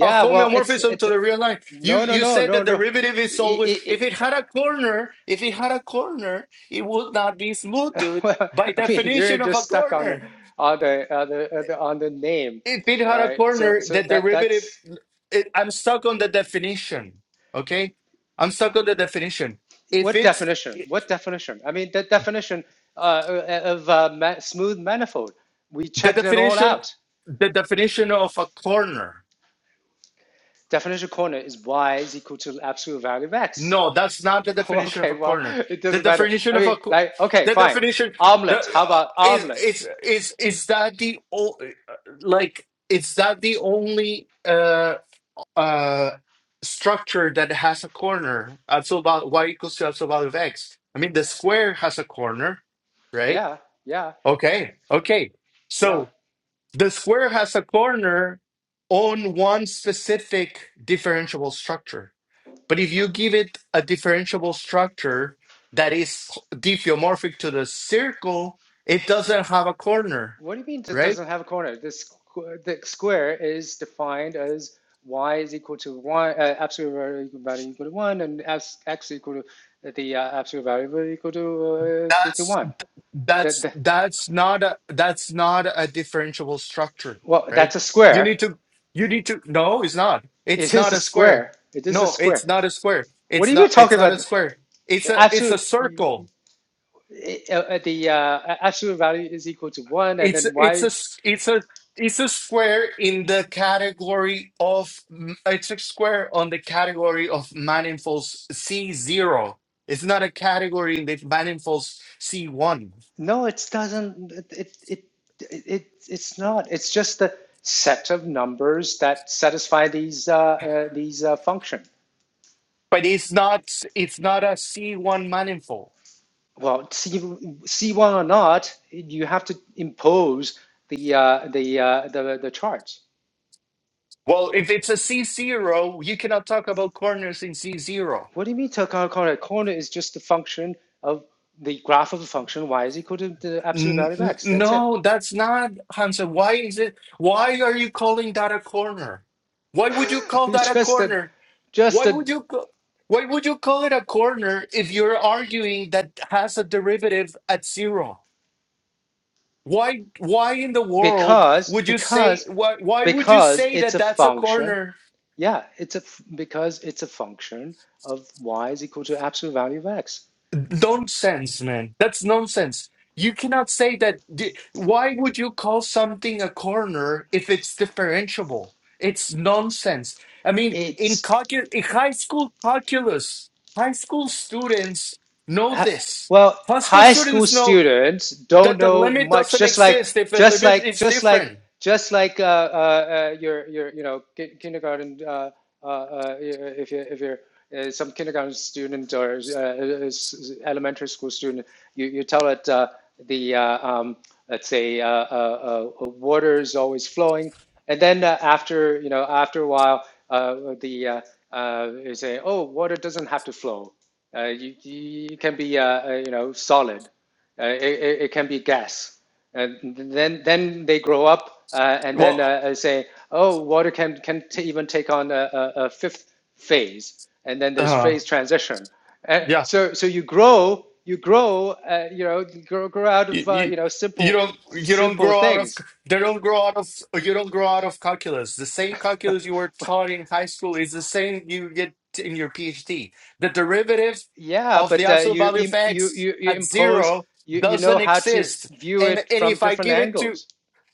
Speaker 2: a
Speaker 1: well, it's
Speaker 2: homeomorphism
Speaker 1: it's
Speaker 2: to the real line. You
Speaker 1: no no
Speaker 2: you
Speaker 1: no
Speaker 2: said the
Speaker 1: no no.
Speaker 2: derivative is
Speaker 1: It,
Speaker 2: always
Speaker 1: it,
Speaker 2: if
Speaker 1: it,
Speaker 2: it had a corner, if it had a corner, it would not be smooth, dude,
Speaker 1: well,
Speaker 2: by
Speaker 1: I mean, you're
Speaker 2: definition of
Speaker 1: just
Speaker 2: a
Speaker 1: stuck on the
Speaker 2: corner.
Speaker 1: on the, on the on the on the name,
Speaker 2: If it
Speaker 1: all
Speaker 2: had a
Speaker 1: right? So
Speaker 2: corner,
Speaker 1: so
Speaker 2: the
Speaker 1: that
Speaker 2: derivative,
Speaker 1: that's
Speaker 2: it, I'm stuck on the definition. Okay, I'm stuck on the definition. If
Speaker 1: what
Speaker 2: it's
Speaker 1: definition? What definition? I mean, the definition uh, of uh, ma smooth manifold. We
Speaker 2: the
Speaker 1: checked it all
Speaker 2: definition,
Speaker 1: out.
Speaker 2: the definition of a corner.
Speaker 1: definition corner is y is equal to the absolute value of x.
Speaker 2: No, that's not the definition of
Speaker 1: okay,
Speaker 2: a
Speaker 1: well,
Speaker 2: corner.
Speaker 1: it
Speaker 2: The
Speaker 1: doesn't matter.
Speaker 2: definition
Speaker 1: I
Speaker 2: of
Speaker 1: mean,
Speaker 2: a co-
Speaker 1: like, okay,
Speaker 2: the
Speaker 1: fine.
Speaker 2: definition the
Speaker 1: Omelet.
Speaker 2: uh,
Speaker 1: How about
Speaker 2: is
Speaker 1: omelet?
Speaker 2: is is is that the o- like is that the only? uh? uh structure that has a corner Absolute value y equals to absolute value of x. I mean, the square has a corner, right?
Speaker 1: Yeah, yeah,
Speaker 2: Okay, okay.
Speaker 1: yeah.
Speaker 2: So the square has a corner on one specific differentiable structure. But if you give it a differentiable structure that is diffeomorphic to the circle, it doesn't have a corner,
Speaker 1: What do you mean it
Speaker 2: right?
Speaker 1: doesn't have a corner? This the square is defined as y is equal to one, uh, absolute value equal to one, and x, x equal to uh, the uh, absolute value value equal to uh, to, to
Speaker 2: That's
Speaker 1: one. That,
Speaker 2: that's
Speaker 1: that
Speaker 2: that's not a that's not a differentiable structure
Speaker 1: well,
Speaker 2: right
Speaker 1: that's a
Speaker 2: you
Speaker 1: square.
Speaker 2: need to you need to no it's not it's
Speaker 1: It is
Speaker 2: not
Speaker 1: a
Speaker 2: a square
Speaker 1: square. It is a
Speaker 2: no
Speaker 1: square.
Speaker 2: it's not a square
Speaker 1: What
Speaker 2: it's
Speaker 1: are you
Speaker 2: not
Speaker 1: talking
Speaker 2: it's not a
Speaker 1: about?
Speaker 2: square it's a it's a
Speaker 1: Absolute.
Speaker 2: circle
Speaker 1: it- uh, uh, the uh, absolute value is equal to one, and
Speaker 2: it's
Speaker 1: then
Speaker 2: it's a
Speaker 1: why?
Speaker 2: s- it's a it's a square in the category of m- it's a square on the category of manifolds c0 it's not a category in the manifolds c1
Speaker 1: No, it doesn't. It it it, it it's not. It's just a set of numbers that satisfy these uh, uh, these uh, function.
Speaker 2: but it's not it's not a c1 manifold
Speaker 1: Well, C C one or not, you have to impose the uh, the uh, the the chart.
Speaker 2: Well, if it's a C0, you cannot talk about corners in C0.
Speaker 1: What do you mean? Tell corner corner is just the function of the graph of the function y is equal to the absolute
Speaker 2: N-
Speaker 1: value of
Speaker 2: n-
Speaker 1: x. That's it.
Speaker 2: no, that's not Hansa. Why is it? Why are you calling that a corner? Why would you call that
Speaker 1: It's
Speaker 2: a
Speaker 1: just a
Speaker 2: corner?
Speaker 1: just
Speaker 2: Why
Speaker 1: a
Speaker 2: would you? ca- Why would you call it a corner if you're arguing that has a derivative at zero? Why? Why in the world
Speaker 1: because
Speaker 2: would you say?
Speaker 1: because
Speaker 2: Why? Why would you
Speaker 1: because
Speaker 2: say
Speaker 1: it's
Speaker 2: that
Speaker 1: a
Speaker 2: that's a
Speaker 1: function
Speaker 2: corner?
Speaker 1: yeah it's a because it's a function of y is equal to absolute value of x
Speaker 2: nonsense, man. That's nonsense. You cannot say that. d- Why would you call something a corner if it's differentiable? It's nonsense. I mean, in,
Speaker 1: it's
Speaker 2: calcu- in high school calculus, high school students know
Speaker 1: Ha-
Speaker 2: this.
Speaker 1: well,
Speaker 2: High school
Speaker 1: high school
Speaker 2: students know
Speaker 1: students don't
Speaker 2: that the
Speaker 1: know
Speaker 2: limit
Speaker 1: much.
Speaker 2: doesn't
Speaker 1: Just like,
Speaker 2: exist if a
Speaker 1: just
Speaker 2: limit
Speaker 1: like,
Speaker 2: is
Speaker 1: just like,
Speaker 2: different.
Speaker 1: just like uh, uh, uh, your your you know ki- kindergarten. Uh, uh, uh, if you if you're uh, some kindergarten student or uh, uh, s- elementary school student, you you tell it uh, the uh, um, let's say uh, uh, uh, water is always flowing, and then uh, after you know after a while, uh, the uh, uh, you say, oh, water doesn't have to flow uh, you, you can be uh, uh, you know solid. Uh, it, it can be gas. And then then they grow up uh, and then uh,
Speaker 2: Well,
Speaker 1: uh, say, oh, water can can t- even take on a, a, a fifth phase. And then there's
Speaker 2: uh,
Speaker 1: phase transition. And
Speaker 2: yeah.
Speaker 1: so so you grow you grow uh, you know grow, grow out
Speaker 2: You,
Speaker 1: of uh,
Speaker 2: you,
Speaker 1: you know
Speaker 2: you
Speaker 1: simple
Speaker 2: don't you don't
Speaker 1: simple
Speaker 2: grow out of
Speaker 1: things.
Speaker 2: they don't grow out of you don't grow out of calculus. The same calculus you were taught in high school is the same you get in your PhD. The derivative
Speaker 1: Yeah,
Speaker 2: of the
Speaker 1: but uh,
Speaker 2: absolute
Speaker 1: you,
Speaker 2: value of
Speaker 1: you
Speaker 2: x
Speaker 1: you you
Speaker 2: at
Speaker 1: impose
Speaker 2: zero
Speaker 1: you you know
Speaker 2: doesn't
Speaker 1: how to
Speaker 2: exist.
Speaker 1: view
Speaker 2: And
Speaker 1: it
Speaker 2: and
Speaker 1: from
Speaker 2: if I
Speaker 1: different
Speaker 2: give it to
Speaker 1: angles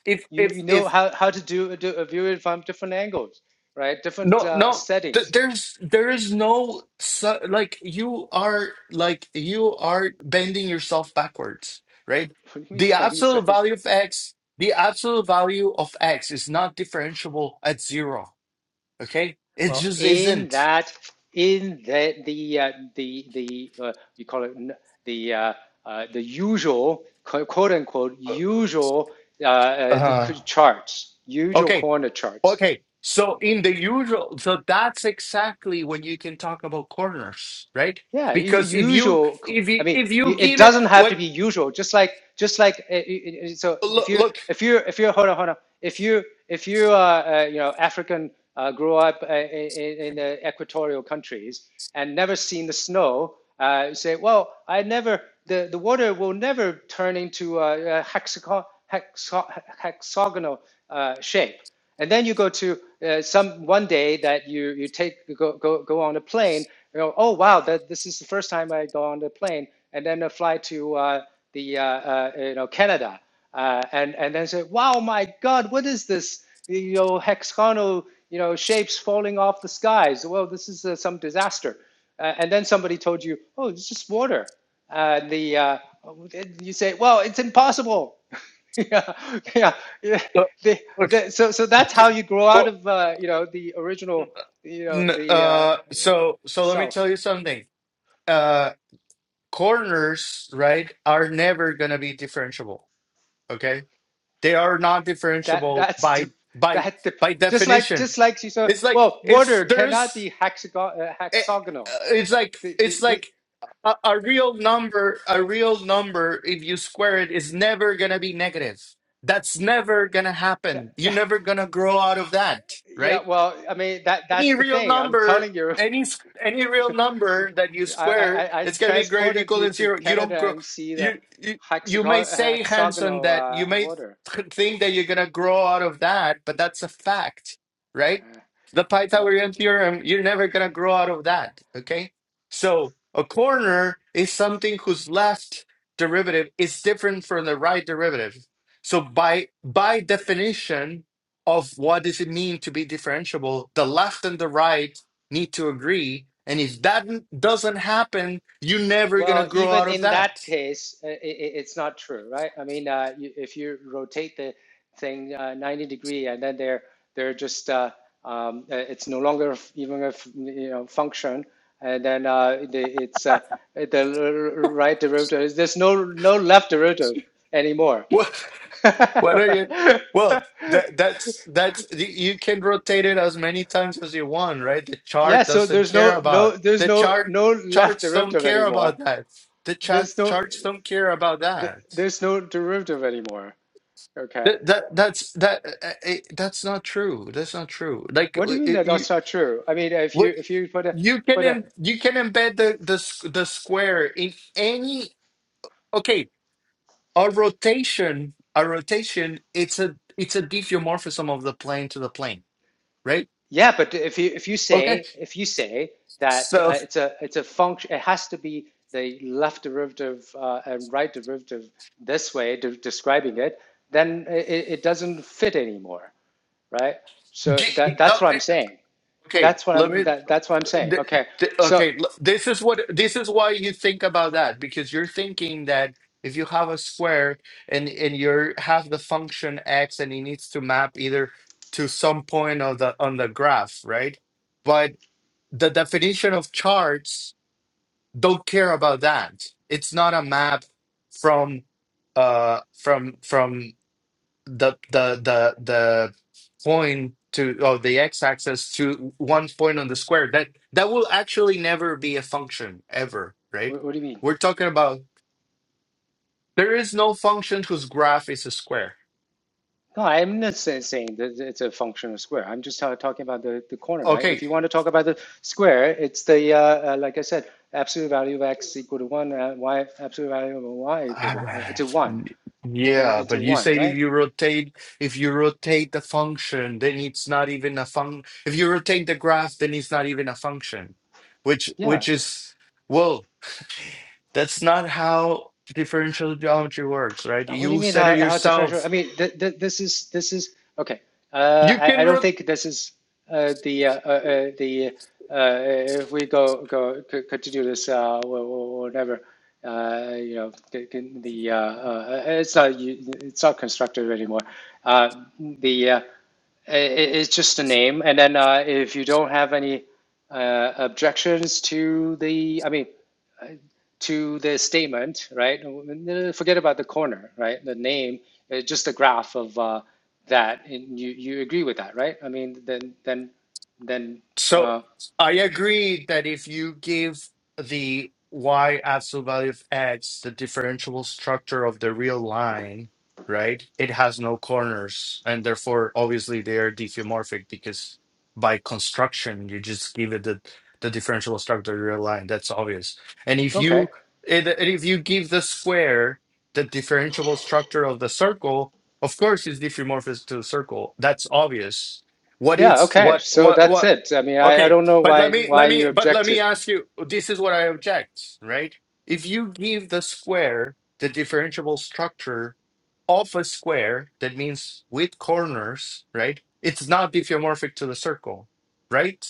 Speaker 2: if
Speaker 1: you,
Speaker 2: if
Speaker 1: you know
Speaker 2: if
Speaker 1: how, how to do, do a view it from different angles, right? Different
Speaker 2: No,
Speaker 1: uh,
Speaker 2: no. Th
Speaker 1: settings.
Speaker 2: there's there is no su like you are like you are bending yourself backwards, right?
Speaker 1: What do you mean
Speaker 2: The
Speaker 1: by any
Speaker 2: absolute
Speaker 1: setting?
Speaker 2: value of x, the absolute value of x is not differentiable at zero. Okay? It
Speaker 1: Well,
Speaker 2: just
Speaker 1: in
Speaker 2: isn't.
Speaker 1: that in the the uh, the the uh, you call it the uh, uh, the usual quote unquote
Speaker 2: Uh,
Speaker 1: usual uh, uh, the
Speaker 2: uh-huh.
Speaker 1: charts, usual
Speaker 2: okay.
Speaker 1: corner charts.
Speaker 2: Okay. So in the usual, so that's exactly when you can talk about corners, right?
Speaker 1: Yeah,
Speaker 2: Because if you
Speaker 1: usual.
Speaker 2: if
Speaker 1: I
Speaker 2: you
Speaker 1: mean,
Speaker 2: if you
Speaker 1: it
Speaker 2: give it
Speaker 1: doesn't have to
Speaker 2: wait
Speaker 1: be usual. Just like, just like, uh, uh, uh, so if
Speaker 2: look
Speaker 1: you,
Speaker 2: look
Speaker 1: if you, if you, hold on, hold on. If you, if you, uh, uh, you know, African, uh, grew up uh, in, in the equatorial countries and never seen the snow, uh, you say, well, I never, the, the water will never turn into a, a hexo- hexagonal uh, shape. And then you go to uh, some one day that you you take go go go on a plane. You know, oh wow, that this is the first time I go on a plane, and then I fly to uh, the uh, uh, you know Canada, uh, and and then say, wow, my God, what is this? You know, hexagonal you know shapes falling off the skies. Well, this is uh, some disaster. Uh, and then somebody told you, oh, it's just water. Uh, the uh, you say, well, it's impossible. yeah, yeah, yeah. The,
Speaker 2: look
Speaker 1: the, so, so that's how you grow out
Speaker 2: look.
Speaker 1: of uh, you know the original you know
Speaker 2: N-
Speaker 1: the uh,
Speaker 2: uh so so let me
Speaker 1: self.
Speaker 2: tell you something uh corners right are never going to be differentiable okay they are not
Speaker 1: That
Speaker 2: differentiable
Speaker 1: that's the,
Speaker 2: by by
Speaker 1: that the,
Speaker 2: by
Speaker 1: just like
Speaker 2: definition
Speaker 1: just like she said.
Speaker 2: it's like
Speaker 1: Well,
Speaker 2: it's
Speaker 1: water cannot
Speaker 2: there's
Speaker 1: be hexagon, uh,
Speaker 2: eh,
Speaker 1: hexagonal.
Speaker 2: uh, it's like
Speaker 1: The, the,
Speaker 2: it's
Speaker 1: the,
Speaker 2: like a, a real number a real number if you square it is never going to be negative that's never going to
Speaker 1: the,
Speaker 2: happen you're
Speaker 1: the,
Speaker 2: never going to grow out of that right
Speaker 1: yeah, well, I mean that
Speaker 2: any
Speaker 1: that's the
Speaker 2: real
Speaker 1: thing. I'm
Speaker 2: number,
Speaker 1: telling you,
Speaker 2: any s- any real
Speaker 1: you
Speaker 2: number that you
Speaker 1: I, I,
Speaker 2: square,
Speaker 1: I I
Speaker 2: it's gonna be greater
Speaker 1: transported
Speaker 2: equal
Speaker 1: you
Speaker 2: than
Speaker 1: to
Speaker 2: zero. You don't
Speaker 1: Canada
Speaker 2: grow.
Speaker 1: and see the
Speaker 2: You you you may
Speaker 1: hexagon,
Speaker 2: say Hanson
Speaker 1: hexagonal
Speaker 2: that
Speaker 1: uh,
Speaker 2: you may
Speaker 1: water.
Speaker 2: th- think that you're gonna grow out of that, but that's a fact, right?
Speaker 1: Uh,
Speaker 2: The
Speaker 1: well,
Speaker 2: Pythagorean theorem, you're never gonna grow out of that. Okay, so a corner is something whose left derivative is different from the right derivative. So by by definition, of what does it mean to be differentiable the left and the right need to agree and if that n- doesn't happen you're never going
Speaker 1: Well,
Speaker 2: to grow
Speaker 1: even
Speaker 2: out of
Speaker 1: in that
Speaker 2: that
Speaker 1: case, i i it's not true, right? I mean, uh, you, if you rotate the thing uh, 90 degree and then they're they're just uh, um, uh, it's no longer f- even a f- you know function, and then uh, the, it's uh, the r- r- right derivative. There's no no left derivative anymore.
Speaker 2: what what are you well that that's that's y- you can rotate it as many times as you want right the
Speaker 1: Yeah,
Speaker 2: chart
Speaker 1: so
Speaker 2: doesn't
Speaker 1: there's
Speaker 2: care
Speaker 1: no no
Speaker 2: about
Speaker 1: there's
Speaker 2: the
Speaker 1: no
Speaker 2: chart
Speaker 1: no left
Speaker 2: charts don't
Speaker 1: derivative
Speaker 2: care
Speaker 1: anymore.
Speaker 2: about that the chart
Speaker 1: There's no
Speaker 2: charts don't care about
Speaker 1: th-
Speaker 2: that
Speaker 1: there's no derivative anymore. Okay.
Speaker 2: that, that that's that uh, uh, it, that's not true that's not true like
Speaker 1: What do
Speaker 2: uh,
Speaker 1: you mean
Speaker 2: it,
Speaker 1: that
Speaker 2: you
Speaker 1: that's not true? I mean, if you
Speaker 2: What
Speaker 1: if you put a
Speaker 2: You can
Speaker 1: put a
Speaker 2: em- you can embed the the s- the square in any okay a rotation a rotation it's a it's a diffeomorphism of the plane to the plane right
Speaker 1: yeah, but if you if you
Speaker 2: okay
Speaker 1: say if you say that uh,
Speaker 2: so
Speaker 1: it's a it's a function, it has to be the left derivative uh, and right derivative this way de describing it, then it, it doesn't fit anymore, right? So that
Speaker 2: d-
Speaker 1: that's
Speaker 2: uh,
Speaker 1: what I'm saying.
Speaker 2: okay
Speaker 1: That's what
Speaker 2: let
Speaker 1: I'm
Speaker 2: me
Speaker 1: that that's what I'm saying.
Speaker 2: th-
Speaker 1: Okay,
Speaker 2: th-
Speaker 1: so
Speaker 2: okay l- this is what this is why you think about that because you're thinking that if you have a square and and you have the function x and it needs to map either to some point of the on the graph right the definition of charts don't care about that. It's not a map from uh from from the the the the point to or the x-axis to one point on the square. That that will actually never be a function ever, right?
Speaker 1: what, what do you mean?
Speaker 2: We're talking about there is no function whose graph is a square.
Speaker 1: No, I'm not say- saying that it's a functional square. I'm just ta- talking about the, the corner, right? If
Speaker 2: Okay.
Speaker 1: you want to talk about the square, it's the, uh, uh, like I said, absolute value of x equal to 1, uh, y, absolute value of y equal to, uh,
Speaker 2: Ah,
Speaker 1: to 1, w-
Speaker 2: Yeah,
Speaker 1: uh,
Speaker 2: but
Speaker 1: to
Speaker 2: you
Speaker 1: 1,
Speaker 2: say if
Speaker 1: right?
Speaker 2: you rotate, if you rotate the function, then it's not even a fun. If you rotate the graph, then it's not even a function, which
Speaker 1: Yeah.
Speaker 2: which is well, that's not how differential geometry works, right?
Speaker 1: What do you
Speaker 2: You
Speaker 1: mean
Speaker 2: said it
Speaker 1: how, how differential?
Speaker 2: yourself.
Speaker 1: I mean, th th this is this is okay. Uh,
Speaker 2: You
Speaker 1: I,
Speaker 2: can
Speaker 1: I don't
Speaker 2: rotate.
Speaker 1: think this is uh, the uh, uh, uh, the uh, uh, if we go go continue this, uh, we'll, we uh, you know the the uh, uh, it's not it's not constructive anymore. Uh, the uh, it, it's just a name. And then uh, if you don't have any uh, objections to the, I mean, uh, to the statement, right? Uh, Forget about the corner, right? The name, uh, just the graph of uh, that, and you you agree with that, right? I mean, then then then
Speaker 2: So
Speaker 1: uh,
Speaker 2: I agree that if you give the y absolute value of x the differentiable structure of the real line, right? It has no corners, and therefore, obviously, they are diffeomorphic because by construction, you just give it the the differentiable structure of the real line. That's obvious. And if
Speaker 1: okay,
Speaker 2: you and and if you give the square the differentiable structure of the circle, of course, it's diffeomorphic to the circle. That's obvious what
Speaker 1: yeah,
Speaker 2: it's
Speaker 1: okay.
Speaker 2: what
Speaker 1: So
Speaker 2: what
Speaker 1: that's
Speaker 2: what
Speaker 1: it. I mean, I, I
Speaker 2: Okay,
Speaker 1: don't know
Speaker 2: but let
Speaker 1: why
Speaker 2: me
Speaker 1: why
Speaker 2: let
Speaker 1: you
Speaker 2: me but
Speaker 1: object
Speaker 2: let me
Speaker 1: to
Speaker 2: ask you. This is what I object, right? If you give the square the differentiable structure of a square, that means with corners, right? It's not diffeomorphic to the circle, right?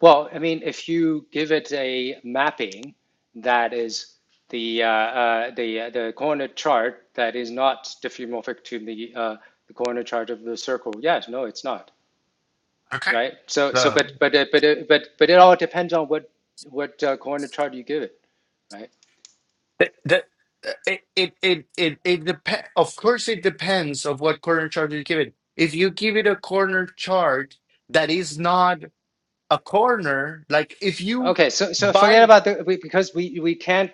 Speaker 1: Well, I mean, if you give it a mapping that is the uh, uh, the uh, the corner chart that is not diffeomorphic to the uh, the corner chart of the circle, yes, no, it's not,
Speaker 2: Okay.
Speaker 1: right? So so
Speaker 2: No.
Speaker 1: but but uh, but uh, but but it all depends on what what uh, corner chart you give it, right?
Speaker 2: That, that it it it it, it depends. Of course, it depends of what corner chart you give it. If you give it a corner chart that is not a corner, like if you
Speaker 1: Okay, so so
Speaker 2: buy
Speaker 1: forget about the we, because we we can't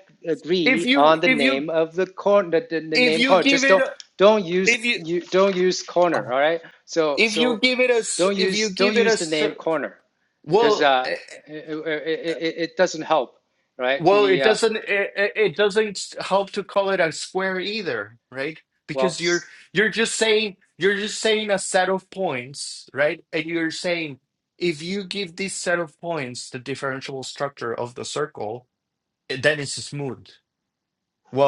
Speaker 2: if
Speaker 1: agree
Speaker 2: you
Speaker 1: on the
Speaker 2: if you
Speaker 1: name of the corner the, the, the
Speaker 2: if
Speaker 1: name
Speaker 2: you
Speaker 1: corner.
Speaker 2: give
Speaker 1: Just
Speaker 2: it
Speaker 1: don't
Speaker 2: a-
Speaker 1: don't use
Speaker 2: if you
Speaker 1: you don't use corner. All right. So
Speaker 2: if you
Speaker 1: so
Speaker 2: give it a s-
Speaker 1: don't
Speaker 2: if you
Speaker 1: use don't
Speaker 2: give it
Speaker 1: use
Speaker 2: a
Speaker 1: the name
Speaker 2: str-
Speaker 1: corner because
Speaker 2: well
Speaker 1: uh
Speaker 2: eh,
Speaker 1: it it, it, it doesn't help, right?
Speaker 2: well
Speaker 1: The
Speaker 2: it
Speaker 1: uh,
Speaker 2: doesn't it, it it doesn't help to call it a square either right
Speaker 1: well
Speaker 2: because you're you're just saying you're just saying a set of points right and you're saying if you give this set of points the differential structure of the circle eh, then it's smooth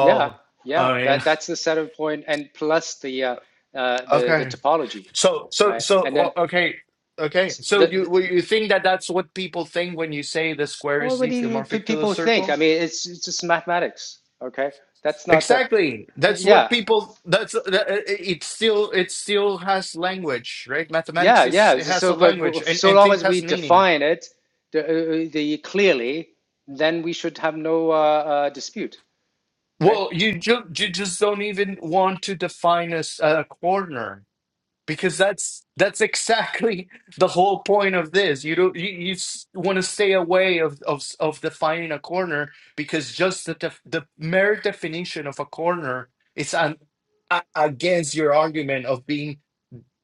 Speaker 1: yeah yeah
Speaker 2: i mean
Speaker 1: that that's the setup point and plus the uh, uh the the
Speaker 2: okay
Speaker 1: topology,
Speaker 2: So, so,
Speaker 1: right?
Speaker 2: so,
Speaker 1: And then
Speaker 2: well, okay, okay.
Speaker 1: the,
Speaker 2: So, you
Speaker 1: the
Speaker 2: well, you think that that's what people think when you say the square
Speaker 1: Well,
Speaker 2: is
Speaker 1: what do you
Speaker 2: diffeomorphic to the
Speaker 1: people think? I
Speaker 2: circle?
Speaker 1: mean, it's, it's just mathematics. Okay, that's not the.
Speaker 2: Exactly. That's what
Speaker 1: Yeah,
Speaker 2: people. That's that, it. Still, it still has language, right?
Speaker 1: yeah,
Speaker 2: Mathematics is
Speaker 1: yeah.
Speaker 2: it
Speaker 1: So,
Speaker 2: has
Speaker 1: so,
Speaker 2: a
Speaker 1: but
Speaker 2: language, and
Speaker 1: so
Speaker 2: and
Speaker 1: long
Speaker 2: thing
Speaker 1: as
Speaker 2: has
Speaker 1: we
Speaker 2: meaning.
Speaker 1: define it, the, uh, uh, the clearly, then we should have no uh, uh, dispute, right?
Speaker 2: Well, you ju- you just don't even want to define a, s- a corner. because that's that's exactly the whole point of this you don't you, you want to stay away of, of of defining a corner because just the def, the mere definition of a corner is an, a, against your argument of being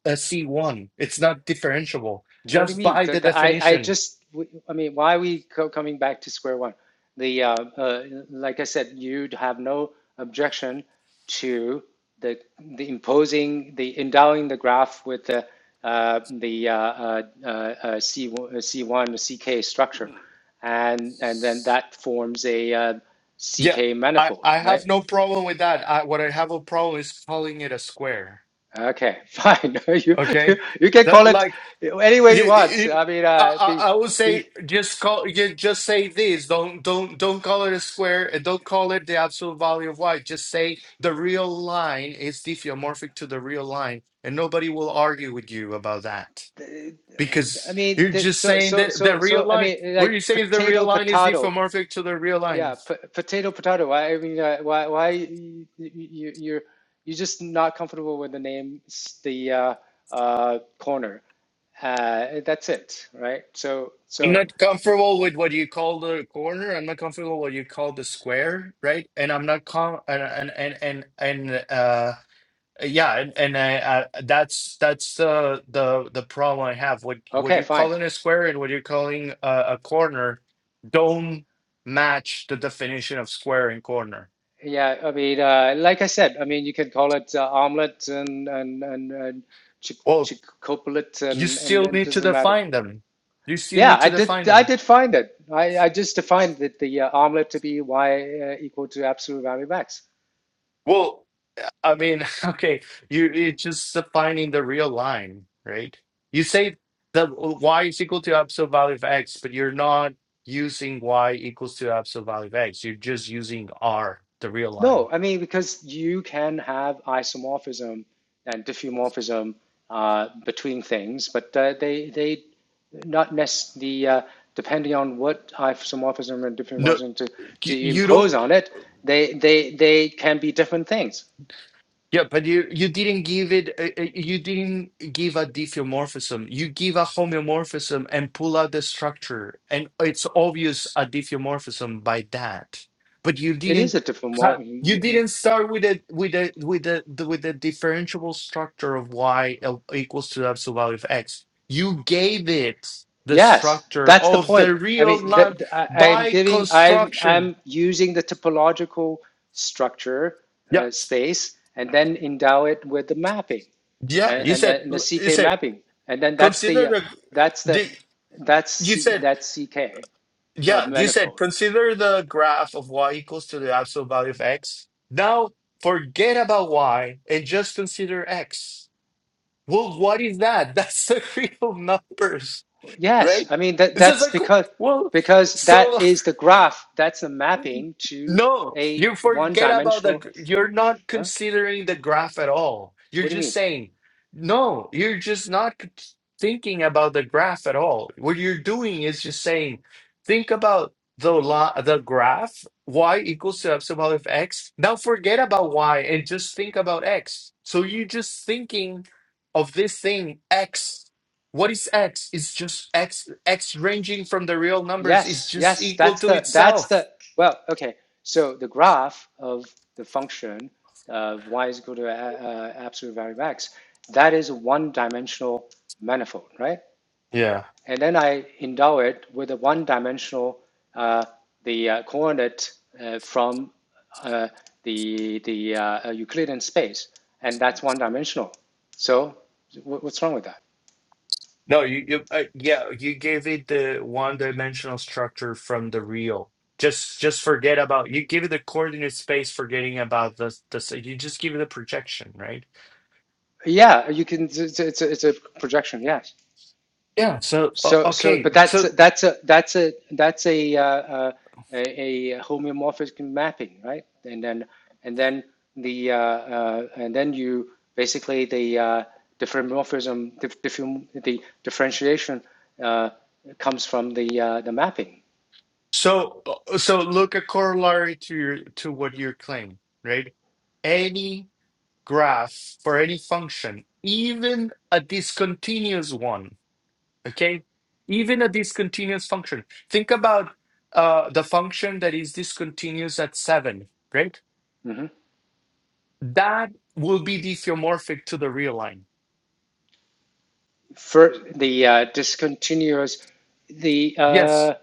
Speaker 2: a c1 it's not differentiable
Speaker 1: What do you
Speaker 2: just
Speaker 1: mean?
Speaker 2: by the
Speaker 1: Th- th- I, I
Speaker 2: definition
Speaker 1: just, w- I mean, why are we co coming back to square one? The, uh, uh, like I said, you'd have no objection to the, the imposing, the endowing the graph with the, uh, the uh, uh, uh, uh, C, C1, CK structure. And, and then that forms a uh,
Speaker 2: yeah
Speaker 1: CK
Speaker 2: i
Speaker 1: manifold,
Speaker 2: i
Speaker 1: right?
Speaker 2: have no problem with that I, what i have a problem is calling it a square
Speaker 1: Okay, fine. You, you,
Speaker 2: okay
Speaker 1: you can call
Speaker 2: that
Speaker 1: it
Speaker 2: like.
Speaker 1: any way
Speaker 2: You,
Speaker 1: you want.
Speaker 2: you,
Speaker 1: I mean,
Speaker 2: I,
Speaker 1: uh, the,
Speaker 2: I I would say
Speaker 1: the,
Speaker 2: just call you just say this. Don't don't don't call it a square and don't call it the absolute value of y. Just say the real line is diffeomorphic to the real line, and nobody will argue with you about that
Speaker 1: I
Speaker 2: because
Speaker 1: mean,
Speaker 2: you're
Speaker 1: that
Speaker 2: just
Speaker 1: so
Speaker 2: saying
Speaker 1: so
Speaker 2: that the
Speaker 1: so
Speaker 2: real
Speaker 1: so. I
Speaker 2: line.
Speaker 1: mean,
Speaker 2: Where you
Speaker 1: like
Speaker 2: say the real
Speaker 1: potato,
Speaker 2: line is
Speaker 1: potato.
Speaker 2: diffeomorphic to the real line.
Speaker 1: Yeah, p- potato, potato. Why? I mean, uh, why why you, you you're you're just not comfortable with the name, s- the uh, uh, corner. Uh, that's it, right? So
Speaker 2: I'm
Speaker 1: so
Speaker 2: not comfortable with what you call the corner. I'm not comfortable with what you call the square, right? And I'm not com and and and and and uh. Uh, yeah and, and I, I that's that's the the the problem i have what what
Speaker 1: okay,
Speaker 2: you
Speaker 1: fine.
Speaker 2: calling a square and what you're calling a, a corner don't match the definition of square and corner
Speaker 1: Yeah, I mean, uh, like I said, I mean, you can call it uh, omelet and and and, and chick chick
Speaker 2: well you
Speaker 1: and and
Speaker 2: still
Speaker 1: it
Speaker 2: need to
Speaker 1: doesn't matter.
Speaker 2: define them you still
Speaker 1: Yeah,
Speaker 2: need
Speaker 1: I
Speaker 2: to
Speaker 1: did.
Speaker 2: define
Speaker 1: I
Speaker 2: them
Speaker 1: did find it. I, I just defined the, the uh, omelet to be y uh, equal to absolute value of x.
Speaker 2: Well. I mean, okay, you it's just defining the real line, right? You say that y is equal to absolute value of x, but you're not using y equals to absolute value of x. You're just using r, the real line.
Speaker 1: No, I mean because you can have isomorphism and diffeomorphism uh, between things, but uh, they they not necessarily the uh, depending on what isomorphism and
Speaker 2: No,
Speaker 1: diffeomorphism to do
Speaker 2: you,
Speaker 1: you
Speaker 2: you
Speaker 1: impose
Speaker 2: don't.
Speaker 1: on it. They they they can be different things.
Speaker 2: Yeah, but you you didn't give it. uh, uh, You didn't give a diffeomorphism. You give a homeomorphism and pull out the structure, and it's obvious a diffeomorphism by that. But you
Speaker 1: It
Speaker 2: didn't.
Speaker 1: is a
Speaker 2: ha- You
Speaker 1: different
Speaker 2: didn't start with a with a with a the, with the differentiable structure of y el- equals to the absolute value of x. You gave it the
Speaker 1: Yes,
Speaker 2: structure
Speaker 1: that's the
Speaker 2: of
Speaker 1: point.
Speaker 2: the
Speaker 1: I
Speaker 2: real
Speaker 1: mean, the,
Speaker 2: line
Speaker 1: the- I, I'm
Speaker 2: by
Speaker 1: giving, I'm,
Speaker 2: construction.
Speaker 1: I'm using the topological structure
Speaker 2: Yeah,
Speaker 1: uh, space and then endow it with the mapping uh,
Speaker 2: yeah. You
Speaker 1: and, uh,
Speaker 2: said
Speaker 1: and, then the
Speaker 2: you
Speaker 1: CK
Speaker 2: said
Speaker 1: mapping. And then that's the, uh,
Speaker 2: consider
Speaker 1: that's the,
Speaker 2: the.
Speaker 1: that's
Speaker 2: You
Speaker 1: C,
Speaker 2: said,
Speaker 1: that's CK uh,
Speaker 2: yeah, you said
Speaker 1: manifold.
Speaker 2: consider the graph of y equals to the absolute value of x. Now forget about y and just consider x. Well, what is that? That's the real numbers,
Speaker 1: Yes,
Speaker 2: right?
Speaker 1: I mean, that,
Speaker 2: It's just
Speaker 1: that's
Speaker 2: like,
Speaker 1: because,
Speaker 2: well,
Speaker 1: because
Speaker 2: so
Speaker 1: that is the graph, that's the mapping to
Speaker 2: No,
Speaker 1: a
Speaker 2: you
Speaker 1: one
Speaker 2: forget about the,
Speaker 1: dimensional,
Speaker 2: gr- you're not
Speaker 1: huh?
Speaker 2: considering the graph at all. You're
Speaker 1: What do you
Speaker 2: just
Speaker 1: mean?
Speaker 2: saying, no, you're just not c- thinking about the graph at all. What you're doing is just saying, think about the lo the graph, y equals to epsilon of x. Now forget about y and just think about x. So you're just thinking of this thing, x. What is x? It's just x, x ranging from the real numbers is
Speaker 1: Yes,
Speaker 2: just
Speaker 1: yes,
Speaker 2: equal
Speaker 1: that's
Speaker 2: to
Speaker 1: the that's
Speaker 2: itself.
Speaker 1: the well, okay. So the graph of the function of y is equal to uh, uh, absolute value of x, that is a one-dimensional manifold, right?
Speaker 2: Yeah.
Speaker 1: And then I endow it with a one-dimensional uh, the uh, coordinate uh, from uh, the the uh, uh, Euclidean space, and that's one-dimensional. So what's wrong with that?
Speaker 2: No, you, you uh, yeah, you gave it the one-dimensional structure from the real. Just just forget about you give it the coordinate space, forgetting about the the s- you just give it the projection, right?
Speaker 1: Yeah, you can. It's, it's, a, it's a projection. Yes.
Speaker 2: Yeah. So o-
Speaker 1: So, so,
Speaker 2: okay,
Speaker 1: but that's
Speaker 2: so
Speaker 1: a, that's a that's a that's a uh, uh, a, a homeomorphic mapping, right? And then and then the uh, uh, and then you basically the uh, diffeomorphism, dif- diffeom- the differentiation uh, comes from the uh, the mapping.
Speaker 2: so uh, so look a corollary to your to what you're claiming, right? Any graph for any function, even a discontinuous one okay even a discontinuous function think about uh, the function that is discontinuous at 7 right
Speaker 1: Mm-hmm.
Speaker 2: that will be diffeomorphic to the real line
Speaker 1: For the uh, discontinuous, the
Speaker 2: yes
Speaker 1: uh,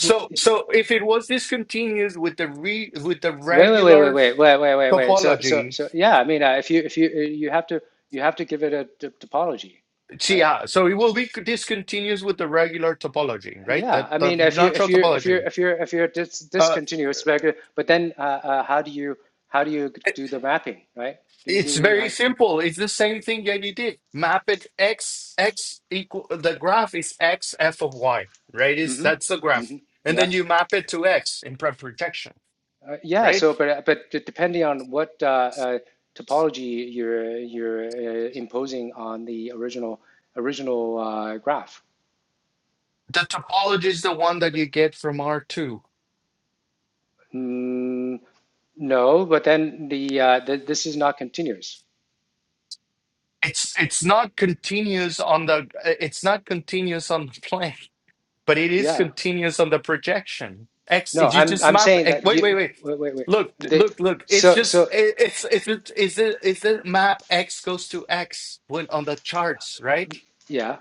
Speaker 1: the-
Speaker 2: so if it was discontinuous with the re with the
Speaker 1: wait, wait, wait,
Speaker 2: regular
Speaker 1: wait, wait, wait, wait, wait, wait. So, so,
Speaker 2: topology
Speaker 1: so, yeah. I mean, uh, if you if you you have to you have to give it a d- topology,
Speaker 2: see,
Speaker 1: right?
Speaker 2: yeah so it will be discontinuous with the regular topology right
Speaker 1: Yeah,
Speaker 2: the,
Speaker 1: I
Speaker 2: the
Speaker 1: mean, if you if
Speaker 2: natural
Speaker 1: you if you
Speaker 2: topology
Speaker 1: if you if you're dis
Speaker 2: Uh,
Speaker 1: discontinuous regular, but then uh, uh, how do you how do you do the mapping, right? Do,
Speaker 2: It's very simple. It's the same thing that you did. Map it x x equal the graph is x f of y, right? Is
Speaker 1: hmm
Speaker 2: that's the graph.
Speaker 1: hmm
Speaker 2: And
Speaker 1: yeah,
Speaker 2: then you map it to x in pre projection,
Speaker 1: uh, yeah.
Speaker 2: right?
Speaker 1: So, but uh, but d- depending on what uh, uh, topology you're you're uh, imposing on the original original uh, graph.
Speaker 2: The topology is the one that you get from R2.
Speaker 1: Mm, no, but then the, uh, the this is not continuous.
Speaker 2: It's it's not continuous on the it's not continuous on the plane. but it is
Speaker 1: Yeah.
Speaker 2: continuous on the projection. X,
Speaker 1: No,
Speaker 2: if you
Speaker 1: I'm
Speaker 2: just
Speaker 1: I'm
Speaker 2: map.
Speaker 1: saying
Speaker 2: eh,
Speaker 1: that
Speaker 2: Wait, wait,
Speaker 1: you
Speaker 2: wait.
Speaker 1: wait wait wait.
Speaker 2: Look,
Speaker 1: The
Speaker 2: look, look. It's
Speaker 1: so
Speaker 2: just
Speaker 1: so
Speaker 2: it, it's it's it's it's a, it's a map. X goes to X when on the charts, right?
Speaker 1: yeah.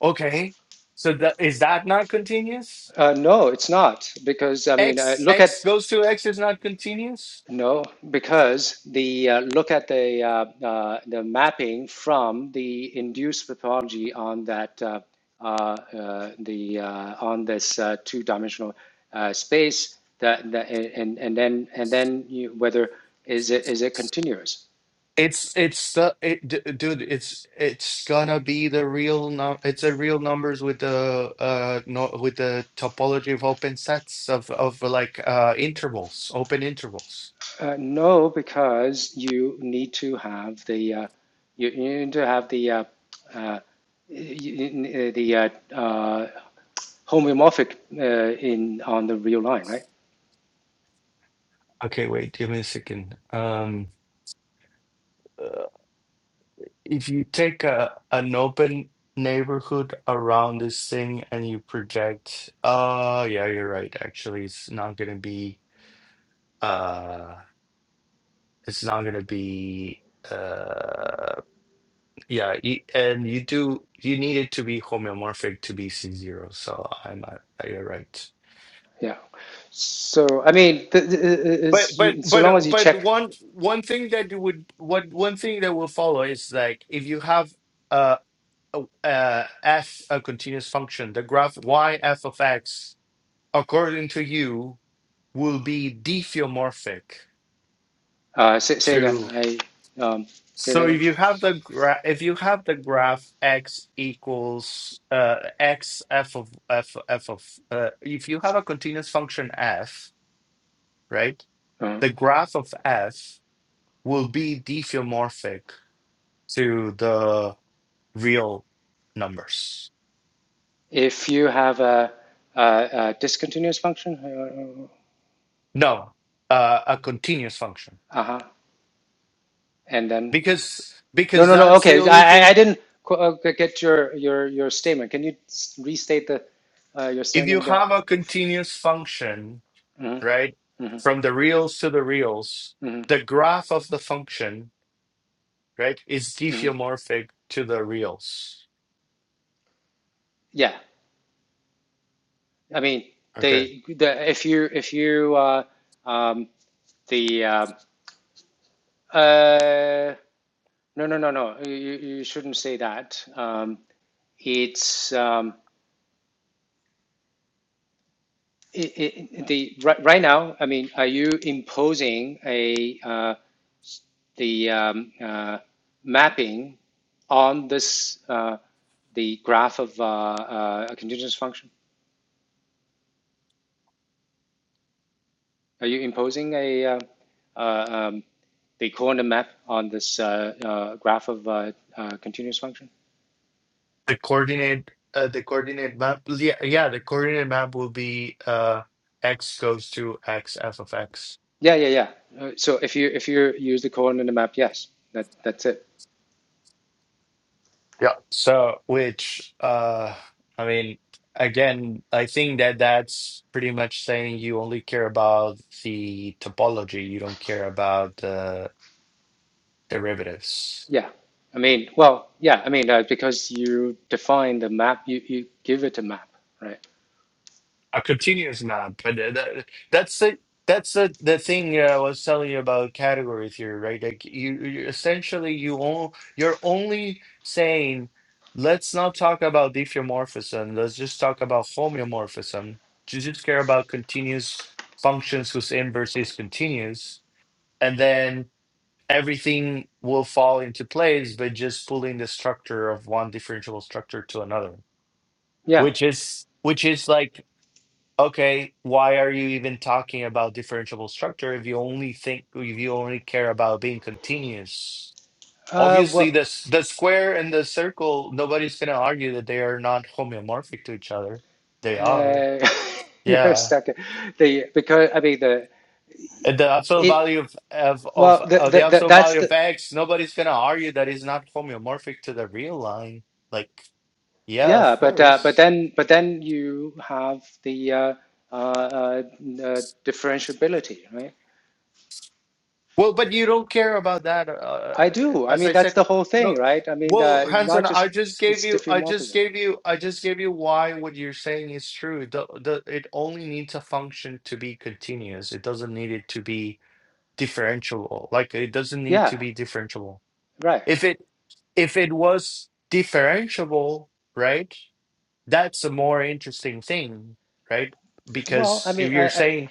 Speaker 2: Okay. So that is that not continuous?
Speaker 1: Uh, no, it's not because I mean, uh,
Speaker 2: X
Speaker 1: look at
Speaker 2: X goes to X is not continuous.
Speaker 1: no because the uh, look at the uh, uh, the mapping from the induced pathology on that uh, uh, uh, the uh, on this uh, two-dimensional uh, space that, that and and then and then you, whether is it is it continuous?
Speaker 2: It's it's the it, d- dude. It's it's gonna be the real num. It's a real numbers with the uh no with the topology of open sets of of like uh intervals, open intervals.
Speaker 1: Uh, no, because you need to have the uh, you, you need to have the uh, uh, y- the uh, uh, homeomorphic uh, in on the real line, right?
Speaker 2: Okay, wait, give me a second. Um, uh, if you take a an open neighborhood around this thing and you project, uh, yeah, you're right. Actually, it's not gonna be uh, it's not gonna be. Uh. Yeah, y- and you do you need it to be homeomorphic to be C0, so I'm not, you're right.
Speaker 1: Yeah. So I mean, th- th-
Speaker 2: But
Speaker 1: is-
Speaker 2: but
Speaker 1: so
Speaker 2: but
Speaker 1: long
Speaker 2: uh,
Speaker 1: as you
Speaker 2: but
Speaker 1: check.
Speaker 2: one one thing that you would what one thing that will follow is like if you have uh, a, a f a continuous function, the graph y f of x according to you will be diffeomorphic
Speaker 1: Uh, say, say again. I um, say that
Speaker 2: So
Speaker 1: again.
Speaker 2: if you have the graph, if you have the graph x equals uh, x f of f f of uh, if you have a continuous function f, right?
Speaker 1: Uh-huh.
Speaker 2: The graph of f will be diffeomorphic to the real numbers.
Speaker 1: If you have a, a, a discontinuous function,
Speaker 2: No, uh, a continuous function
Speaker 1: uh huh, and then
Speaker 2: because
Speaker 1: no,
Speaker 2: because
Speaker 1: no, no.
Speaker 2: that's the
Speaker 1: Okay,
Speaker 2: only
Speaker 1: I, I
Speaker 2: thing.
Speaker 1: didn't uh, get your your your statement. Can you restate the uh, your
Speaker 2: If you
Speaker 1: statement again?
Speaker 2: have a continuous function,
Speaker 1: hmm
Speaker 2: right,
Speaker 1: hmm
Speaker 2: from the reals to the reals,
Speaker 1: hmm
Speaker 2: the graph of the function right? Is
Speaker 1: hmm
Speaker 2: diffeomorphic to the reals.
Speaker 1: Yeah. I mean,
Speaker 2: Okay.
Speaker 1: they the if you if you uh, um, the uh, uh, no no no no you, you shouldn't say that. Um, it's um, it, it, the right, right now. I mean, are you imposing a uh, the um, uh, mapping on this uh, the graph of uh, uh, a continuous function? Are you imposing a uh, uh, um, the coordinate map on this uh, uh, graph of uh, uh, continuous function?
Speaker 2: The coordinate uh, the coordinate map yeah, yeah, the coordinate map will be uh x goes to x f of x.
Speaker 1: Yeah, yeah, yeah. Uh, so if you if you use the coordinate map, yes, that that's it.
Speaker 2: Yeah. So which uh I mean again I think that that's pretty much saying you only care about the topology, you don't care about the derivatives.
Speaker 1: Yeah, I mean, well, yeah, I mean uh, because you define the map, you you give it a map, right?
Speaker 2: A continuous is but uh, that, that's the that's the the thing uh, I was telling you about category theory, right? Like you, you essentially you all you're only saying let's not talk about diffeomorphism, let's just talk about homeomorphism. You just care about continuous functions whose inverse is continuous, and then everything will fall into place by just pulling the structure of one differentiable structure to another
Speaker 1: Yeah.
Speaker 2: which is which is like okay, why are you even talking about differentiable structure if you only think if you only care about being continuous?
Speaker 1: Uh,
Speaker 2: Obviously, the
Speaker 1: well,
Speaker 2: s- the square and the circle, nobody's gonna argue that they are not homeomorphic to each other. They are,
Speaker 1: uh, you're a
Speaker 2: yeah.
Speaker 1: stuck. The because I mean the
Speaker 2: And the absolute
Speaker 1: it
Speaker 2: value of of
Speaker 1: well
Speaker 2: of
Speaker 1: the,
Speaker 2: uh,
Speaker 1: the,
Speaker 2: the
Speaker 1: the
Speaker 2: absolute
Speaker 1: that's
Speaker 2: value
Speaker 1: the
Speaker 2: of x, nobody's gonna argue that it's not homeomorphic to the real line. Like, yeah, of
Speaker 1: yeah, but uh, but
Speaker 2: course.
Speaker 1: then but then you have the uh, uh, uh, uh, differentiability, right?
Speaker 2: Well, but you don't care about that. Uh,
Speaker 1: I do. I
Speaker 2: as
Speaker 1: mean,
Speaker 2: I
Speaker 1: that's
Speaker 2: said,
Speaker 1: the whole thing,
Speaker 2: no.
Speaker 1: right? I mean, uh,
Speaker 2: Well,
Speaker 1: not
Speaker 2: Hanson, I
Speaker 1: just
Speaker 2: just gave
Speaker 1: it's
Speaker 2: you, I just
Speaker 1: diffeomorphism.
Speaker 2: gave you, I just gave you why what you're saying is true. The, the, it only needs a function to be continuous. It doesn't need it to be differentiable. Like it doesn't need
Speaker 1: Yeah,
Speaker 2: to be differentiable.
Speaker 1: right.
Speaker 2: If it if it was differentiable, right? That's a more interesting thing, right?
Speaker 1: Well, I
Speaker 2: Because
Speaker 1: mean,
Speaker 2: if
Speaker 1: I,
Speaker 2: you're
Speaker 1: I
Speaker 2: saying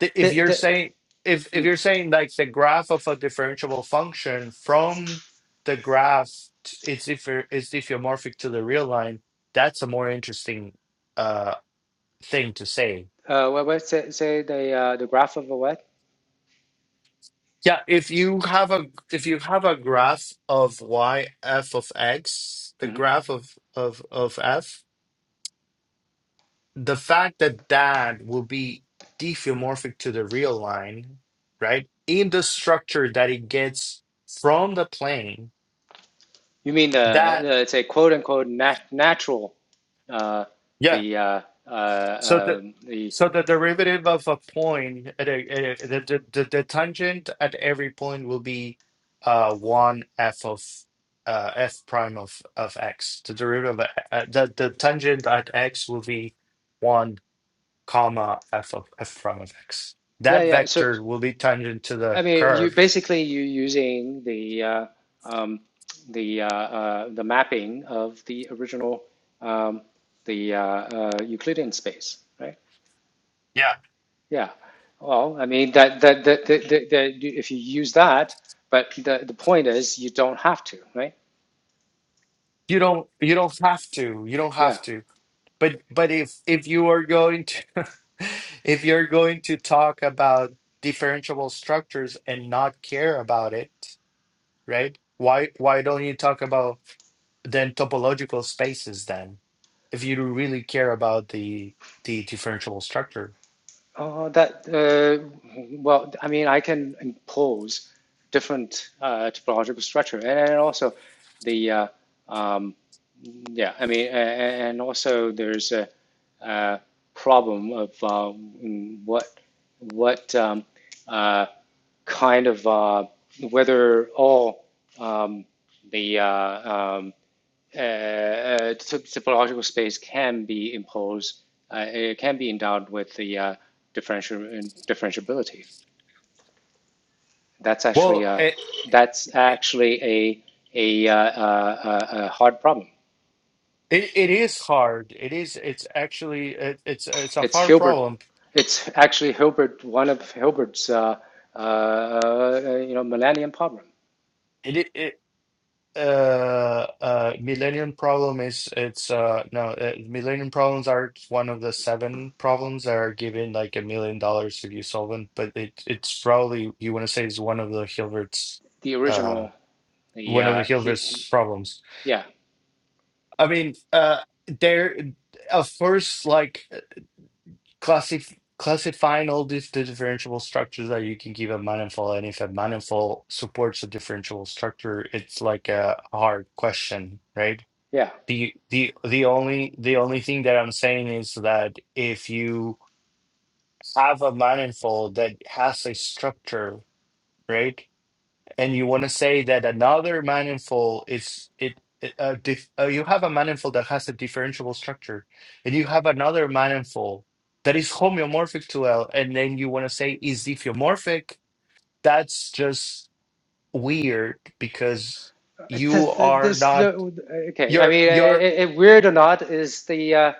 Speaker 2: th- if
Speaker 1: the
Speaker 2: you're
Speaker 1: the
Speaker 2: saying if if
Speaker 1: mm,
Speaker 2: you're saying like the graph of a differentiable function from the graph t- it's if it's diffeomorphic to the real line that's a more interesting uh thing to say
Speaker 1: uh, what, what say, say the uh, the graph of a what?
Speaker 2: yeah if you have a if you have a graph of y f of x the
Speaker 1: hmm
Speaker 2: graph of of of f the fact that that will be diffeomorphic to the real line right in the structure that it gets from the plane
Speaker 1: You mean the,
Speaker 2: That,
Speaker 1: the say quote unquote nat- natural uh,
Speaker 2: yeah.
Speaker 1: the uh,
Speaker 2: So
Speaker 1: uh,
Speaker 2: the
Speaker 1: um, the
Speaker 2: so the derivative of a point, at a, at a- the, the the the tangent at every point will be uh one f of uh f prime of of x. The derivative of uh, the the tangent at x will be one comma f of f prime of x.
Speaker 1: yeah
Speaker 2: That
Speaker 1: yeah. So
Speaker 2: vector will be tangent to
Speaker 1: I
Speaker 2: the
Speaker 1: mean, you
Speaker 2: curve.
Speaker 1: basically you using the uh, um, the uh, uh, the mapping of the original um, the uh, uh, Euclidean space, right?
Speaker 2: Yeah.
Speaker 1: Yeah. Well, I mean that that that, that, that, that if you use that, but the, the point is you don't have to, right?
Speaker 2: You don't you don't have to. You don't
Speaker 1: Yeah.
Speaker 2: have to. But but if if you are going to if you're going to talk about differentiable structures and not care about it, right? Why why don't you talk about then topological spaces then? If you really care about the the differentiable structure.
Speaker 1: Oh, that uh, well, I mean I can impose different uh, topological structure, and, and also the uh, um, yeah, I mean, and, and also there's a uh, problem of uh, mm, what what um, uh, kind of uh, whether all um, the uh, um, uh, uh, topological space can be imposed, uh, it can be endowed with the uh, differential differentiability. That's actually
Speaker 2: Well,
Speaker 1: a
Speaker 2: it
Speaker 1: that's actually a a, uh, uh, uh, a hard problem.
Speaker 2: it, it is hard. It is it's actually it, it's it's a
Speaker 1: It's
Speaker 2: hard
Speaker 1: Hilbert.
Speaker 2: problem.
Speaker 1: It's actually Hilbert, one of Hilbert's, uh, uh, uh, you know, Millennium Problem.
Speaker 2: It, it uh uh Millennium Problem is it's uh no uh, Millennium Problems are one of the seven problems that are given like a million dollars if you solve them but it it's probably you want to say it's one of the Hilbert's
Speaker 1: The
Speaker 2: uh
Speaker 1: original, the
Speaker 2: one of the
Speaker 1: uh, he, he,
Speaker 2: Hilbert's problems
Speaker 1: yeah,
Speaker 2: I mean uh there of course like classif classifying all these differentiable structures that you can give a manifold and if a manifold supports a differentiable structure it's like a hard question right
Speaker 1: yeah.
Speaker 2: The the the only the only thing that I'm saying is that if you have a manifold that has a structure, right? And you want to say that another manifold is it, it uh, dif uh, you have a manifold that has a differentiable structure, and you have another manifold that is homeomorphic to L, and then you want to say is diffeomorphic, that's just weird because you are
Speaker 1: This,
Speaker 2: not
Speaker 1: no- okay. I
Speaker 2: you're
Speaker 1: mean,
Speaker 2: you're
Speaker 1: i i weird or not is the uh,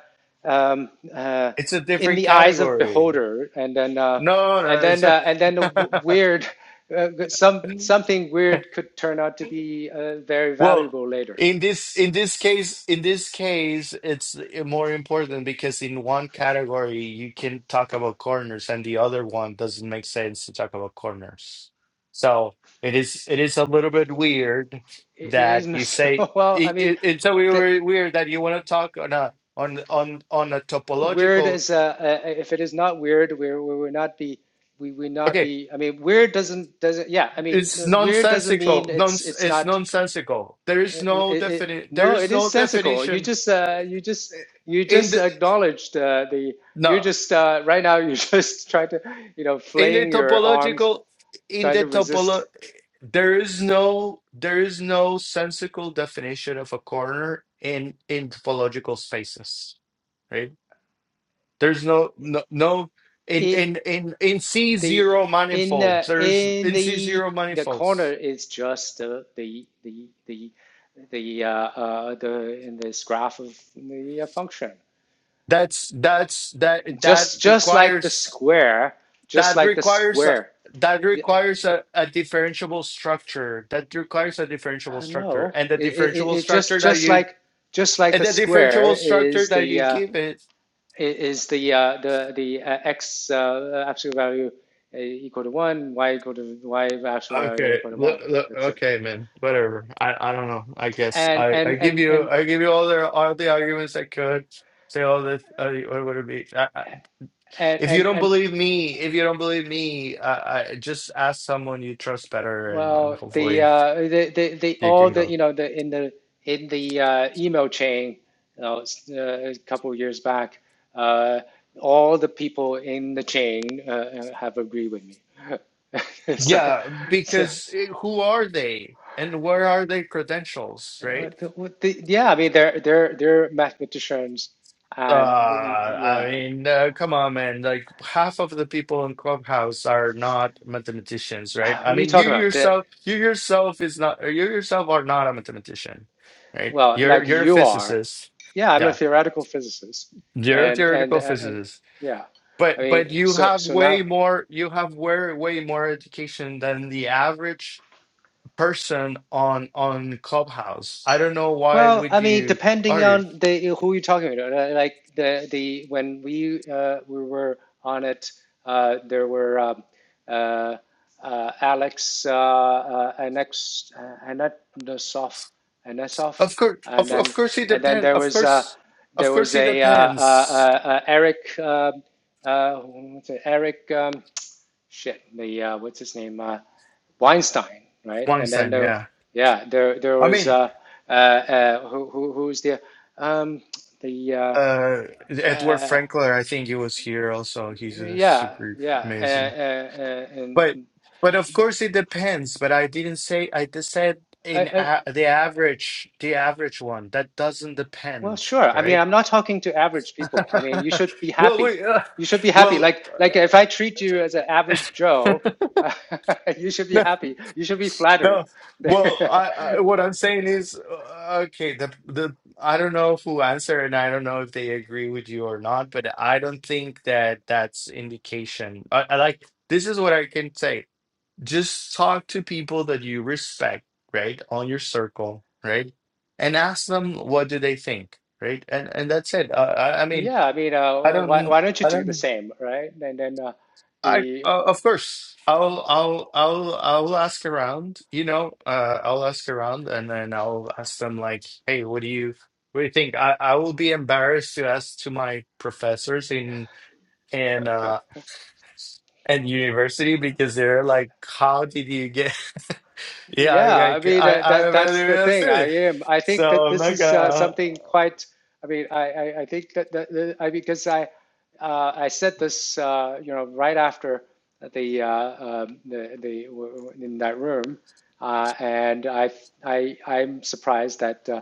Speaker 1: um, uh,
Speaker 2: it's a
Speaker 1: in
Speaker 2: different
Speaker 1: the eyes of
Speaker 2: category.
Speaker 1: beholder, and then uh,
Speaker 2: No, no,
Speaker 1: and
Speaker 2: it's
Speaker 1: then
Speaker 2: a
Speaker 1: uh, and then the weird, uh, some something weird could turn out to be uh, very
Speaker 2: well,
Speaker 1: valuable later.
Speaker 2: in this in this case, in this case, it's more important because in one category you can talk about corners, and the other one doesn't make sense to talk about corners. So it is it is a little bit weird
Speaker 1: It, it
Speaker 2: that
Speaker 1: isn't
Speaker 2: you
Speaker 1: so
Speaker 2: say
Speaker 1: well. I
Speaker 2: it,
Speaker 1: mean.
Speaker 2: it, it's a
Speaker 1: th
Speaker 2: weird weird that you want to talk on a on on on a
Speaker 1: weird
Speaker 2: topological.
Speaker 1: is uh, uh if it is not weird we we would not be we would not
Speaker 2: okay,
Speaker 1: be i mean weird doesn't doesn't yeah i mean
Speaker 2: it's
Speaker 1: no, weird doesn't mean
Speaker 2: nonsensical non
Speaker 1: it's it's
Speaker 2: it's
Speaker 1: not
Speaker 2: nonsensical there is
Speaker 1: uh,
Speaker 2: no
Speaker 1: it, it-
Speaker 2: definite there
Speaker 1: no it
Speaker 2: is
Speaker 1: is
Speaker 2: no
Speaker 1: sensical you
Speaker 2: definition
Speaker 1: just uh you just you
Speaker 2: in
Speaker 1: just
Speaker 2: the
Speaker 1: acknowledged uh, the you're
Speaker 2: no
Speaker 1: just uh right now you're just trying to you know
Speaker 2: in the
Speaker 1: flaying your arms
Speaker 2: topological in
Speaker 1: trying to
Speaker 2: the topolo
Speaker 1: resist
Speaker 2: there is no there is no sensical definition of a corner in in topological spaces right there's no no, no in
Speaker 1: it
Speaker 2: in in in
Speaker 1: the
Speaker 2: c0
Speaker 1: in
Speaker 2: manifolds
Speaker 1: the
Speaker 2: there's
Speaker 1: in
Speaker 2: in
Speaker 1: the
Speaker 2: c0
Speaker 1: the corner
Speaker 2: manifolds
Speaker 1: is just the the the the the uh, uh, the in this graph of the uh, function.
Speaker 2: that's that's that that
Speaker 1: Just just like the
Speaker 2: requires
Speaker 1: square, just
Speaker 2: that
Speaker 1: like the
Speaker 2: requires a,
Speaker 1: square.
Speaker 2: that
Speaker 1: Yeah,
Speaker 2: requires a, a differentiable structure that requires a differentiable
Speaker 1: uh,
Speaker 2: structure
Speaker 1: no,
Speaker 2: and the
Speaker 1: it, it, it
Speaker 2: differentiable
Speaker 1: just
Speaker 2: structure that
Speaker 1: just
Speaker 2: you
Speaker 1: like just like the
Speaker 2: and the
Speaker 1: square
Speaker 2: differentiable structure
Speaker 1: is
Speaker 2: that
Speaker 1: the
Speaker 2: you
Speaker 1: uh,
Speaker 2: give it
Speaker 1: is the uh, the the uh, x uh, uh, absolute value uh, equal to one, y equal to y absolute value
Speaker 2: okay
Speaker 1: equal to
Speaker 2: look,
Speaker 1: one.
Speaker 2: look
Speaker 1: That's it
Speaker 2: okay man whatever i i don't know i guess
Speaker 1: and
Speaker 2: i i
Speaker 1: and
Speaker 2: give
Speaker 1: and
Speaker 2: you
Speaker 1: and
Speaker 2: i give you all the all the arguments i could say all the uh, what would it be I, I,
Speaker 1: and
Speaker 2: if you
Speaker 1: and
Speaker 2: don't
Speaker 1: and
Speaker 2: believe me if you don't believe me I, I just ask someone you trust better and, and
Speaker 1: well, the
Speaker 2: hopefully
Speaker 1: uh, the the, the
Speaker 2: you
Speaker 1: all
Speaker 2: can
Speaker 1: the
Speaker 2: go
Speaker 1: you know the in the in the uh, email chain, you know, s- uh, a couple of years back, uh, all the people in the chain uh, uh, have agreed with me. so,
Speaker 2: Yeah,
Speaker 1: so
Speaker 2: because it, who are they and where are their credentials,
Speaker 1: uh,
Speaker 2: right?
Speaker 1: the, what the, yeah, I mean they're they're they're mathematicians,
Speaker 2: Uh,
Speaker 1: and the,
Speaker 2: I
Speaker 1: yeah,
Speaker 2: mean, uh, come on, man. Like half of the people in Clubhouse are not mathematicians, right?
Speaker 1: Ah,
Speaker 2: I
Speaker 1: what are you
Speaker 2: mean, you
Speaker 1: talking about? The,
Speaker 2: yourself, you yourself is not, you yourself are not a mathematician, right?
Speaker 1: well,
Speaker 2: You're
Speaker 1: like
Speaker 2: you're a
Speaker 1: you are.
Speaker 2: physicist.
Speaker 1: Yeah, I'm a
Speaker 2: Yeah,
Speaker 1: theoretical physicist,
Speaker 2: you're a
Speaker 1: and and
Speaker 2: theoretical
Speaker 1: uh,
Speaker 2: physicist.
Speaker 1: yeah, I
Speaker 2: But
Speaker 1: mean,
Speaker 2: but you
Speaker 1: so
Speaker 2: have
Speaker 1: so
Speaker 2: way
Speaker 1: now
Speaker 2: more, you have way way more education than the average person on on Clubhouse. I don't know why
Speaker 1: Well,
Speaker 2: would
Speaker 1: I mean,
Speaker 2: you
Speaker 1: depending
Speaker 2: argue.
Speaker 1: on the who you're talking about, uh, like the the when we uh, we were on it, uh, there were um, uh, uh, Alex uh, uh, Anex uh, Anatosov Anasov,
Speaker 2: Of course,
Speaker 1: and
Speaker 2: of
Speaker 1: then
Speaker 2: of course it
Speaker 1: and then
Speaker 2: depends.
Speaker 1: there
Speaker 2: Of
Speaker 1: was uh,
Speaker 2: course, of
Speaker 1: there was
Speaker 2: course it
Speaker 1: a uh, uh,
Speaker 2: depends.
Speaker 1: uh, uh, Eric uh, uh, what's it, Eric. Um, shit, the uh, what's his name, uh, Weinstein, right? And then
Speaker 2: Weinstein,
Speaker 1: there,
Speaker 2: yeah.
Speaker 1: yeah, there there
Speaker 2: I
Speaker 1: was
Speaker 2: mean,
Speaker 1: uh, uh, uh, who who who's the um, the uh,
Speaker 2: uh, Edward
Speaker 1: uh,
Speaker 2: Frankler. I think he was here also. He's uh,
Speaker 1: yeah
Speaker 2: super
Speaker 1: yeah uh,
Speaker 2: amazing.
Speaker 1: uh, uh, and
Speaker 2: But but of course it depends. But I didn't say. I just said
Speaker 1: I,
Speaker 2: in
Speaker 1: I
Speaker 2: a the average, the average one. That doesn't
Speaker 1: well
Speaker 2: depend,
Speaker 1: sure. I mean,
Speaker 2: right?
Speaker 1: I'm not talking to average people. I mean, you should be
Speaker 2: well,
Speaker 1: happy.
Speaker 2: we. Uh,
Speaker 1: You should be happy.
Speaker 2: well.
Speaker 1: Like like if I treat you as an average
Speaker 2: Uh,
Speaker 1: Joe, you should be happy. You should be flattered.
Speaker 2: No, well, I, I what I'm saying is, uh, okay, the the I don't know who answered, and I don't know if they agree with you or not, but I don't think that that's indication. I, I like this is what I can say. Just talk to people that you respect, right, on your circle, right, and ask them what do they think, right, and and that's it. Uh, I I mean,
Speaker 1: Yeah, I mean,
Speaker 2: I
Speaker 1: uh, why
Speaker 2: don't.
Speaker 1: why don't you
Speaker 2: I
Speaker 1: do the
Speaker 2: don't.
Speaker 1: same, right? And then uh,
Speaker 2: I
Speaker 1: the
Speaker 2: uh, of course I'll I'll I'll I'll ask around, you know, uh I'll ask around and then I'll ask them like, "Hey, what do you what do you think?" I I will be embarrassed to ask to my professors in in uh and university because they're like, "How did you get?" Yeah,
Speaker 1: Yeah,
Speaker 2: I I
Speaker 1: I mean
Speaker 2: I
Speaker 1: uh,
Speaker 2: I
Speaker 1: that that's
Speaker 2: rather
Speaker 1: the
Speaker 2: ask
Speaker 1: thing. I
Speaker 2: it.
Speaker 1: am. I think
Speaker 2: So
Speaker 1: that
Speaker 2: I'm
Speaker 1: this
Speaker 2: like,
Speaker 1: is uh,
Speaker 2: uh,
Speaker 1: something quite. I mean, I I, I think that, that, that I because I uh, I said this uh, you know right after the uh, um, the the w- w- in that room, uh, and I I I'm surprised that uh,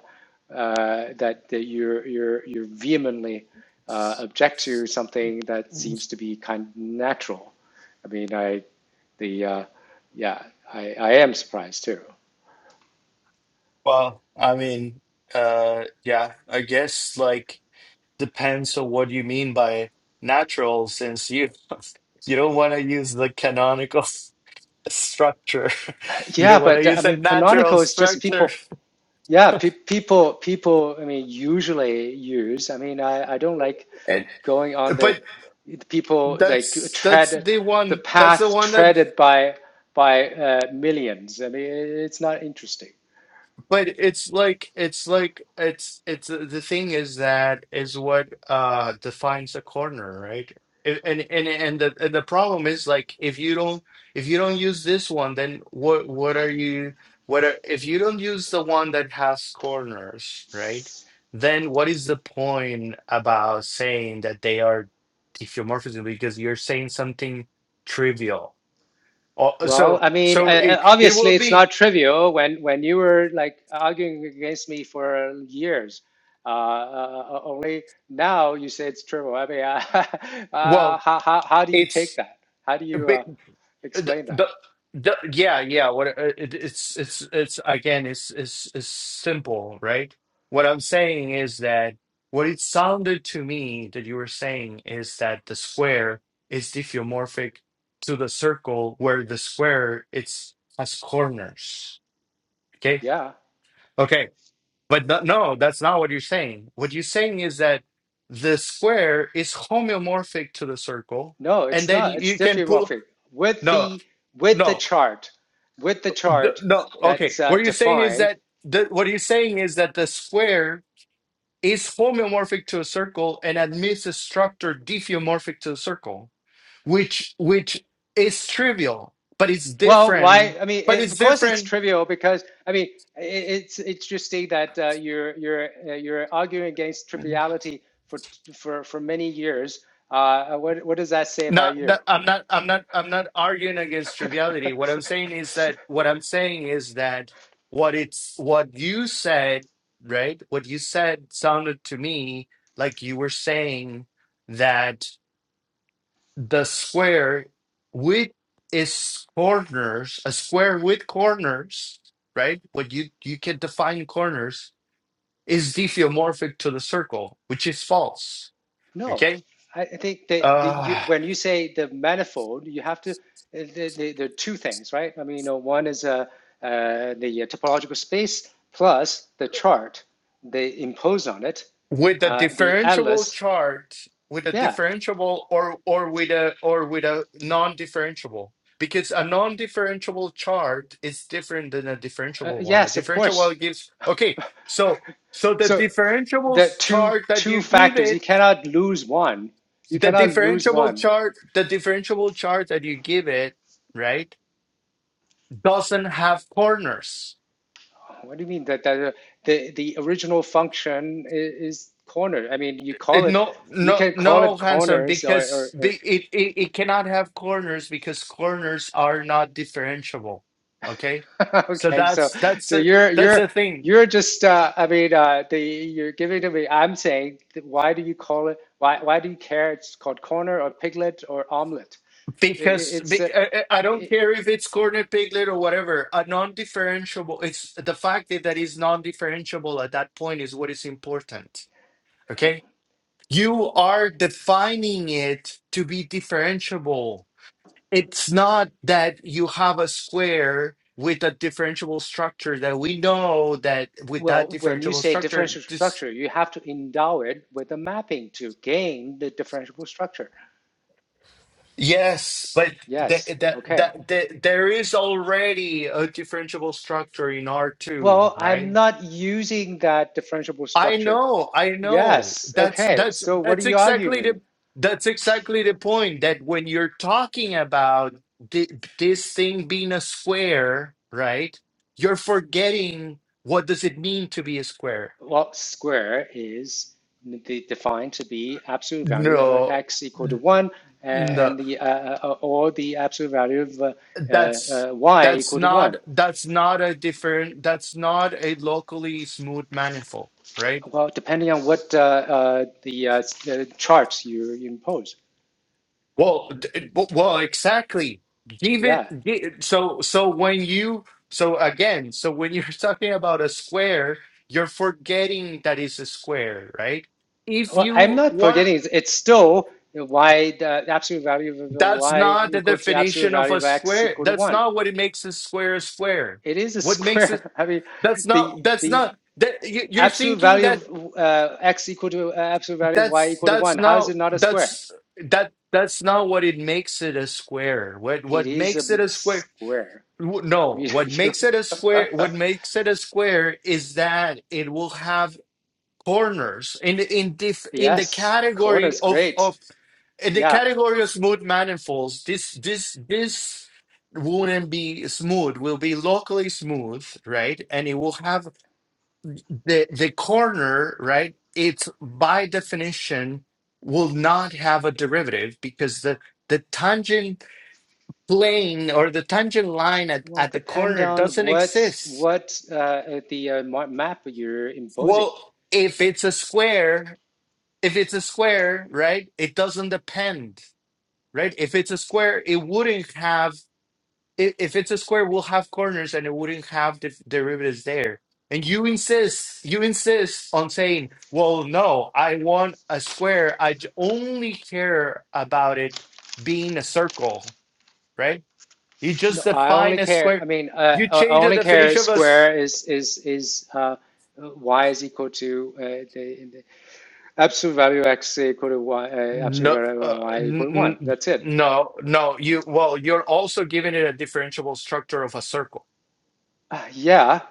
Speaker 1: uh, that that you're you're you vehemently uh, object to something that seems to be kind of natural. I mean, I the uh, yeah, I, I am surprised too.
Speaker 2: well, I mean, uh, yeah, I guess like. depends on what you mean by natural, since you you don't want to use the canonical structure. You
Speaker 1: yeah,
Speaker 2: don't want to
Speaker 1: but I
Speaker 2: use a
Speaker 1: mean,
Speaker 2: natural
Speaker 1: canonical is just
Speaker 2: structure.
Speaker 1: people. Yeah, pe- people, people. I mean, usually use. I mean, I, I don't like
Speaker 2: And,
Speaker 1: going on the
Speaker 2: but
Speaker 1: people like
Speaker 2: that's that's
Speaker 1: tread
Speaker 2: the
Speaker 1: the
Speaker 2: one that's the
Speaker 1: path
Speaker 2: one that
Speaker 1: treaded by by uh, millions. I mean, it's not interesting.
Speaker 2: But it's like it's like it's it's uh, the thing is that is what uh defines a corner, right? And and and and the and the problem is like if you don't if you don't use this one, then what what are you what are, if you don't use the one that has corners, right? Then what is the point about saying that they are diffeomorphism because you're saying something trivial. Oh,
Speaker 1: Well,
Speaker 2: so
Speaker 1: I mean, uh,
Speaker 2: so it,
Speaker 1: uh,
Speaker 2: it will
Speaker 1: obviously it's
Speaker 2: be
Speaker 1: not trivial when when you were like arguing against me for years. Uh, uh, uh, only now you say it's trivial. I mean, uh, uh,
Speaker 2: well,
Speaker 1: how, how how do you take
Speaker 2: it's.
Speaker 1: that? How do you uh,
Speaker 2: the,
Speaker 1: explain that?
Speaker 2: the, the yeah yeah what uh, it, it's it's it's again it's, it's it's simple right what i'm saying is that what it sounded to me that you were saying is that the square is diffeomorphic to the circle where the square it's has corners okay
Speaker 1: Yeah,
Speaker 2: okay but no, no that's not what you're saying what you're saying is that the square is homeomorphic to the circle
Speaker 1: no,
Speaker 2: and
Speaker 1: it's
Speaker 2: then
Speaker 1: not.
Speaker 2: you
Speaker 1: It's
Speaker 2: you can pull
Speaker 1: diffeomorphic with
Speaker 2: no
Speaker 1: the with the
Speaker 2: no
Speaker 1: chart, with the
Speaker 2: The-
Speaker 1: chart
Speaker 2: no, okay.
Speaker 1: that's uh,
Speaker 2: What you're saying is
Speaker 1: defined.
Speaker 2: that the, what you're saying is that the square is homeomorphic to a circle and admits a structure diffeomorphic to a circle, which which is trivial, but it's
Speaker 1: Well, why?
Speaker 2: different.
Speaker 1: I mean,
Speaker 2: But
Speaker 1: it,
Speaker 2: it's
Speaker 1: of course it's
Speaker 2: different.
Speaker 1: trivial because I mean i it's interesting that uh, you're you're uh, you're arguing against triviality for for for many years. Uh, what what does that say about
Speaker 2: Not,
Speaker 1: you?
Speaker 2: not I'm not I'm not I'm not arguing against triviality. What I'm saying is that what I'm saying is that what it's what you said, right? What you said sounded to me like you were saying that the square with its corners, a square with corners, right? What you you can define corners is diffeomorphic to the circle, which is false.
Speaker 1: No,
Speaker 2: Okay.
Speaker 1: I I think that the you,
Speaker 2: Ah,
Speaker 1: when you say the manifold, you have to uh, the, the, there are two things, right? I mean, you know, one is uh, uh, the uh, topological space plus the chart they impose on it,
Speaker 2: with a
Speaker 1: uh, the
Speaker 2: differentiable
Speaker 1: atlas.
Speaker 2: chart with a
Speaker 1: Yeah,
Speaker 2: differentiable or or with a or with a non-differentiable because a non-differentiable chart is different than a
Speaker 1: Uh,
Speaker 2: differentiable one a
Speaker 1: yes, of course.
Speaker 2: differentiable gives okay so so the
Speaker 1: So
Speaker 2: differentiable
Speaker 1: the two
Speaker 2: chart that you
Speaker 1: two
Speaker 2: give
Speaker 1: factors. You
Speaker 2: it
Speaker 1: cannot lose one. You
Speaker 2: the
Speaker 1: cannot lose
Speaker 2: differentiable
Speaker 1: one.
Speaker 2: chart the differentiable chart that you give it right doesn't have corners
Speaker 1: What do you mean that that uh, the the original function is, is corner? I mean, you call
Speaker 2: It,
Speaker 1: it.
Speaker 2: no,
Speaker 1: You
Speaker 2: no,
Speaker 1: can call
Speaker 2: no,
Speaker 1: it
Speaker 2: handsome.
Speaker 1: corners or,
Speaker 2: Because
Speaker 1: or,
Speaker 2: be, it, it it cannot have corners because corners are not differentiable. Okay,
Speaker 1: or
Speaker 2: so
Speaker 1: okay. So
Speaker 2: that's that's
Speaker 1: so
Speaker 2: the
Speaker 1: you're
Speaker 2: that's
Speaker 1: you're
Speaker 2: the thing.
Speaker 1: you're just. Uh, I mean, uh, the you're giving to me. I'm saying that why do you call it? Why why do you care? It's called corner or piglet or omelet. It, it-
Speaker 2: Because
Speaker 1: it's.
Speaker 2: be,
Speaker 1: Uh,
Speaker 2: I, I I don't
Speaker 1: it,
Speaker 2: care if it's corner piglet or whatever. A non-differentiable. It's the fact that that is non-differentiable at that point is what is important. Okay, you are defining it to be differentiable it's not that you have a square with a differentiable structure that we know that with that
Speaker 1: Well, when you
Speaker 2: differentiable
Speaker 1: say
Speaker 2: structure
Speaker 1: differentiable
Speaker 2: this
Speaker 1: structure, you have to endow it with a mapping to gain the differentiable structure.
Speaker 2: yes but th-
Speaker 1: Yes.
Speaker 2: that
Speaker 1: Okay.
Speaker 2: that th- there is already a differentiable structure in r2
Speaker 1: Well, I'm
Speaker 2: right
Speaker 1: not using that differentiable
Speaker 2: I
Speaker 1: structure.
Speaker 2: know, I know.
Speaker 1: Yes.
Speaker 2: That's
Speaker 1: Okay.
Speaker 2: that's
Speaker 1: So what are
Speaker 2: that's
Speaker 1: you arguing?
Speaker 2: exactly
Speaker 1: with?
Speaker 2: the that's exactly the point that when you're talking about thi- this thing being a square, right? You're forgetting what does it mean to be a square.
Speaker 1: Well, square is the, defined to be absolute value of
Speaker 2: No,
Speaker 1: x equal to
Speaker 2: n-
Speaker 1: one,
Speaker 2: no.
Speaker 1: and the uh, uh, uh, or the absolute value of uh, uh,
Speaker 2: That's
Speaker 1: uh, y
Speaker 2: that's
Speaker 1: equal to
Speaker 2: not
Speaker 1: one.
Speaker 2: that's not a different that's not a locally smooth manifold, right?
Speaker 1: Well, depending on what uh, uh, the, uh, the charts you impose.
Speaker 2: Well, d- it- well, exactly. Give it,
Speaker 1: Yeah.
Speaker 2: gi- so so when you so again, so when you're talking about a square, you're forgetting that it's a square, right? If
Speaker 1: Well, I'm
Speaker 2: you
Speaker 1: not
Speaker 2: want,
Speaker 1: forgetting. It's, it's still y, the absolute value of the
Speaker 2: that's
Speaker 1: y
Speaker 2: not the
Speaker 1: equal to absolute
Speaker 2: definition of
Speaker 1: value
Speaker 2: a
Speaker 1: of x
Speaker 2: square.
Speaker 1: equal to
Speaker 2: That's
Speaker 1: one.
Speaker 2: not what it makes a square a square.
Speaker 1: It is a
Speaker 2: What makes it?
Speaker 1: square. I mean,
Speaker 2: That's
Speaker 1: the
Speaker 2: not. That's
Speaker 1: the
Speaker 2: not. That you- you're
Speaker 1: absolute
Speaker 2: thinking
Speaker 1: value
Speaker 2: that
Speaker 1: of uh, x equal to uh, absolute value of y
Speaker 2: that's
Speaker 1: equal to
Speaker 2: that's
Speaker 1: one. How is
Speaker 2: not
Speaker 1: it not a square?
Speaker 2: that's that that's not what it makes it a square. What
Speaker 1: It
Speaker 2: what
Speaker 1: is a
Speaker 2: makes it a square?
Speaker 1: square.
Speaker 2: W-
Speaker 1: I
Speaker 2: No,
Speaker 1: mean,
Speaker 2: what
Speaker 1: you.
Speaker 2: makes it a square, what makes it a square is that it will have corners in the- in dif, in the
Speaker 1: Yes,
Speaker 2: category
Speaker 1: corner's
Speaker 2: of
Speaker 1: great.
Speaker 2: of in the
Speaker 1: Yeah.
Speaker 2: category of smooth manifolds. This this this wouldn't be smooth. Will be locally smooth, right? And it will have the the corner, right? It's by definition will not have a derivative because the the tangent plane or the tangent line at,
Speaker 1: Well,
Speaker 2: at the
Speaker 1: depend
Speaker 2: corner
Speaker 1: on
Speaker 2: doesn't
Speaker 1: what
Speaker 2: exist.
Speaker 1: what uh, the uh, ma- map you're imposing.
Speaker 2: Well, if it's a square, if it's a square, right, it doesn't depend, right? If it's a square, it wouldn't have, i- if it's a square, we'll have corners and it wouldn't have the derivatives there. And you insist, you insist on saying, well, no, I want a square. I j- only care about it being a circle, right? You
Speaker 1: No,
Speaker 2: just
Speaker 1: I only
Speaker 2: define a
Speaker 1: care.
Speaker 2: square
Speaker 1: I mean, uh,
Speaker 2: you
Speaker 1: uh, I
Speaker 2: change the
Speaker 1: only care
Speaker 2: definition of a
Speaker 1: square is is is uh, y is equal to uh, the, the absolute value x equal to y. Uh, absolute
Speaker 2: No,
Speaker 1: value
Speaker 2: uh,
Speaker 1: of y equal to
Speaker 2: n
Speaker 1: one.
Speaker 2: n-
Speaker 1: That's it.
Speaker 2: no, no. You well, you're also giving it a differentiable structure of a circle.
Speaker 1: Uh, yeah.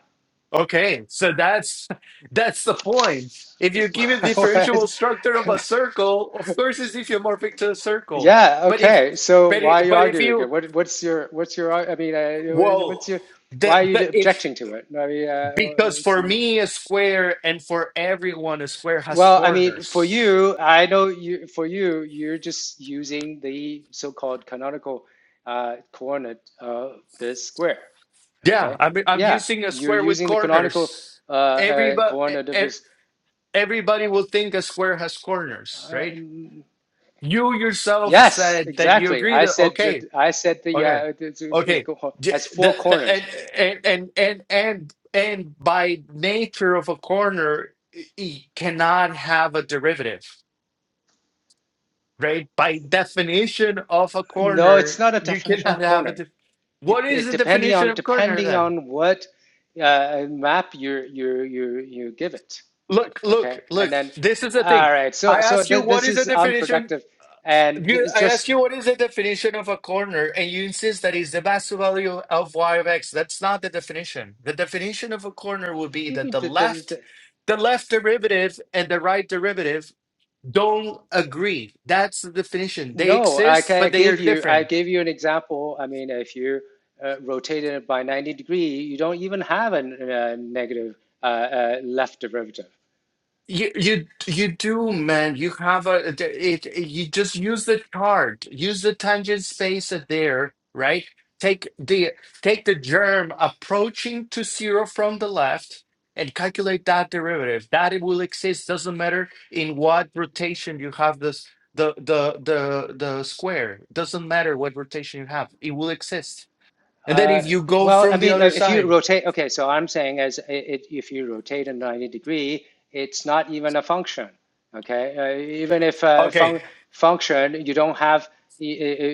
Speaker 2: Okay, so that's that's the point. If you give it
Speaker 1: Why
Speaker 2: differentiable structure of a circle, of course it's diffeomorphic to a circle.
Speaker 1: yeah.
Speaker 2: But if
Speaker 1: Okay. So
Speaker 2: but i-
Speaker 1: why are you
Speaker 2: but if
Speaker 1: arguing again?
Speaker 2: you
Speaker 1: What what's your what's your ar- I mean uh,
Speaker 2: well,
Speaker 1: what's your why are
Speaker 2: that
Speaker 1: you
Speaker 2: that if
Speaker 1: objecting to it? I mean, uh,
Speaker 2: because
Speaker 1: it's,
Speaker 2: for
Speaker 1: no.
Speaker 2: me a square and for everyone a square has
Speaker 1: Well, I mean, for
Speaker 2: corners.
Speaker 1: you, I know you. For you, you're just using the so-called canonical uh, coordinate of the square.
Speaker 2: Yeah,
Speaker 1: Okay.
Speaker 2: I mean I'm
Speaker 1: Yeah,
Speaker 2: using a
Speaker 1: you're
Speaker 2: square with
Speaker 1: using the canonical
Speaker 2: corners
Speaker 1: uh, uh,
Speaker 2: everybody e,
Speaker 1: coordinate of
Speaker 2: e,
Speaker 1: this.
Speaker 2: everybody will think a square has corners,
Speaker 1: Uh,
Speaker 2: right?
Speaker 1: n-
Speaker 2: You yourself
Speaker 1: yes,
Speaker 2: said that you
Speaker 1: exactly.
Speaker 2: agree
Speaker 1: I
Speaker 2: that
Speaker 1: said
Speaker 2: okay,
Speaker 1: that. I said the
Speaker 2: okay,
Speaker 1: uh, the- the- it
Speaker 2: okay.
Speaker 1: co-
Speaker 2: J-
Speaker 1: has four
Speaker 2: The, the,
Speaker 1: corners.
Speaker 2: and, and and and and and by nature of a corner, it cannot have a derivative, right? By definition of a
Speaker 1: No, it's
Speaker 2: corner,
Speaker 1: not a
Speaker 2: you
Speaker 1: definition
Speaker 2: cannot
Speaker 1: of
Speaker 2: have a.
Speaker 1: corners.
Speaker 2: De-
Speaker 1: It,
Speaker 2: what is
Speaker 1: it
Speaker 2: the
Speaker 1: depending
Speaker 2: definition
Speaker 1: on
Speaker 2: of corner
Speaker 1: depending
Speaker 2: then?
Speaker 1: on what uh, map you you you you give it.
Speaker 2: Look, look,
Speaker 1: Okay, and
Speaker 2: look.
Speaker 1: then
Speaker 2: This is the
Speaker 1: all
Speaker 2: thing.
Speaker 1: right. So
Speaker 2: I
Speaker 1: so
Speaker 2: ask you,
Speaker 1: th-
Speaker 2: what
Speaker 1: this
Speaker 2: is the
Speaker 1: is
Speaker 2: definition?
Speaker 1: unproductive, and
Speaker 2: You,
Speaker 1: it's
Speaker 2: I asked
Speaker 1: just
Speaker 2: you what is the definition of a corner, and you insist that it's the master value of y of x. That's not the definition. The definition of a corner would
Speaker 1: what
Speaker 2: be
Speaker 1: do you
Speaker 2: that
Speaker 1: mean?
Speaker 2: the
Speaker 1: The the
Speaker 2: left,
Speaker 1: th-
Speaker 2: the left derivative and the right derivative don't agree. That's the definition. They
Speaker 1: no, I,
Speaker 2: exist,
Speaker 1: ca- I
Speaker 2: but they
Speaker 1: gave
Speaker 2: are
Speaker 1: you I
Speaker 2: different.
Speaker 1: gave you an example. I mean, if you uh, rotated it by ninety degree, you don't even have a, n- a negative uh, uh, left derivative.
Speaker 2: You you you do, man. You have a it, it- You just use the chart. Use the tangent space there, right? Take the take the germ approaching to zero from the left and calculate that derivative. That it will exist. Doesn't matter in what rotation you have this the the the the square. Doesn't matter what rotation you have. It will exist. And then
Speaker 1: Uh,
Speaker 2: if you go
Speaker 1: well, I
Speaker 2: from the
Speaker 1: mean, uh,
Speaker 2: other
Speaker 1: if you
Speaker 2: side,
Speaker 1: rotate, okay, so I'm saying as it, if you rotate a 90 degree, it's not even a function, okay? Uh, even if a
Speaker 2: okay.
Speaker 1: fun function, you don't have,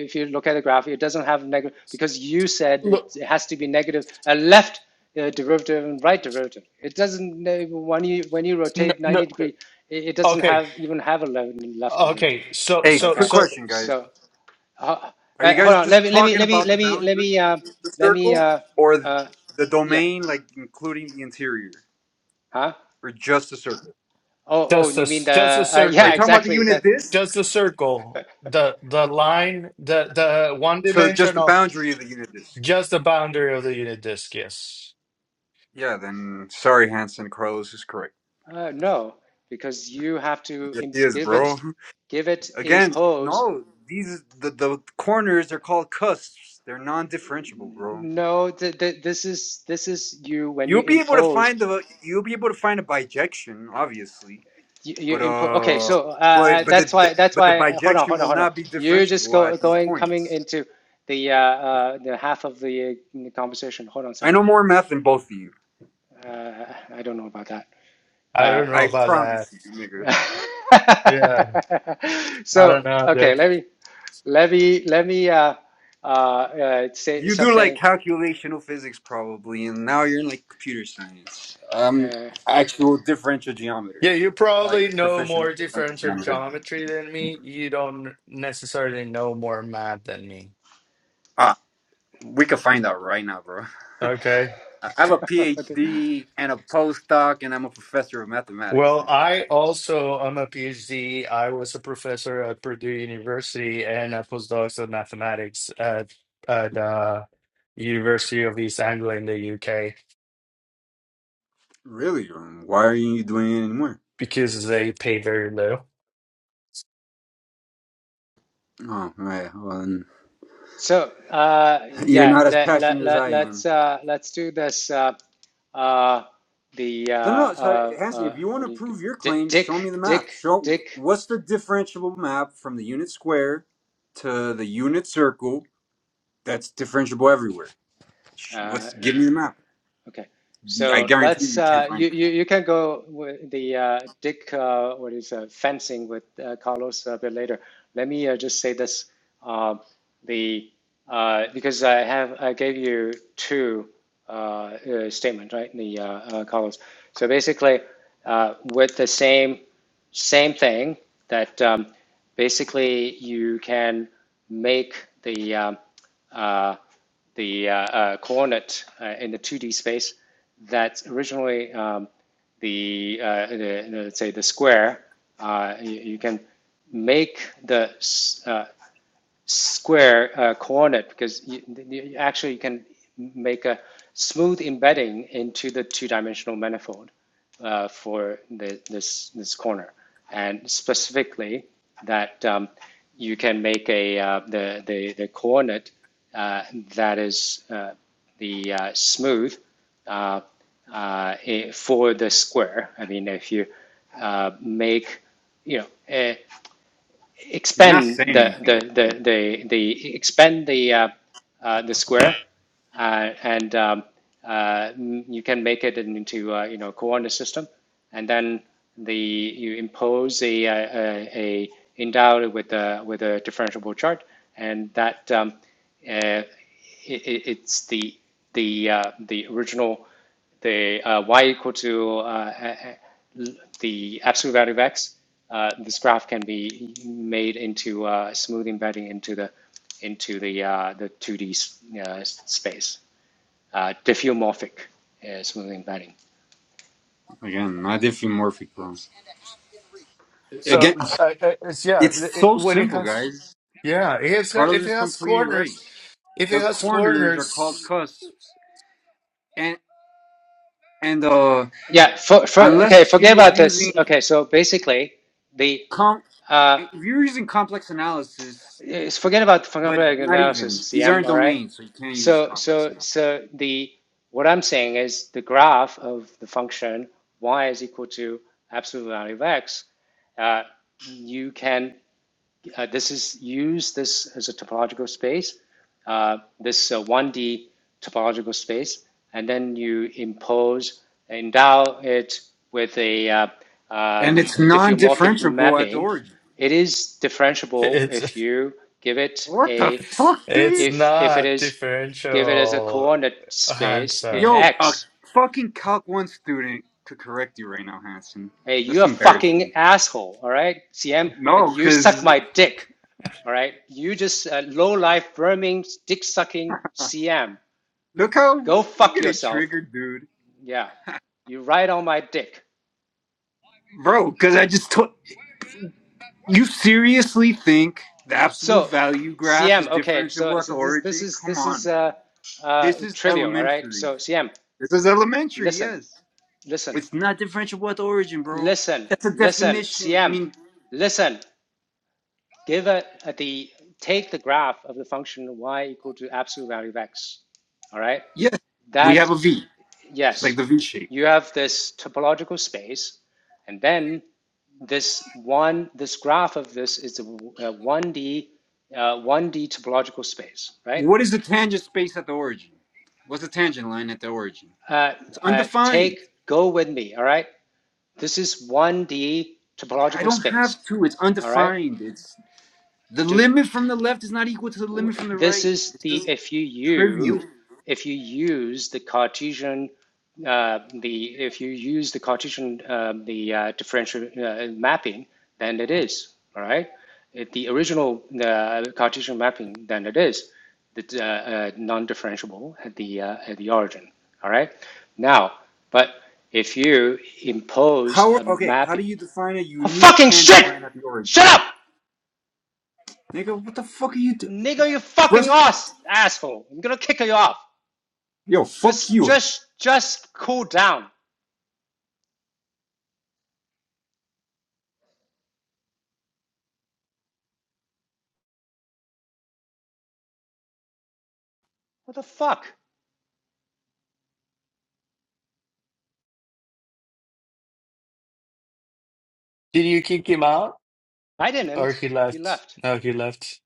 Speaker 1: if you look at the graph, it doesn't have negative, because you said
Speaker 2: Look,
Speaker 1: it, it has to be negative, a left uh, derivative and right derivative. It doesn't, uh, when you, when you
Speaker 2: no,
Speaker 1: rotate
Speaker 2: no,
Speaker 1: 90 degree, it, it doesn't
Speaker 2: okay.
Speaker 1: have, even have a left, left derivative,
Speaker 2: Okay, so
Speaker 3: Hey,
Speaker 2: so
Speaker 3: quick
Speaker 1: okay?
Speaker 2: so
Speaker 3: question, guys.
Speaker 1: So. Uh,
Speaker 3: Are
Speaker 1: uh,
Speaker 3: you
Speaker 1: hold
Speaker 3: guys
Speaker 1: on. Let
Speaker 3: just
Speaker 1: me let me
Speaker 3: talking
Speaker 1: let me
Speaker 3: about the
Speaker 1: let me let
Speaker 3: boundary
Speaker 1: me uh
Speaker 3: of the
Speaker 1: let me
Speaker 3: circle
Speaker 1: uh
Speaker 3: or
Speaker 1: uh
Speaker 3: the
Speaker 1: yeah.
Speaker 3: domain, like including the interior,
Speaker 1: Huh?
Speaker 3: or just the circle?
Speaker 1: Oh oh,
Speaker 2: Just a
Speaker 1: you mean
Speaker 2: just a
Speaker 1: the uh,
Speaker 3: Are
Speaker 1: yeah
Speaker 3: you
Speaker 2: circle.
Speaker 3: talking about the
Speaker 1: exactly
Speaker 3: unit
Speaker 1: that.
Speaker 3: disk?
Speaker 2: Just a circle. The the line, the the one
Speaker 3: So just the
Speaker 2: dimensional,
Speaker 3: boundary of the unit disk.
Speaker 2: just the boundary of the unit disk, yes.
Speaker 3: Yeah, then sorry, Hanson. Carlos is correct.
Speaker 1: Uh, no, because you have to
Speaker 3: Yes,
Speaker 1: im
Speaker 3: he is,
Speaker 1: give it
Speaker 3: bro.
Speaker 1: give it
Speaker 3: Again,
Speaker 1: impose.
Speaker 3: no, these the, the corners are called cusps. They're non-differentiable, bro.
Speaker 1: No, th th this is this is you when
Speaker 3: You'll
Speaker 1: you
Speaker 3: be able to
Speaker 1: impose
Speaker 3: find the you'll be able to find a bijection, obviously.
Speaker 1: you, you
Speaker 3: But
Speaker 1: impose. Okay,
Speaker 3: uh,
Speaker 1: so uh,
Speaker 3: but
Speaker 1: uh,
Speaker 3: but the
Speaker 1: that's
Speaker 3: the-
Speaker 1: why that's
Speaker 3: but the
Speaker 1: why. uh, Hold on,
Speaker 3: bijection
Speaker 1: hold on,
Speaker 3: will
Speaker 1: hold on.
Speaker 3: not be
Speaker 1: You're just
Speaker 3: differentiable
Speaker 1: go
Speaker 3: at these
Speaker 1: going coming
Speaker 3: points.
Speaker 1: into the uh, uh the half of the uh, conversation. Hold on a
Speaker 3: I
Speaker 1: second.
Speaker 3: know more math than both of you.
Speaker 1: Uh, I don't know about that.
Speaker 2: I
Speaker 1: Uh,
Speaker 2: don't know
Speaker 3: I
Speaker 2: about that.
Speaker 3: promise you, nigga.
Speaker 2: Yeah, I
Speaker 1: so
Speaker 2: don't know
Speaker 1: okay,
Speaker 2: that.
Speaker 1: let me let me let me uh, uh, uh, say
Speaker 3: You do like
Speaker 1: something.
Speaker 3: calculational physics probably, and now you're in like computer science. Um,
Speaker 1: Uh,
Speaker 3: actual differential geometry,
Speaker 2: Yeah, you
Speaker 3: like
Speaker 2: probably know
Speaker 3: professional
Speaker 2: more
Speaker 3: differential
Speaker 2: differential
Speaker 3: geometry.
Speaker 2: geometry than me. You don't necessarily know more math than me.
Speaker 3: Ah, we could find out right now, bro.
Speaker 2: Okay.
Speaker 3: I have a PhD and a postdoc, and I'm a professor of mathematics,
Speaker 2: Well,
Speaker 3: dude.
Speaker 2: I also am a PhD. I was a professor at Purdue University and a postdoc in mathematics at at uh, University of East Anglia in the UK
Speaker 3: Really? Um, Why are you doing it anymore?
Speaker 2: because they pay very low.
Speaker 3: Oh, right. Well,
Speaker 1: so uh,
Speaker 3: You're
Speaker 1: yeah,
Speaker 3: not as
Speaker 1: let, let,
Speaker 3: passionate as
Speaker 1: let,
Speaker 3: I
Speaker 1: let's
Speaker 3: am.
Speaker 1: uh, let's do this. Uh, uh, the uh,
Speaker 3: No, no. no. So,
Speaker 1: uh,
Speaker 3: Hanson, if
Speaker 1: uh,
Speaker 3: you want
Speaker 1: what
Speaker 3: to
Speaker 1: do you
Speaker 3: prove your
Speaker 1: Dick
Speaker 3: claim, show me
Speaker 1: Dick
Speaker 3: the map.
Speaker 1: Dick
Speaker 3: Show
Speaker 1: Dick
Speaker 3: what's the differentiable map from the unit square to the unit circle that's differentiable everywhere. Sh- Let's
Speaker 1: uh,
Speaker 3: give me the map.
Speaker 1: Okay.
Speaker 3: I
Speaker 1: So
Speaker 3: guarantee you,
Speaker 1: let's
Speaker 3: you can't
Speaker 1: uh,
Speaker 3: find
Speaker 1: you,
Speaker 3: it.
Speaker 1: you you can go with the uh, Dick uh, what is uh, fencing with uh, Carlos a bit later. Let me uh, just say this um, the uh, because I have I gave you two uh, uh, statements right the uh, uh, Carlos. So basically uh, with the same same thing that um, basically you can make the um, uh, the uh, uh, coordinate uh, in the 2D space that's originally um, the, uh, the, let's say the square, uh, you, you can make the uh, square uh, coordinate because you, you actually can make a smooth embedding into the two-dimensional manifold uh, for the, this this corner, and specifically that um, you can make a uh, the, the the coordinate uh, that is uh, the uh, smooth uh, uh, eh, for the square. I mean, if you uh, make you know. Uh,
Speaker 3: You're not
Speaker 1: expand
Speaker 3: saying
Speaker 1: the the
Speaker 3: anything.
Speaker 1: the the, the expand the uh, uh, the square, uh, and um, uh, you can make it into uh, you know coordinate system, and then the you impose a uh, a, a endowed with a with a differentiable chart, and that um, uh, it, it's the the uh, the original the uh, y equal to uh, uh, uh, the absolute value of x, uh, this graph can be made into uh, smooth embedding into the into the uh, the 2D D uh, space, uh, diffeomorphic uh, smooth embedding.
Speaker 3: Again, not diffeomorphic problems.
Speaker 2: So
Speaker 3: Again,
Speaker 2: I, I, it's, yeah,
Speaker 3: it's
Speaker 2: it, it-
Speaker 3: so
Speaker 2: when it
Speaker 3: simple,
Speaker 2: has
Speaker 3: guys.
Speaker 2: yeah, it has,
Speaker 3: Bartles
Speaker 2: if it
Speaker 3: is
Speaker 2: has
Speaker 3: completely right.
Speaker 2: corners, if it
Speaker 3: The
Speaker 2: has
Speaker 3: corners are called
Speaker 2: corners,
Speaker 3: cusps, and and uh,
Speaker 1: Yeah. For, for okay,
Speaker 3: unless you
Speaker 1: forget
Speaker 3: were
Speaker 1: about this.
Speaker 3: using
Speaker 1: Okay, so basically the
Speaker 3: Com-
Speaker 1: uh,
Speaker 3: if you're using complex analysis,
Speaker 1: it's- forget about
Speaker 3: but
Speaker 1: functional
Speaker 3: not
Speaker 1: analysis,
Speaker 3: even these
Speaker 1: CM,
Speaker 3: aren't
Speaker 1: all right?
Speaker 3: domains, so you can't use
Speaker 1: So,
Speaker 3: complex
Speaker 1: so,
Speaker 3: analysis.
Speaker 1: so the, what I'm saying is the graph of the function y is equal to absolute value of x, uh, you can uh, this is use this as a topological space, uh, this uh, 1D topological space, and then you impose, endow it with a, uh, uh,
Speaker 3: And it's
Speaker 1: a diffeomorphic
Speaker 3: non-differentiable at the
Speaker 1: mapping.
Speaker 3: origin.
Speaker 1: It is differentiable
Speaker 2: it's
Speaker 1: if you give it
Speaker 3: What the
Speaker 1: a,
Speaker 3: fuck, dude?
Speaker 2: it's
Speaker 1: if if it
Speaker 2: not
Speaker 1: is, give it as a
Speaker 2: differential
Speaker 1: coordinate space eh,
Speaker 2: Hanson.
Speaker 3: Yo, a
Speaker 1: x.
Speaker 3: fucking Calc One student could correct you right now, Hanson.
Speaker 1: Hey,
Speaker 3: That's
Speaker 1: you're a
Speaker 3: embarrassing.
Speaker 1: fucking asshole, all right, CM. uh,
Speaker 3: No,
Speaker 1: You suck
Speaker 3: because
Speaker 1: my dick. All right. You just uh, low life, vermin, dick sucking CM.
Speaker 3: look how
Speaker 1: Go
Speaker 3: you
Speaker 1: fuck
Speaker 3: get it
Speaker 1: yourself.
Speaker 3: triggered, dude.
Speaker 1: Yeah. You ride on my dick.
Speaker 3: Bro, because I just took. You seriously think the absolute
Speaker 1: So
Speaker 3: value graph is
Speaker 1: CM. Okay.
Speaker 3: differentiable
Speaker 1: So,
Speaker 3: at the
Speaker 1: so this this
Speaker 3: origin?
Speaker 1: is
Speaker 3: Come
Speaker 1: this
Speaker 3: on,
Speaker 1: is
Speaker 3: man.
Speaker 1: uh, uh,
Speaker 3: This is
Speaker 1: trivial. All right.
Speaker 3: elementary.
Speaker 1: So CM,
Speaker 3: This is elementary,
Speaker 1: listen,
Speaker 3: yes.
Speaker 1: listen,
Speaker 3: It's not differential wealth origin, bro.
Speaker 1: listen,
Speaker 3: That's a
Speaker 1: listen.
Speaker 3: definition. I
Speaker 1: CM,
Speaker 3: mean,
Speaker 1: listen. Give a, a the take the graph of the function y equal to absolute value of x. All right.
Speaker 3: yes, we have
Speaker 1: That
Speaker 3: a V. It's like
Speaker 1: yes.
Speaker 3: the V shape.
Speaker 1: You have this topological space, and then this one, this graph of this is a w- a 1D, uh, 1D topological space, right?
Speaker 3: What is the tangent space at the origin? What's the tangent line at the origin?
Speaker 1: Uh,
Speaker 3: It's
Speaker 1: uh, take,
Speaker 3: undefined.
Speaker 1: go with me, all right? This is 1D
Speaker 3: I
Speaker 1: topological
Speaker 3: don't
Speaker 1: space,
Speaker 3: have to. It's
Speaker 1: all right?
Speaker 3: undefined. It's the
Speaker 1: Do,
Speaker 3: limit from the left is not equal to the limit from the
Speaker 1: this
Speaker 3: right.
Speaker 1: is
Speaker 3: This
Speaker 1: the
Speaker 3: is
Speaker 1: if you
Speaker 3: trivial.
Speaker 1: use if you use the Cartesian uh, the if you use the Cartesian uh, the uh, differential uh, mapping, then it is all right. If the original uh, Cartesian mapping, then it is the uh, uh, non-differentiable at the uh, at the origin. All right. Now, but if you impose
Speaker 3: How are,
Speaker 1: a
Speaker 3: okay? How
Speaker 1: mapping,
Speaker 3: do you define a
Speaker 1: oh,
Speaker 3: unique
Speaker 1: fucking
Speaker 3: tangent
Speaker 1: shit!
Speaker 3: line at the
Speaker 1: Shut
Speaker 3: origin,
Speaker 1: up,
Speaker 3: nigga? What the fuck are you doing?
Speaker 1: nigga! You fucking
Speaker 3: First,
Speaker 1: ass asshole! I'm gonna kick you off.
Speaker 3: yo, fuck
Speaker 1: Just,
Speaker 3: you.
Speaker 1: just, just cool down. What the fuck?
Speaker 2: Did you kick him out
Speaker 1: I
Speaker 2: or
Speaker 1: didn't.
Speaker 2: he
Speaker 1: He
Speaker 2: left?
Speaker 1: left.
Speaker 2: No, he left.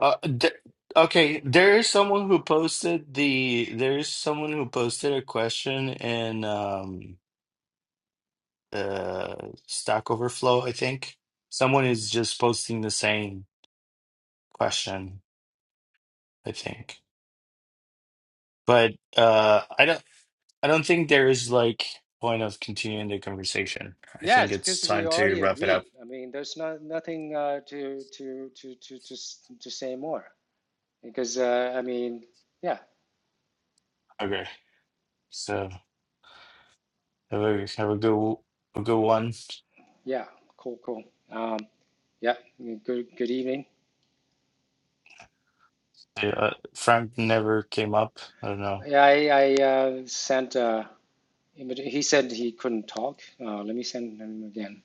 Speaker 2: Uh, th okay, there is someone who posted the there is someone who posted a question in um. uh, Stack Overflow, I think. Someone is just posting the same question, I think. But uh, I don't I don't think there is like point of continuing the conversation. I think
Speaker 1: Yes,
Speaker 2: it's
Speaker 1: because we
Speaker 2: time to
Speaker 1: already
Speaker 2: wrap it up.
Speaker 1: agreed. I mean, there's not nothing uh, to to to to to to say more because uh, I mean, yeah,
Speaker 2: Okay. So have a have a good a good one.
Speaker 1: yeah, cool, cool. Um, yeah, good good evening.
Speaker 2: Yeah, Uh, Frank never came up. I don't know.
Speaker 1: Yeah, I, I uh, sent. Uh, he said he couldn't talk. Uh, let me send him again.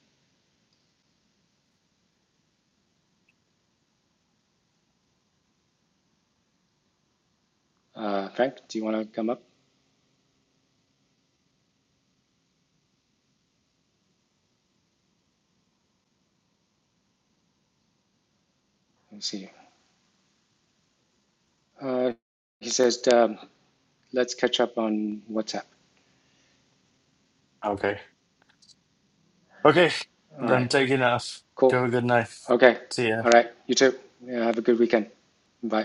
Speaker 1: Uh, Frank, do you want to come up? Let's see. Uh, he says, um, let's catch up on WhatsApp.
Speaker 2: Okay. Okay.
Speaker 1: All right.
Speaker 2: Then take it off.
Speaker 1: Cool.
Speaker 2: Have a good night.
Speaker 1: Okay.
Speaker 2: See ya.
Speaker 1: All right. You too. Yeah, have a good weekend. Bye.